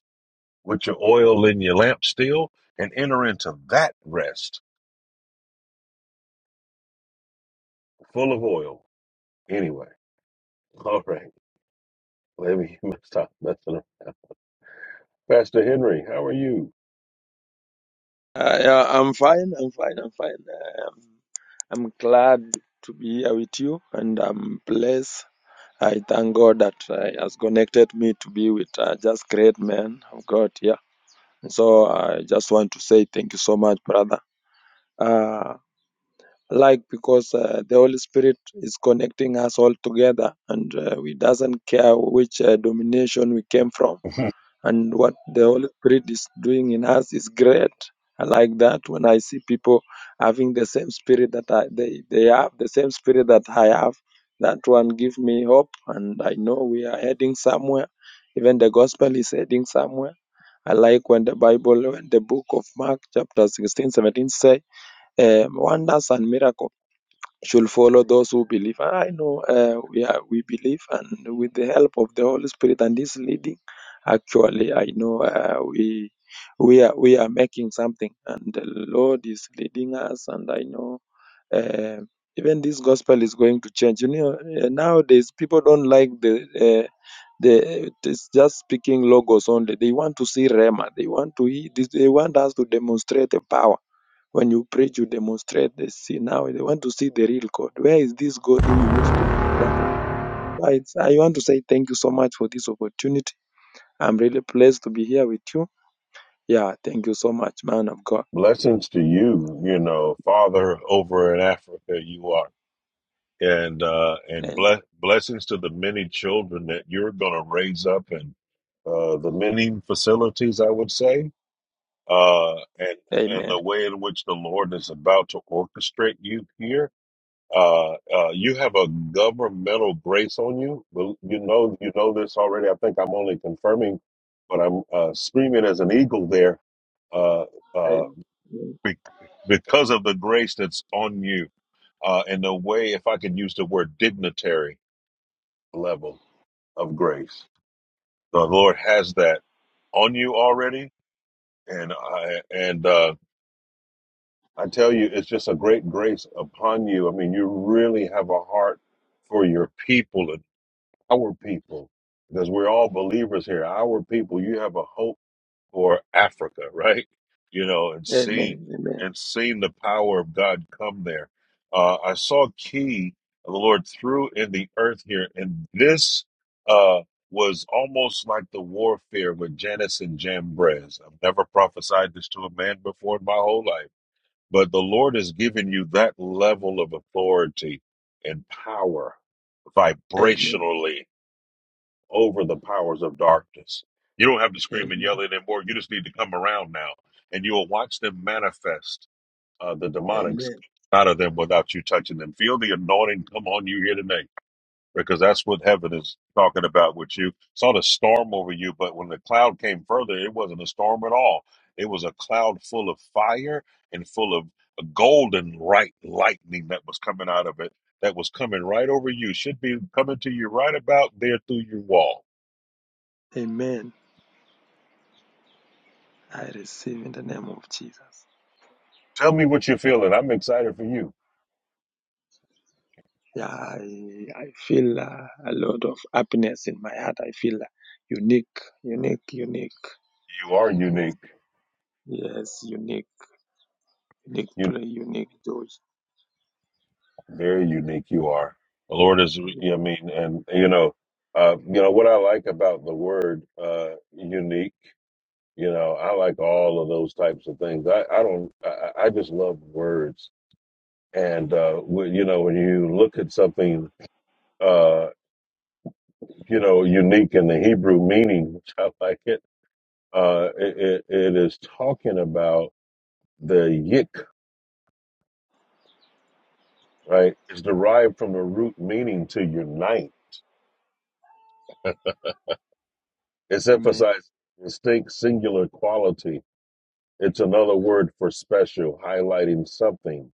Speaker 2: with your oil in your lamp still and enter into that rest full of oil anyway all right Maybe you must stop messing around. Pastor Henry, how are you?
Speaker 12: Uh, yeah, I'm fine. I'm fine. I'm fine. Um, I'm I'm glad to be here with you, and I'm blessed. I thank God that uh, has connected me to be with uh, just great men of God here. And so I just want to say thank you so much, brother. Uh, like because uh, the Holy Spirit is connecting us all together, and uh, we doesn't care which uh, domination we came from and what the Holy Spirit is doing in us is great. I like that when I see people having the same spirit that I, they, they have, the same spirit that I have, that one give me hope, and I know we are heading somewhere. Even the gospel is heading somewhere. I like when the Bible, when the book of Mark, chapter 16 17 say, um, wonders and miracles should follow those who believe. And I know uh, we are, we believe, and with the help of the Holy Spirit and His leading, actually, I know uh, we we are we are making something, and the Lord is leading us. And I know uh, even this gospel is going to change. You know, uh, nowadays people don't like the. Uh, the, it's just speaking logos only. They want to see Rema. They want to. hear this- They want us to demonstrate the power. When you preach, you demonstrate. They see now they want to see the real God. Where is this God who you used to do miracle? Right. I want to say thank you so much for this opportunity. I'm really pleased to be here with you. Yeah, thank you so much, man of God.
Speaker 2: Blessings to you, you know, Father over in Africa you are. And uh and
Speaker 12: And
Speaker 2: bless blessings to the many children that you're gonna raise up and uh the many facilities I would say. Uh and and
Speaker 12: amen.
Speaker 2: the way in which the Lord is about to orchestrate you here Uh, uh, you have a governmental grace on you. Well, You know, you know this already. I think I'm only confirming, but I'm uh, screaming as an eagle there uh, uh,
Speaker 12: Amen.
Speaker 2: be- because of the grace that's on you. Uh, in the way, if I could use the word dignitary level of grace, the Lord has that on you already, and I, and uh, I tell you, it's just a great grace upon you. I mean, you really have a heart for your people our people, because we're all believers here, our people, you have a hope for Africa, right? You know, and seeing
Speaker 12: Amen. Amen.
Speaker 2: and seeing the power of God come there. Uh, I saw a key of the Lord threw in the earth here, and this uh, was almost like the warfare with Janice and Jambres. I've never prophesied this to a man before in my whole life, but the Lord has given you that level of authority and power
Speaker 12: Amen.
Speaker 2: vibrationally over the powers of darkness. You don't have to scream and yell
Speaker 12: Amen.
Speaker 2: anymore. You just need to come around now, and you'll watch them manifest uh, the demonics
Speaker 12: Amen.
Speaker 2: out of them without you touching them. Feel the anointing come on you here tonight, because that's what heaven is talking about with you. Saw the storm over you, but when the cloud came further, it wasn't a storm at all. It was a cloud full of fire and full of a golden right lightning that was coming out of it. That was coming right over you. Should be coming to you right about there through your wall
Speaker 12: Amen. I receive in the name of Jesus.
Speaker 2: Tell me what you're feeling. I'm excited for you.
Speaker 12: Yeah, I, I feel uh, a lot of happiness in my heart. I feel uh, unique, unique, unique.
Speaker 2: You are unique.
Speaker 12: Yes, unique, unique
Speaker 2: You
Speaker 12: play, unique dose.
Speaker 2: very unique. You are. The Lord is. You know, I mean, and you know, uh, you know what I like about the word uh, unique. You know, I like all of those types of things. I, I don't. I, I just love words. And uh, when, you know, when you look at something, uh, you know, unique in the Hebrew meaning, which I like it. Uh, it, it, it is talking about the yik. right, is derived from the root meaning to unite. It's
Speaker 12: Amen.
Speaker 2: emphasized distinct singular quality. It's another word for special, highlighting something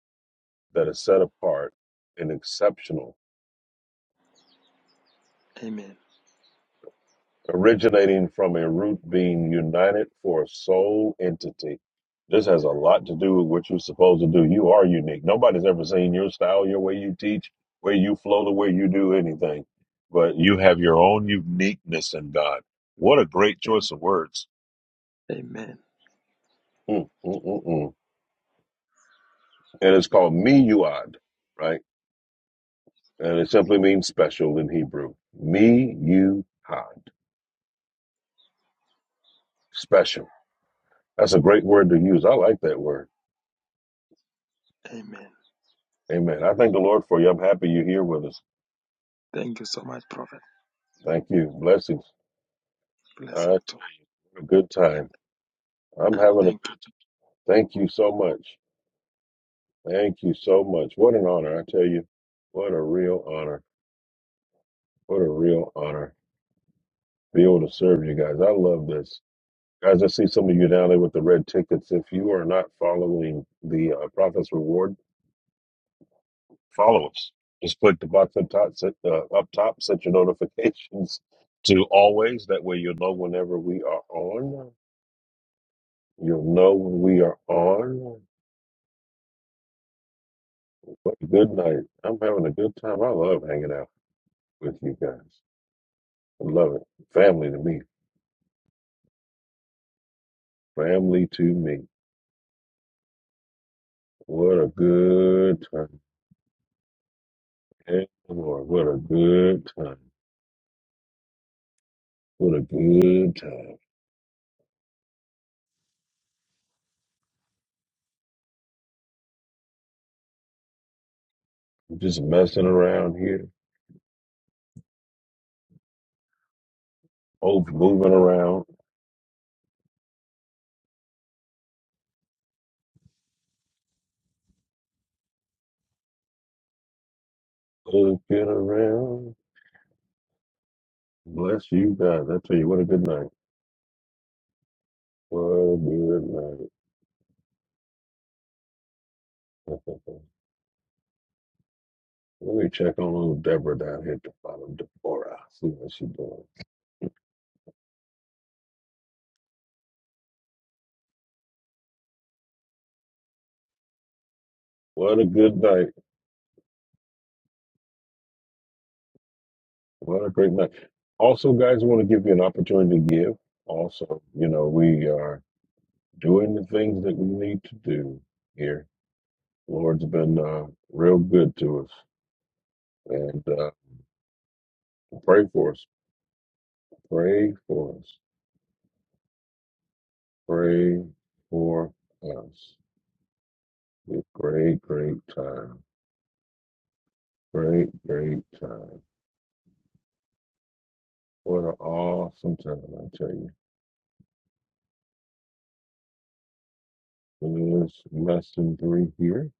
Speaker 2: that is set apart and exceptional,
Speaker 12: Amen.
Speaker 2: originating from a root being united for a sole entity. This has a lot to do with what you're supposed to do. You are unique. Nobody's ever seen your style, your way you teach, where you flow, the way you do anything. But you have your own uniqueness in God. What a great
Speaker 12: Am-
Speaker 2: choice of words
Speaker 12: Amen.
Speaker 2: Mm, mm, mm, mm. And it's called miyuad, right? And it simply means special in Hebrew. Miyuad, special. That's a great word to use. I like that word.
Speaker 12: Amen.
Speaker 2: Amen. I thank the Lord for you. I'm happy you're here with us.
Speaker 12: Thank you so much, Prophet.
Speaker 2: Thank you. Blessings. I tell
Speaker 12: Blessing too.
Speaker 2: you, what a good
Speaker 12: Amen.
Speaker 2: time. I'm
Speaker 12: And
Speaker 2: having a good
Speaker 12: thank you.
Speaker 2: time. Thank you so much. Thank you so much. What an honor, I tell you. What a real honor. What a real honor. Be able to serve you guys. I love this. Guys, I see some of you down there with the red tickets. If you are not following the uh, Prophet's Reward, follow us. Just click the box up top, set, uh, up top, set your notifications to always. That way you'll know whenever we are on. You'll know when we are on. But good night. I'm having a good time. I love hanging out with you guys. I love it. Family to me. Family to me. What a good time. Hey, Lord, what a good time. What a good time. Just messing around here. Old moving around. Looking around. Bless you guys. I tell you, what a good night. What a good night. Let me check on little Deborah down here at the bottom. Deborah. See how she doing. What a good night. What a great night. Also, guys, I want to give you an opportunity to give. Also, you know, we are doing the things that we need to do here. Lord's been uh, real good to us. And uh, pray for us. Pray for us. Pray for us. It's great, great time. Great, great time. What an awesome time, I tell you. It is less than three here.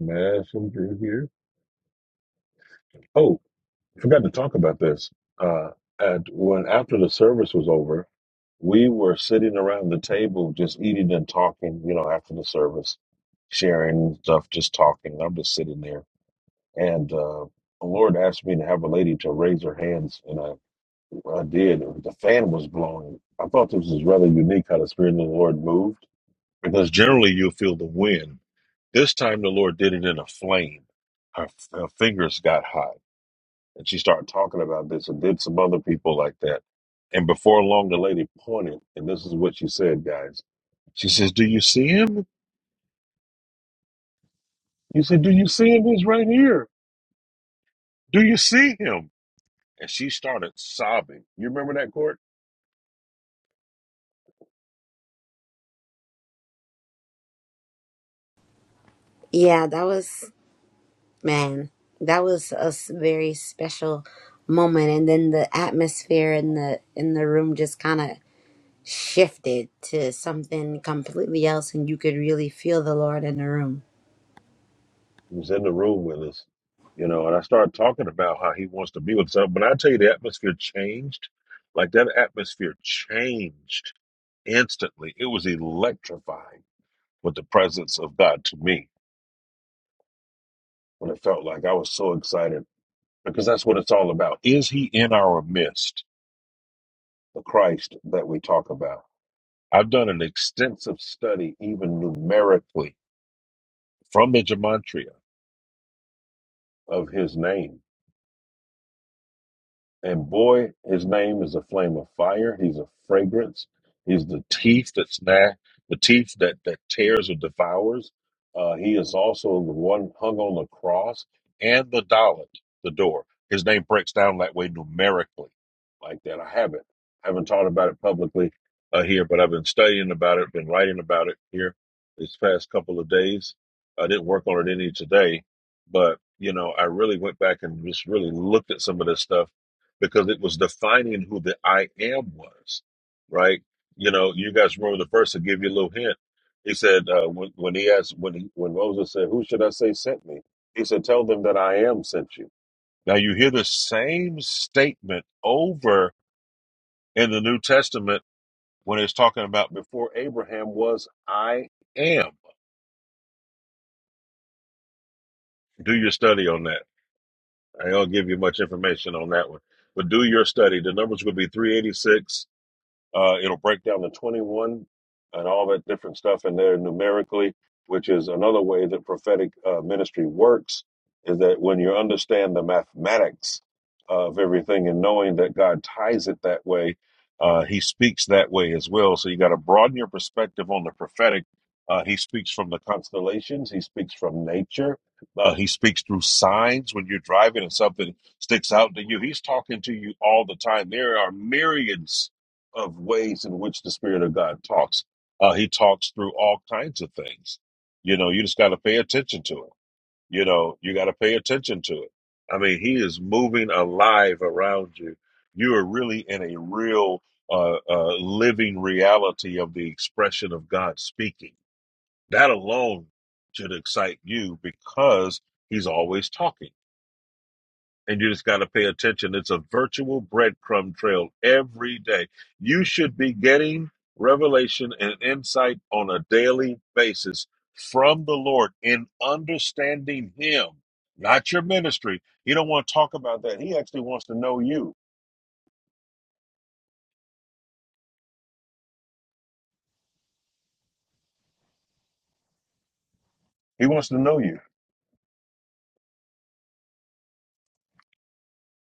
Speaker 2: lesson three here. Oh, forgot to talk about this. Uh, at when after the service was over, we were sitting around the table just eating and talking. You know, after the service, sharing stuff, just talking. I'm just sitting there, and uh, the Lord asked me to have a lady to raise her hands, and I. I did. The fan was blowing. I thought this was rather unique how the Spirit of the Lord moved because generally you will feel the wind. This time the Lord did it in a flame. Her, her fingers got hot and she started talking about this and did some other people like that. And before long, the lady pointed, and this is what she said, guys. She says, Do you see him? You said, Do you see him? He's right here. Do you see him? And she started sobbing. You remember that, Court?
Speaker 10: Yeah, that was man. That was a s- very special moment, and then the atmosphere in the in the room just kind of shifted to something completely else and you could really feel the Lord in the room.
Speaker 2: He was in the room with us, you know, and I started talking about how he wants to be with us. So, But I tell you, the atmosphere changed. Like that atmosphere changed instantly. It was electrifying with the presence of God to me when it felt like I was so excited because that's what it's all about. Is he in our midst, the Christ that we talk about? I've done an extensive study, even numerically, from the gematria of his name And boy, his name is a flame of fire. He's a fragrance. He's the teeth that snag, the teeth that that tears or devours. Uh, he is also the one hung on the cross and the dollet, the door. His name breaks down that way numerically, like that. I haven't, I haven't taught about it publicly uh, here, but I've been studying about it, been writing about it here this past couple of days. I didn't work on it any today, but you know, I really went back and just really looked at some of this stuff because it was defining who the I am was, right? You know, you guys remember the verse that gave you a little hint. He said uh, when when he asked when he, when Moses said, "Who should I say sent me?" He said, "Tell them that I am sent you." Now you hear the same statement over in the New Testament when it's talking about before Abraham was I am. Do your study on that. I don't give you much information on that one, but do your study. The number's going to be 386 Uh, it'll break down the 21 and all that different stuff in there numerically, which is another way that prophetic uh, ministry works. Is that when you understand the mathematics of everything and knowing that God ties it that way, uh, He speaks that way as well. So you got to broaden your perspective on the prophetic. Uh, he speaks from the constellations. He speaks from nature. Uh, he speaks through signs when you're driving and something sticks out to you. He's talking to you all the time. There are myriads of ways in which the Spirit of God talks. Uh, he talks through all kinds of things. You know, you just got to pay attention to it. You know, you got to pay attention to it. I mean, he is moving alive around you. You are really in a real, uh, uh, living reality of the expression of God speaking. That alone should excite you because he's always talking and you just got to pay attention. It's a virtual breadcrumb trail every day. You should be getting revelation and insight on a daily basis from the Lord in understanding Him, not your ministry. He don't want to talk about that. He actually wants to know you. He wants to know you.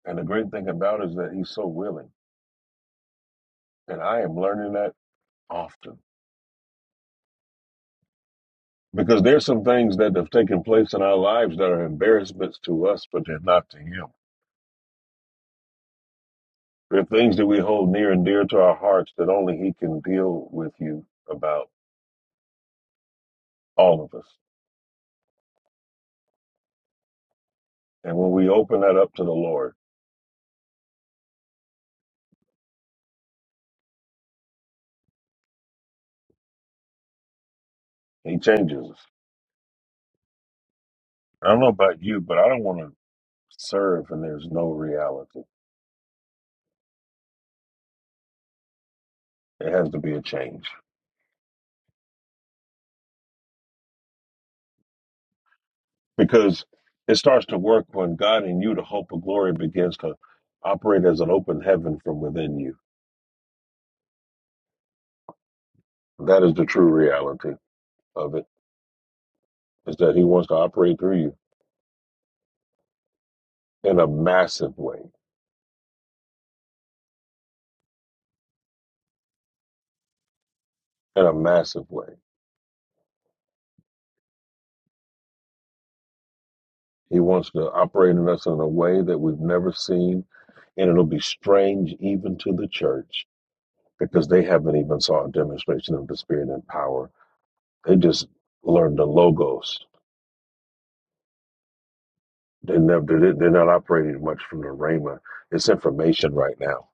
Speaker 2: And the great thing about it is that He's so willing, and I am learning that often. Because there's some things that have taken place in our lives that are embarrassments to us, but they're not to him There are things that we hold near and dear to our hearts that only He can deal with you about, all of us. And when we open that up to the Lord, He changes us. I don't know about you, but I don't want to serve and there's no reality. It has to be a change because it starts to work when God in you, the hope of glory, begins to operate as an open heaven from within you. That is the true reality of it, is that He wants to operate through you in a massive way, in a massive way. He wants to operate in us in a way that we've never seen, and it'll be strange even to the church because they haven't even saw a demonstration of the Spirit and power. They just learned the logos. They never they- are not operating much from the Rhema. It's information right now,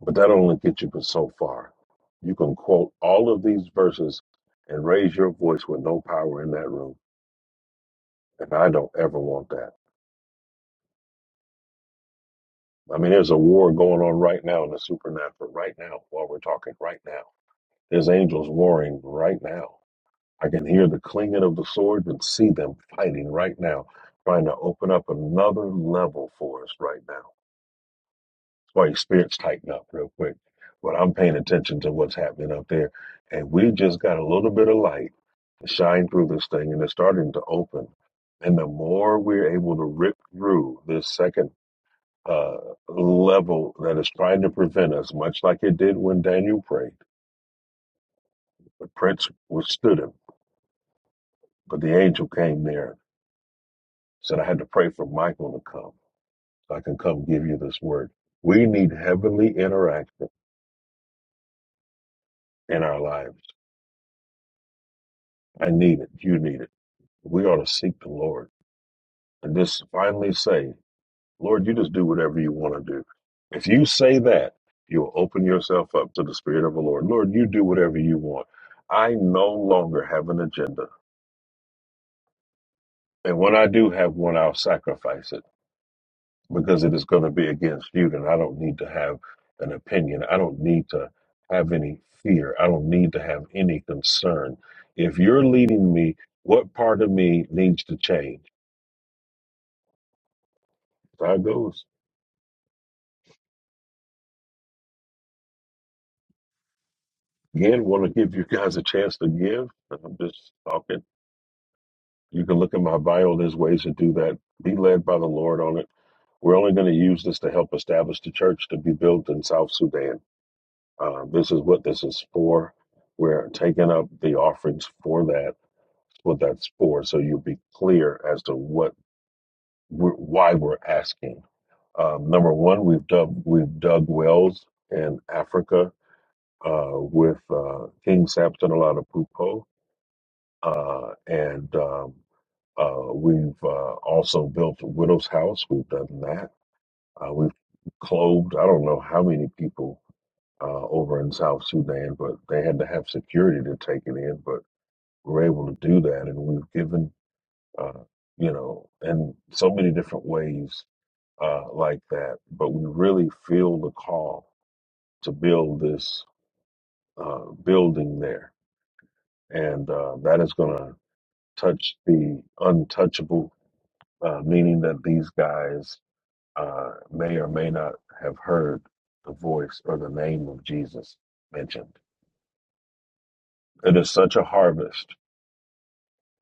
Speaker 2: but that only gets you so far. You can quote all of these verses and raise your voice with no power in that room, and I don't ever want that. I mean, there's a war going on right now in the supernatural, right now, while we're talking, right now There's angels warring right now. I can hear the clinging of the swords and see them fighting right now, trying to open up another level for us right now. That's why your spirits tighten up real quick. But I'm paying attention to what's happening up there. And we just got a little bit of light to shine through this thing, and it's starting to open. And the more we're able to rip through this second uh, level that is trying to prevent us, much like it did when Daniel prayed, the prince withstood him But the angel came there, said, I had to pray for Michael to come so I can come give you this word. We need heavenly interaction in our lives. I need it. You need it. We ought to seek the Lord and just finally say, Lord, you just do whatever you want to do. If you say that, you'll open yourself up to the Spirit of the Lord. Lord, you do whatever you want. I no longer have an agenda. And when I do have one, I'll sacrifice it because it is going to be against you, then I don't need to have an opinion. I don't need to have any fear. I don't need to have any concern. If you're leading me, what part of me needs to change? So I goes again. Want to give you guys a chance to give? I'm just talking. You can look at my bio. There's ways to do that. Be led by the Lord on it. We're only going to use this to help establish the church to be built in South Sudan. Uh, this is what this is for. We're taking up the offerings for that what that's for, so you'll be clear as to what we're, why we're asking. Um, number one, we've dug we've dug wells in Africa uh, with uh, King Samson Oladapupo, uh, and um, uh, we've uh, also built a widow's house. We've done that. Uh, we've clothed I don't know how many people uh, over in South Sudan, but they had to have security to take it in, but we're able to do that, and we've given uh, you know, and so many different ways uh, like that. But we really feel the call to build this uh, building there, and uh, that is going to touch the untouchable, uh, meaning that these guys uh, may or may not have heard the voice or the name of Jesus mentioned. It is such a harvest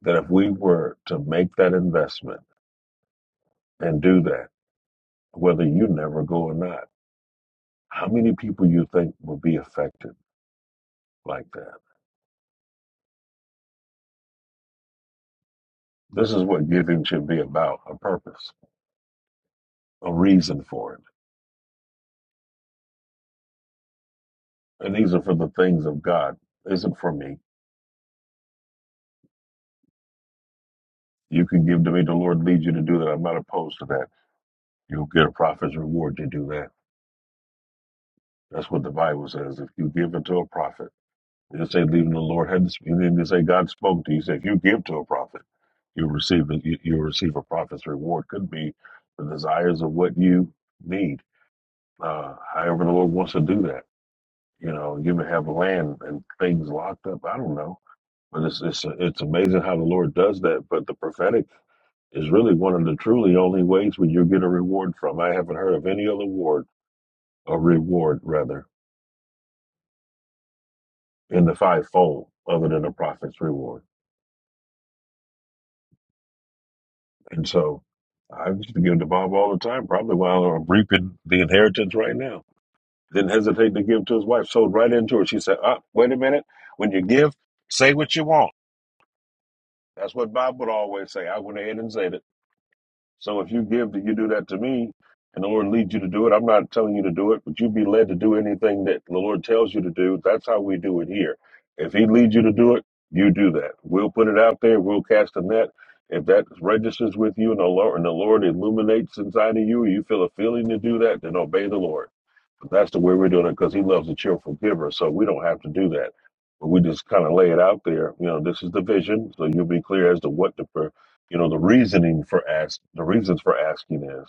Speaker 2: that if we were to make that investment and do that, whether you never go or not How many people you think will be affected like that? This is what giving should be about, a purpose, a reason for it. And these are for the things of God. Isn't for me. You can give to me, the Lord leads you to do that. I'm not opposed to that. You'll get a prophet's reward to do that. That's what the Bible says. If you give it to a prophet, it didn't say leaving the Lord had to speak. It didn't say God spoke to you. It said if you give to a prophet, you'll receive it. You, you'll receive a prophet's reward. Could be the desires of what you need. Uh, however, the Lord wants to do that. You know, you may have land and things locked up. I don't know, but it's it's it's amazing how the Lord does that. But the prophetic is really one of the truly only ways where you get a reward from. I haven't heard of any other reward, or reward rather, in the fivefold other than a prophet's reward. And so, I used to give to Bob all the time. Probably while I'm reaping the inheritance right now. Didn't hesitate to give to his wife. Sold right into her. She said, "Uh, wait a minute. When you give, say what you want." That's what Bob would always say. I went ahead and said it. So if you give to you do that to me, and the Lord leads you to do it, I'm not telling you to do it, but you be led to do anything that the Lord tells you to do. That's how we do it here. If He leads you to do it, you do that. We'll put it out there. We'll cast a net. If that registers with you and the Lord and the Lord illuminates inside of you, or you feel a feeling to do that, then obey the Lord. But that's the way we're doing it because He loves a cheerful giver. So we don't have to do that. But we just kind of lay it out there. You know, this is the vision, so you'll be clear as to what to you know the reasoning for ask the reasons for asking is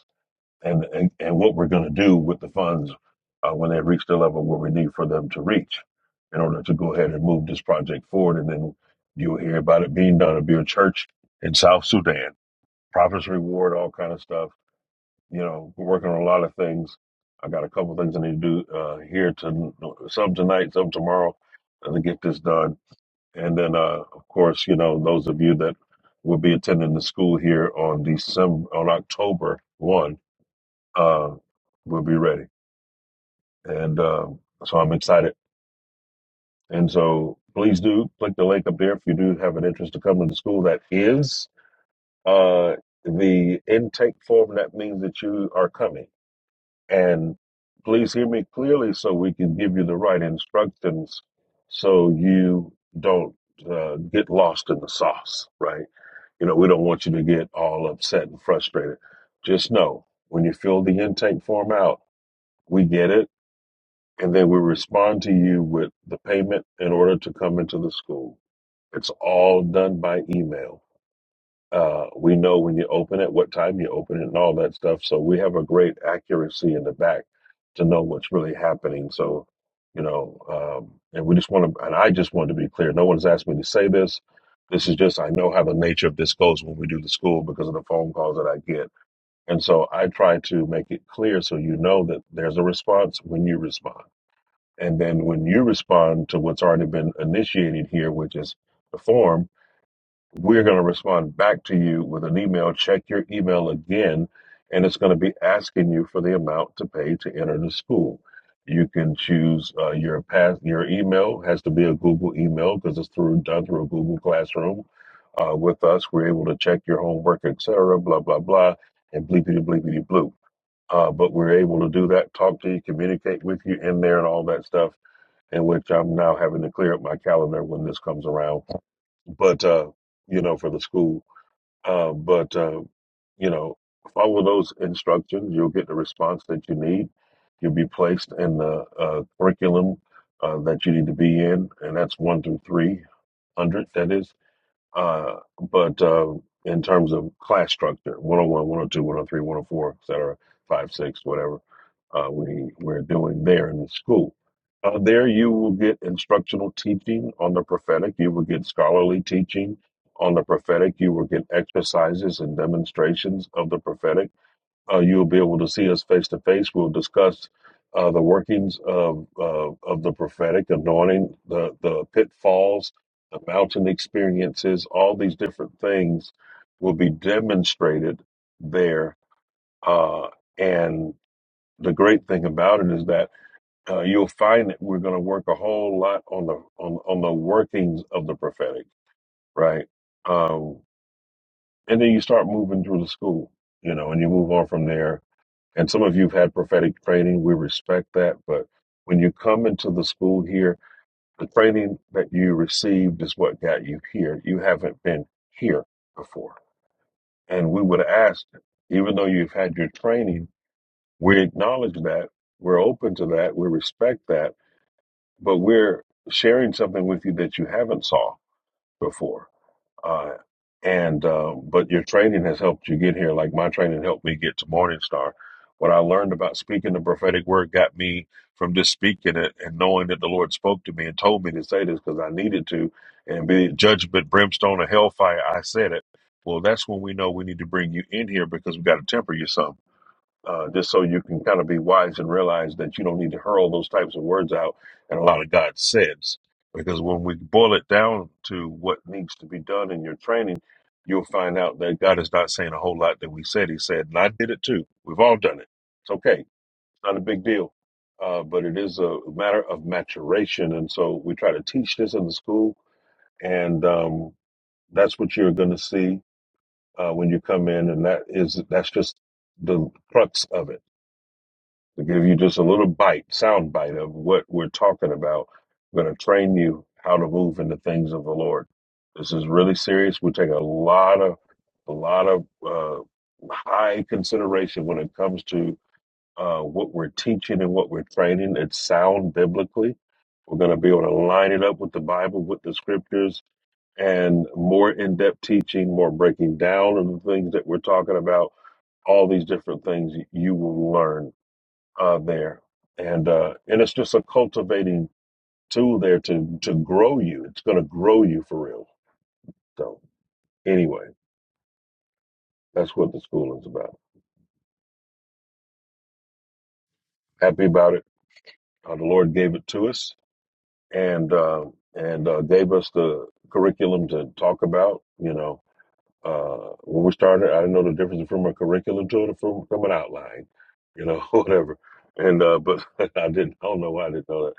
Speaker 2: and and, and what we're going to do with the funds uh, when they reach the level where we need for them to reach in order to go ahead and move this project forward and then you'll hear about it being done it'll be a church in south sudan prophets reward all kind of stuff you know we're working on a lot of things i got a couple things i need to do uh, here to some tonight some tomorrow uh, to get this done and then, uh, of course, you know, those of you that will be attending the school here on December, on October 1, uh, will be ready. And um, so I'm excited. And so please do click the link up there if you do have an interest to come to the school. That is uh, the intake form. That means that you are coming. And please hear me clearly so we can give you the right instructions so you don't uh, get lost in the sauce, right? You know, we don't want you to get all upset and frustrated. Just know when you fill the intake form out, we get it, and then we respond to you with the payment in order to come into the school. It's all done by email. Uh, we know when you open it, what time you open it, and all that stuff. So we have a great accuracy in the back to know what's really happening. So, you know, um, and we just want to, and I just want to be clear. No one's asked me to say this. This is just, I know how the nature of this goes when we do the school because of the phone calls that I get. And so I try to make it clear so you know that there's a response when you respond. And then when you respond to what's already been initiated here, which is the form, we're going to respond back to you with an email. Check your email again, and it's going to be asking you for the amount to pay to enter the school. You can choose uh, your pass. Your email has to be a Google email because it's through done through a Google Classroom. Uh, with us, we're able to check your homework, etc. Blah blah blah, and bleepity bleepity bloop. Uh, but we're able to do that, talk to you, communicate with you in there, and all that stuff. In which I'm now having to clear up my calendar when this comes around but uh, you know, for the school. Uh, but uh, you know, follow those instructions. You'll get the response that you need. You'll be placed in the uh, curriculum uh, that you need to be in, and that's one through three hundred. That is. Uh, but uh, in terms of class structure, 101, 102, 103, 104, et cetera, 5, 6, whatever uh, we, we're doing there in the school. Uh, there you will get instructional teaching on the prophetic. You will get scholarly teaching on the prophetic. You will get exercises and demonstrations of the prophetic uh, you'll be able to see us face to face. We'll discuss uh, the workings of uh, of the prophetic anointing, the the pitfalls, the mountain experiences. All these different things will be demonstrated there. Uh, and the great thing about it is that uh, you'll find that we're going to work a whole lot on the on on the workings of the prophetic, right? Um, and then you start moving through the school, you know, and you move on from there and some of you've had prophetic training. We respect that. But when you come into the school here, the training that you received is what got you here. You haven't been here before. And we would ask, even though you've had your training, we acknowledge that. We're open to that. We respect that. But we're sharing something with you that you haven't saw before uh, and uh, but your training has helped you get here. Like my training helped me get to Morningstar. What I learned about speaking the prophetic word got me from just speaking it and knowing that the Lord spoke to me and told me to say this because I needed to. And be it judgment, brimstone, or hellfire, I said it. Well, that's when we know we need to bring you in here because we got to temper you some uh, just so you can kind of be wise and realize that you don't need to hurl those types of words out and a lot of God says. Because when we boil it down to what needs to be done in your training, you'll find out that God is not saying a whole lot that we said He said. And I did it too. We've all done it. It's okay. It's not a big deal. Uh, but it is a matter of maturation. And so we try to teach this in the school. And um, that's what you're going to see uh, when you come in. And that is, that's just the crux of it to give you just a little bite, sound bite of what we're talking about. We're going to train you how to move in the things of the Lord. This is really serious. We take a lot of, a lot of uh, high consideration when it comes to uh, what we're teaching and what we're training. It's sound biblically. We're going to be able to line it up with the Bible, with the scriptures, and more in-depth teaching, more breaking down of the things that we're talking about. All these different things you will learn uh, there, and uh, and it's just a cultivating tool there to to grow you. It's going to grow you for real. So anyway, that's what the school is about. Happy about it. Uh, the Lord gave it to us, and uh, and uh, gave us the curriculum to talk about. You know, uh, when we started, I didn't know the difference from a curriculum to the, from, from an outline, you know, whatever. And uh, but I didn't. I don't know why I didn't know that.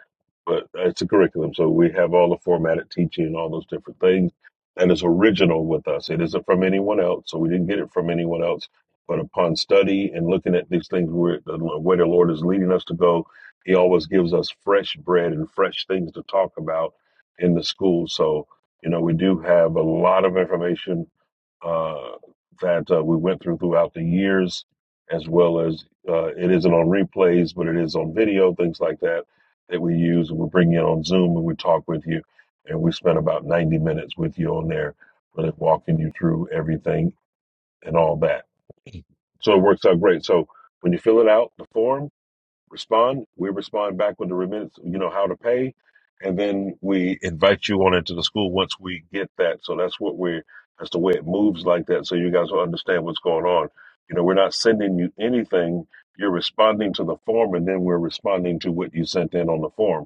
Speaker 2: But it's a curriculum, so we have all the formatted teaching and all those different things, and it's original with us. It isn't from anyone else, so we didn't get it from anyone else. But upon study and looking at these things, where the way the Lord is leading us to go, He always gives us fresh bread and fresh things to talk about in the school. So you know, we do have a lot of information uh, that uh, we went through throughout the years, as well as uh, it isn't on replays, but it is on video, things like that, that we use. We bring you in on Zoom and we talk with you. And we spent about 90 minutes with you on there, really walking you through everything and all that. So it works out great. So when you fill it out, the form, respond. We respond back with the remittance, you know, how to pay. And then we invite you on into the school once we get that. So that's what we're, that's the way it moves like that. So you guys will understand what's going on. You know, we're not sending you anything. You're responding to the form and then we're responding to what you sent in on the form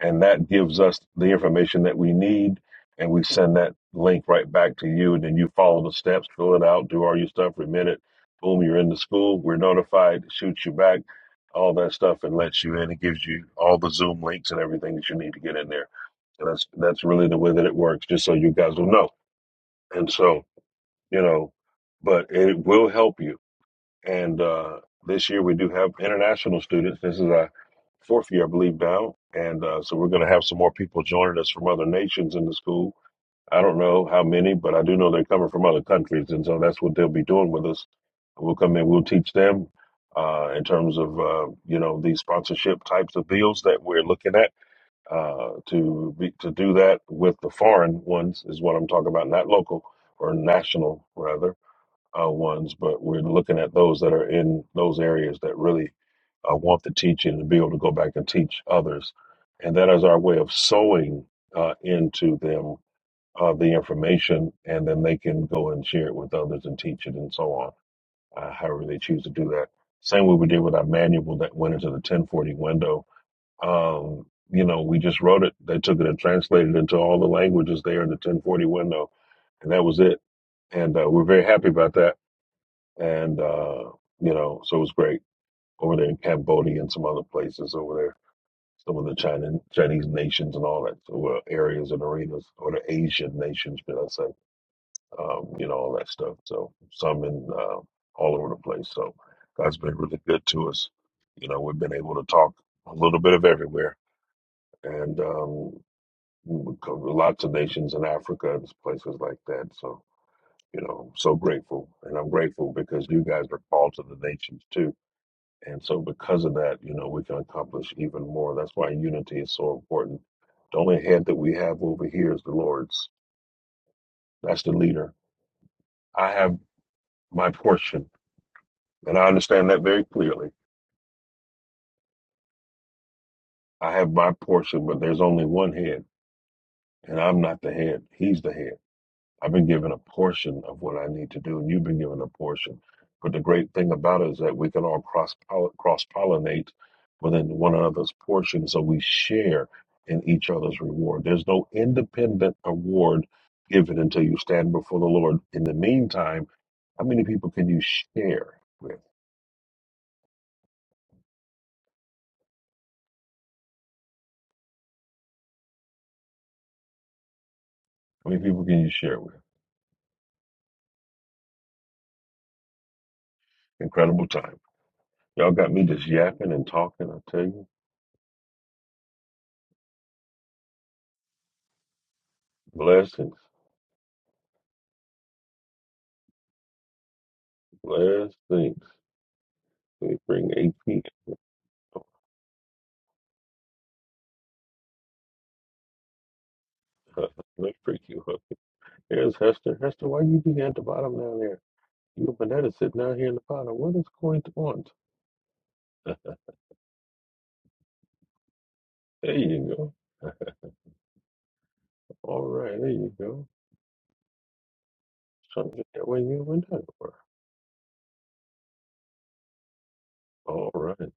Speaker 2: and that gives us the information that we need and we send that link right back to you and then you follow the steps fill it out do all your stuff remit it boom you're in the school we're notified shoots you back all that stuff and lets you in it gives you all the zoom links and everything that you need to get in there and that's that's really the way that it works just so you guys will know and so you know but it will help you and uh, this year we do have international students. This is our fourth year, I believe, now. And uh, so we're going to have some more people joining us from other nations in the school. I don't know how many, but I do know they're coming from other countries. And so that's what they'll be doing with us. We'll come in, we'll teach them uh, in terms of, uh, you know, these sponsorship types of deals that we're looking at uh, to be, to do that with the foreign ones is what I'm talking about, not local or national rather uh, ones, but we're looking at those that are in those areas that really uh, want the teaching and be able to go back and teach others. And that is our way of sowing uh, into them uh, the information, and then they can go and share it with others and teach it and so on, uh, however they choose to do that. Same way we did with our manual that went into the 1040 window. Um, you know, we just wrote it. They took it and translated it into all the languages there in the 1040 window, and that was it. And uh, we're very happy about that and uh, you know, so it was great over there in Cambodia and some other places over there. Some of the China, Chinese nations and all that so, well, areas and arenas, or the Asian nations, should I say? Um, you know, all that stuff. So some in uh, all over the place. So God's been really good to us. You know, we've been able to talk a little bit of everywhere, and um, we cover lots of nations in Africa and places like that. So you know, I'm so grateful, and I'm grateful because you guys are called to the nations too And so, because of that, you know, we can accomplish even more. That's why unity is so important. The only head that we have over here is the Lord's. That's the leader. I have my portion, and I understand that very clearly. I have my portion, but there's only one head, and I'm not the head. He's the head. I've been given a portion of what I need to do, and you've been given a portion. But the great thing about it is that we can all cross cross pollinate within one another's portion, so we share in each other's reward. There's no independent award given until you stand before the Lord. In the meantime, how many people can you share with? How many people can you share with? Incredible time. Y'all got me just yapping and talking. I tell you, blessings, blessings. We bring AP. Let's freak you up. Here's Hester. Hester, why you be at the bottom down there? You and that is sitting down here in the bottom. What is going on? There you go. All right, there you go. Trying to get that way you and down were. All right.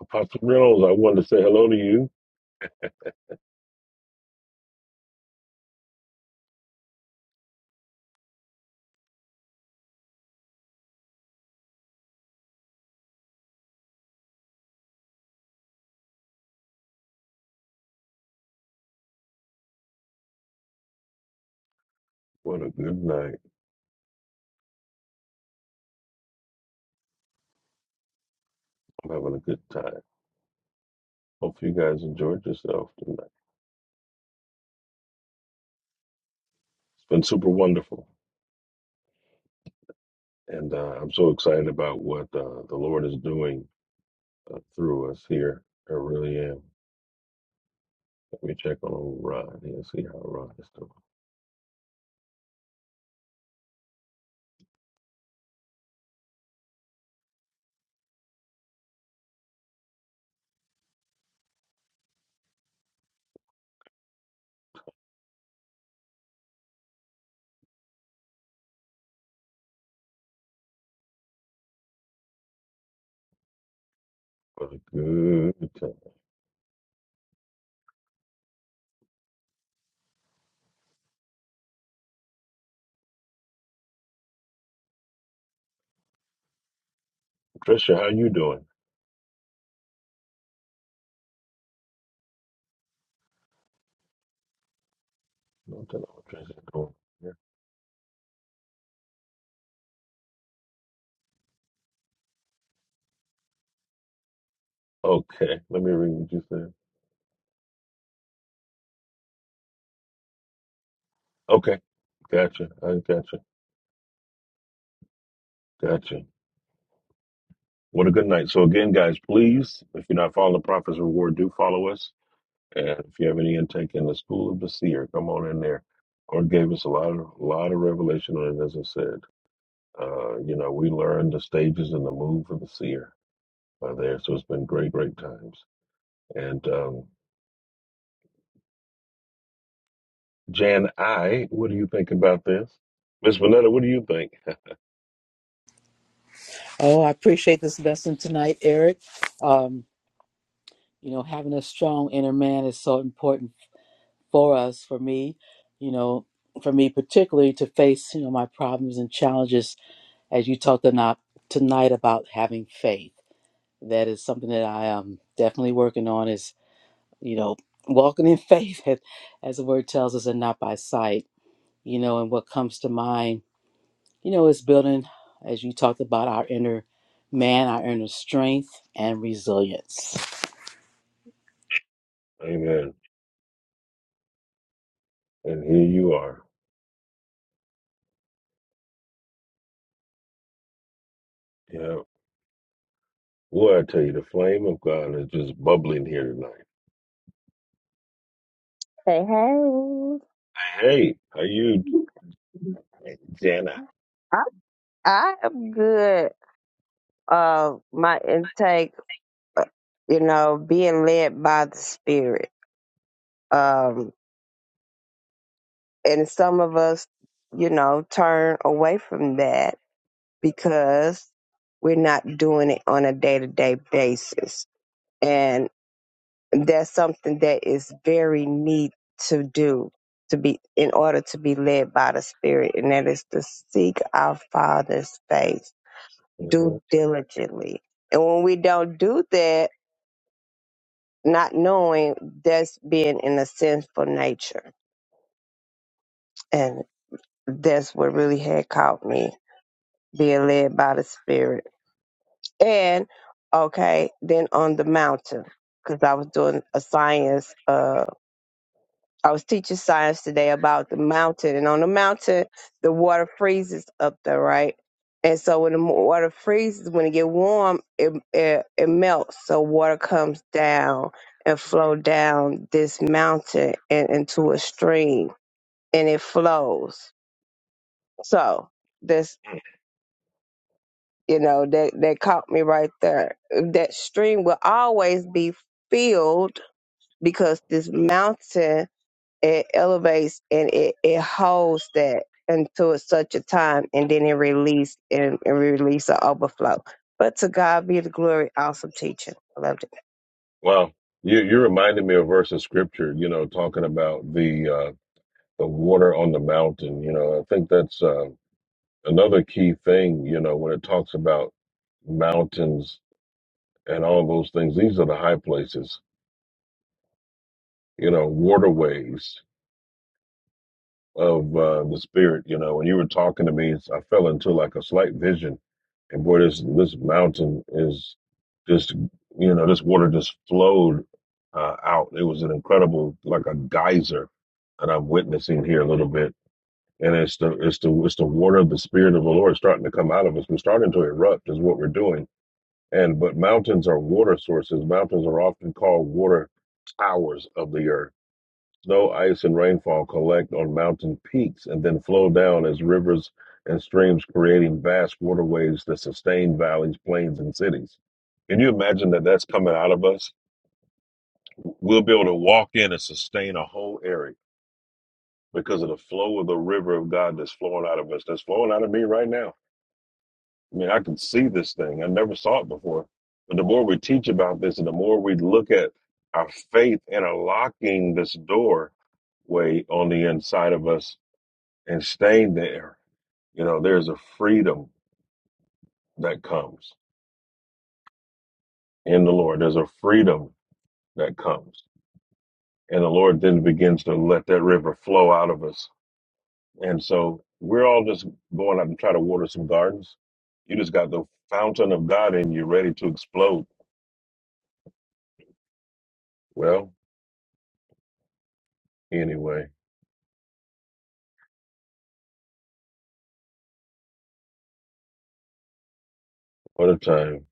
Speaker 2: Apostle Jones, I wanted to say hello to you. What a good night. I'm having a good time. Hope you guys enjoyed yourself tonight. It's been super wonderful. And uh, I'm so excited about what uh, the Lord is doing uh, through us here. I really am. Let me check on old Rod and see how Rod is doing. What a good time. Trisha, how you doing? Nothing on Trisha doing. Yeah. Okay, let me read what you said. Okay, gotcha. I gotcha. Gotcha. What a good night. So again, guys, please, if you're not following the Prophet's Reward, do follow us. And if you have any intake in the School of the Seer, come on in there. Lord gave us a lot of a lot of revelation on it, as I said. Uh, you know, we learned the stages and the move of the seer uh, there. So it's been great, great times. And um, Jan I, what do you think about this? Miss Vanetta, what do you think?
Speaker 1: Oh, I appreciate this lesson tonight, Eric. Um, you know, having a strong inner man is so important for us, for me, you know, for me particularly to face, you know, my problems and challenges as you talked tonight, tonight about having faith. That is something that I am definitely working on is, you know, walking in faith as as the word tells us and not by sight, you know, and what comes to mind You know, it's building, as you talked about, our inner man, our inner strength and resilience.
Speaker 2: Amen. And here you are. Yeah. Boy, I tell you, the flame of God is just bubbling here tonight.
Speaker 3: Hey,
Speaker 2: Hey, how you,
Speaker 3: hey.
Speaker 2: Jana?
Speaker 3: I I am good. Uh, my intake, uh, you know, being led by the spirit. Um, and some of us, you know, turn away from that because we're not doing it on a day to day basis. And that's something that is very neat to do to be in order to be led by the spirit and that is to seek our father's face
Speaker 2: hmm
Speaker 3: do diligently and when we don't do that not knowing that's being in a sinful nature and that's what really had caught me being led by the spirit and okay, then on the mountain because I was doing a science. Uh, I was teaching science today about the mountain, and on the mountain, the water freezes up there, right? And so when the mo- water freezes, when it get warm, it, it it melts. So water comes down and flow down this mountain and into a stream, and it flows. So this you know that that caught me right there that stream will always be filled because this mountain it elevates and it, it holds that until it's such a time and then it release and, and release an overflow but to god be the glory awesome teaching i loved it
Speaker 2: Well, you you reminded me of a verse of scripture. You know, talking about the uh, the water on the mountain. You know, I think that's uh, another key thing. You know, when it talks about mountains and all those things, these are the high places. You know, waterways. of uh, the spirit. You know, when you were talking to me, I fell into like a slight vision, and boy, this this mountain is just you know this water just flowed uh, out. It was an incredible like a geyser that I'm witnessing here a little bit, and it's the it's the it's the water of the spirit of the Lord starting to come out of us. We're starting to erupt, is what we're doing. And but mountains are water sources. Mountains are often called water towers of the earth Snow, ice, and rainfall collect on mountain peaks and then flow down as rivers and streams, creating vast waterways that sustain valleys, plains, and cities. Can you imagine that that's coming out of us? We'll be able to walk in and sustain a whole area because of the flow of the river of God that's flowing out of us, that's flowing out of me right now. I mean, I can see this thing. I never saw it before. But the more we teach about this and the more we look at our faith and unlocking this door way on the inside of us and stay there. You know, there's a freedom that comes in the Lord. There's a freedom that comes. And the Lord then begins to let that river flow out of us. And so we're all just going out and try to water some gardens. You just got the fountain of God in you ready to explode. Well, anyway, what a time.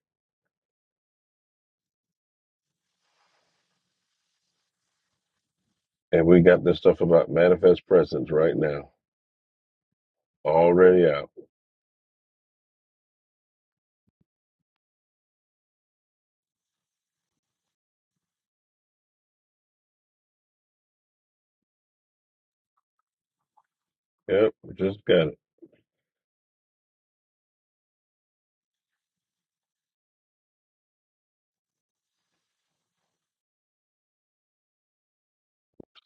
Speaker 2: And we got this stuff about manifest presence right now. Already out. Yep, just got it.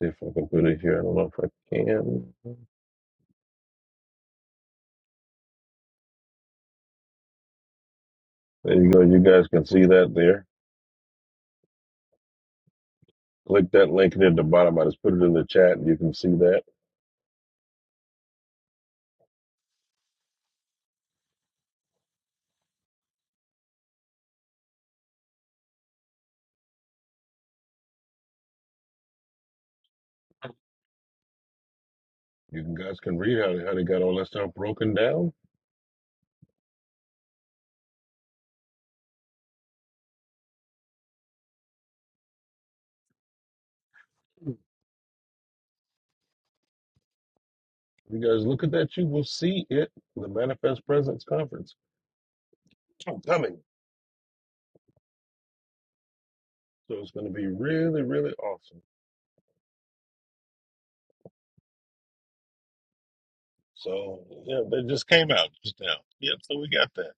Speaker 2: See if I can put it here. I don't know if I can. There you go. You guys can see that there. Click that link near the bottom. I just put it in the chat. You can see that. You can, guys can read how, how they got all that stuff broken down. You guys look at that. You will see it. The Manifest Presence Conference. I'm coming. So it's going to be really, really awesome. So, yeah, they just came out just now. Yep. So we got that.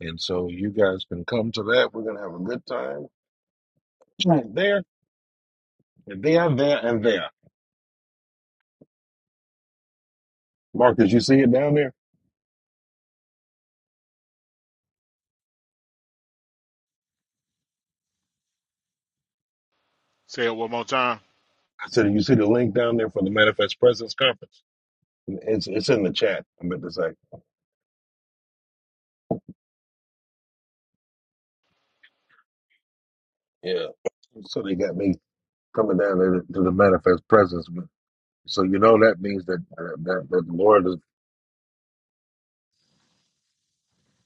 Speaker 2: And so you guys can come to that. We're going to have a good time Right there and there, there, and there. Marcus, you see it down there?
Speaker 11: Say it one more time.
Speaker 2: I said, you see the link down there for the Manifest Presence Conference? It's it's in the chat, I meant to say, yeah. So they got me coming down to the, to the manifest presence. But so you know that means that that, that the Lord is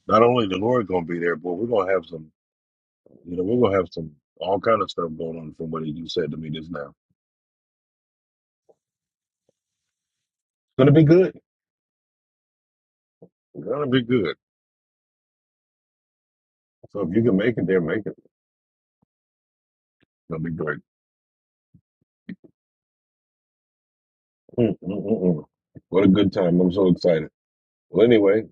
Speaker 2: not only the Lord going to be there, but we're going to have some. You know, we're going to have some all kind of stuff going on from what you said to me just now. It's going to be good. It's going to be good. So if you can make it there, make it. It'll be great. Mm, mm, mm, mm. What a good time! I'm so excited. Well, anyway,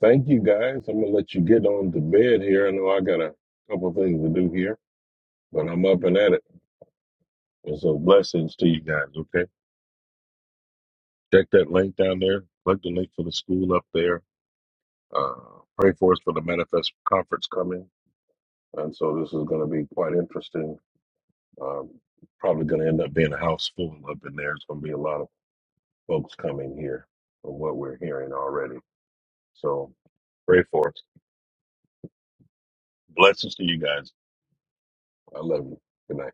Speaker 2: thank you guys. I'm gonna let you get on to bed here. I know I got a couple things to do here, but I'm up and at it. And so blessings to you guys, okay? Check that link down there. Click the link for the school up there. Uh, pray for us for the Manifest Conference coming. And so this is going to be quite interesting. Um, probably going to end up being a house full up in there. It's going to be a lot of folks coming here from what we're hearing already. So pray for us. Blessings to you guys. I love you. Good night.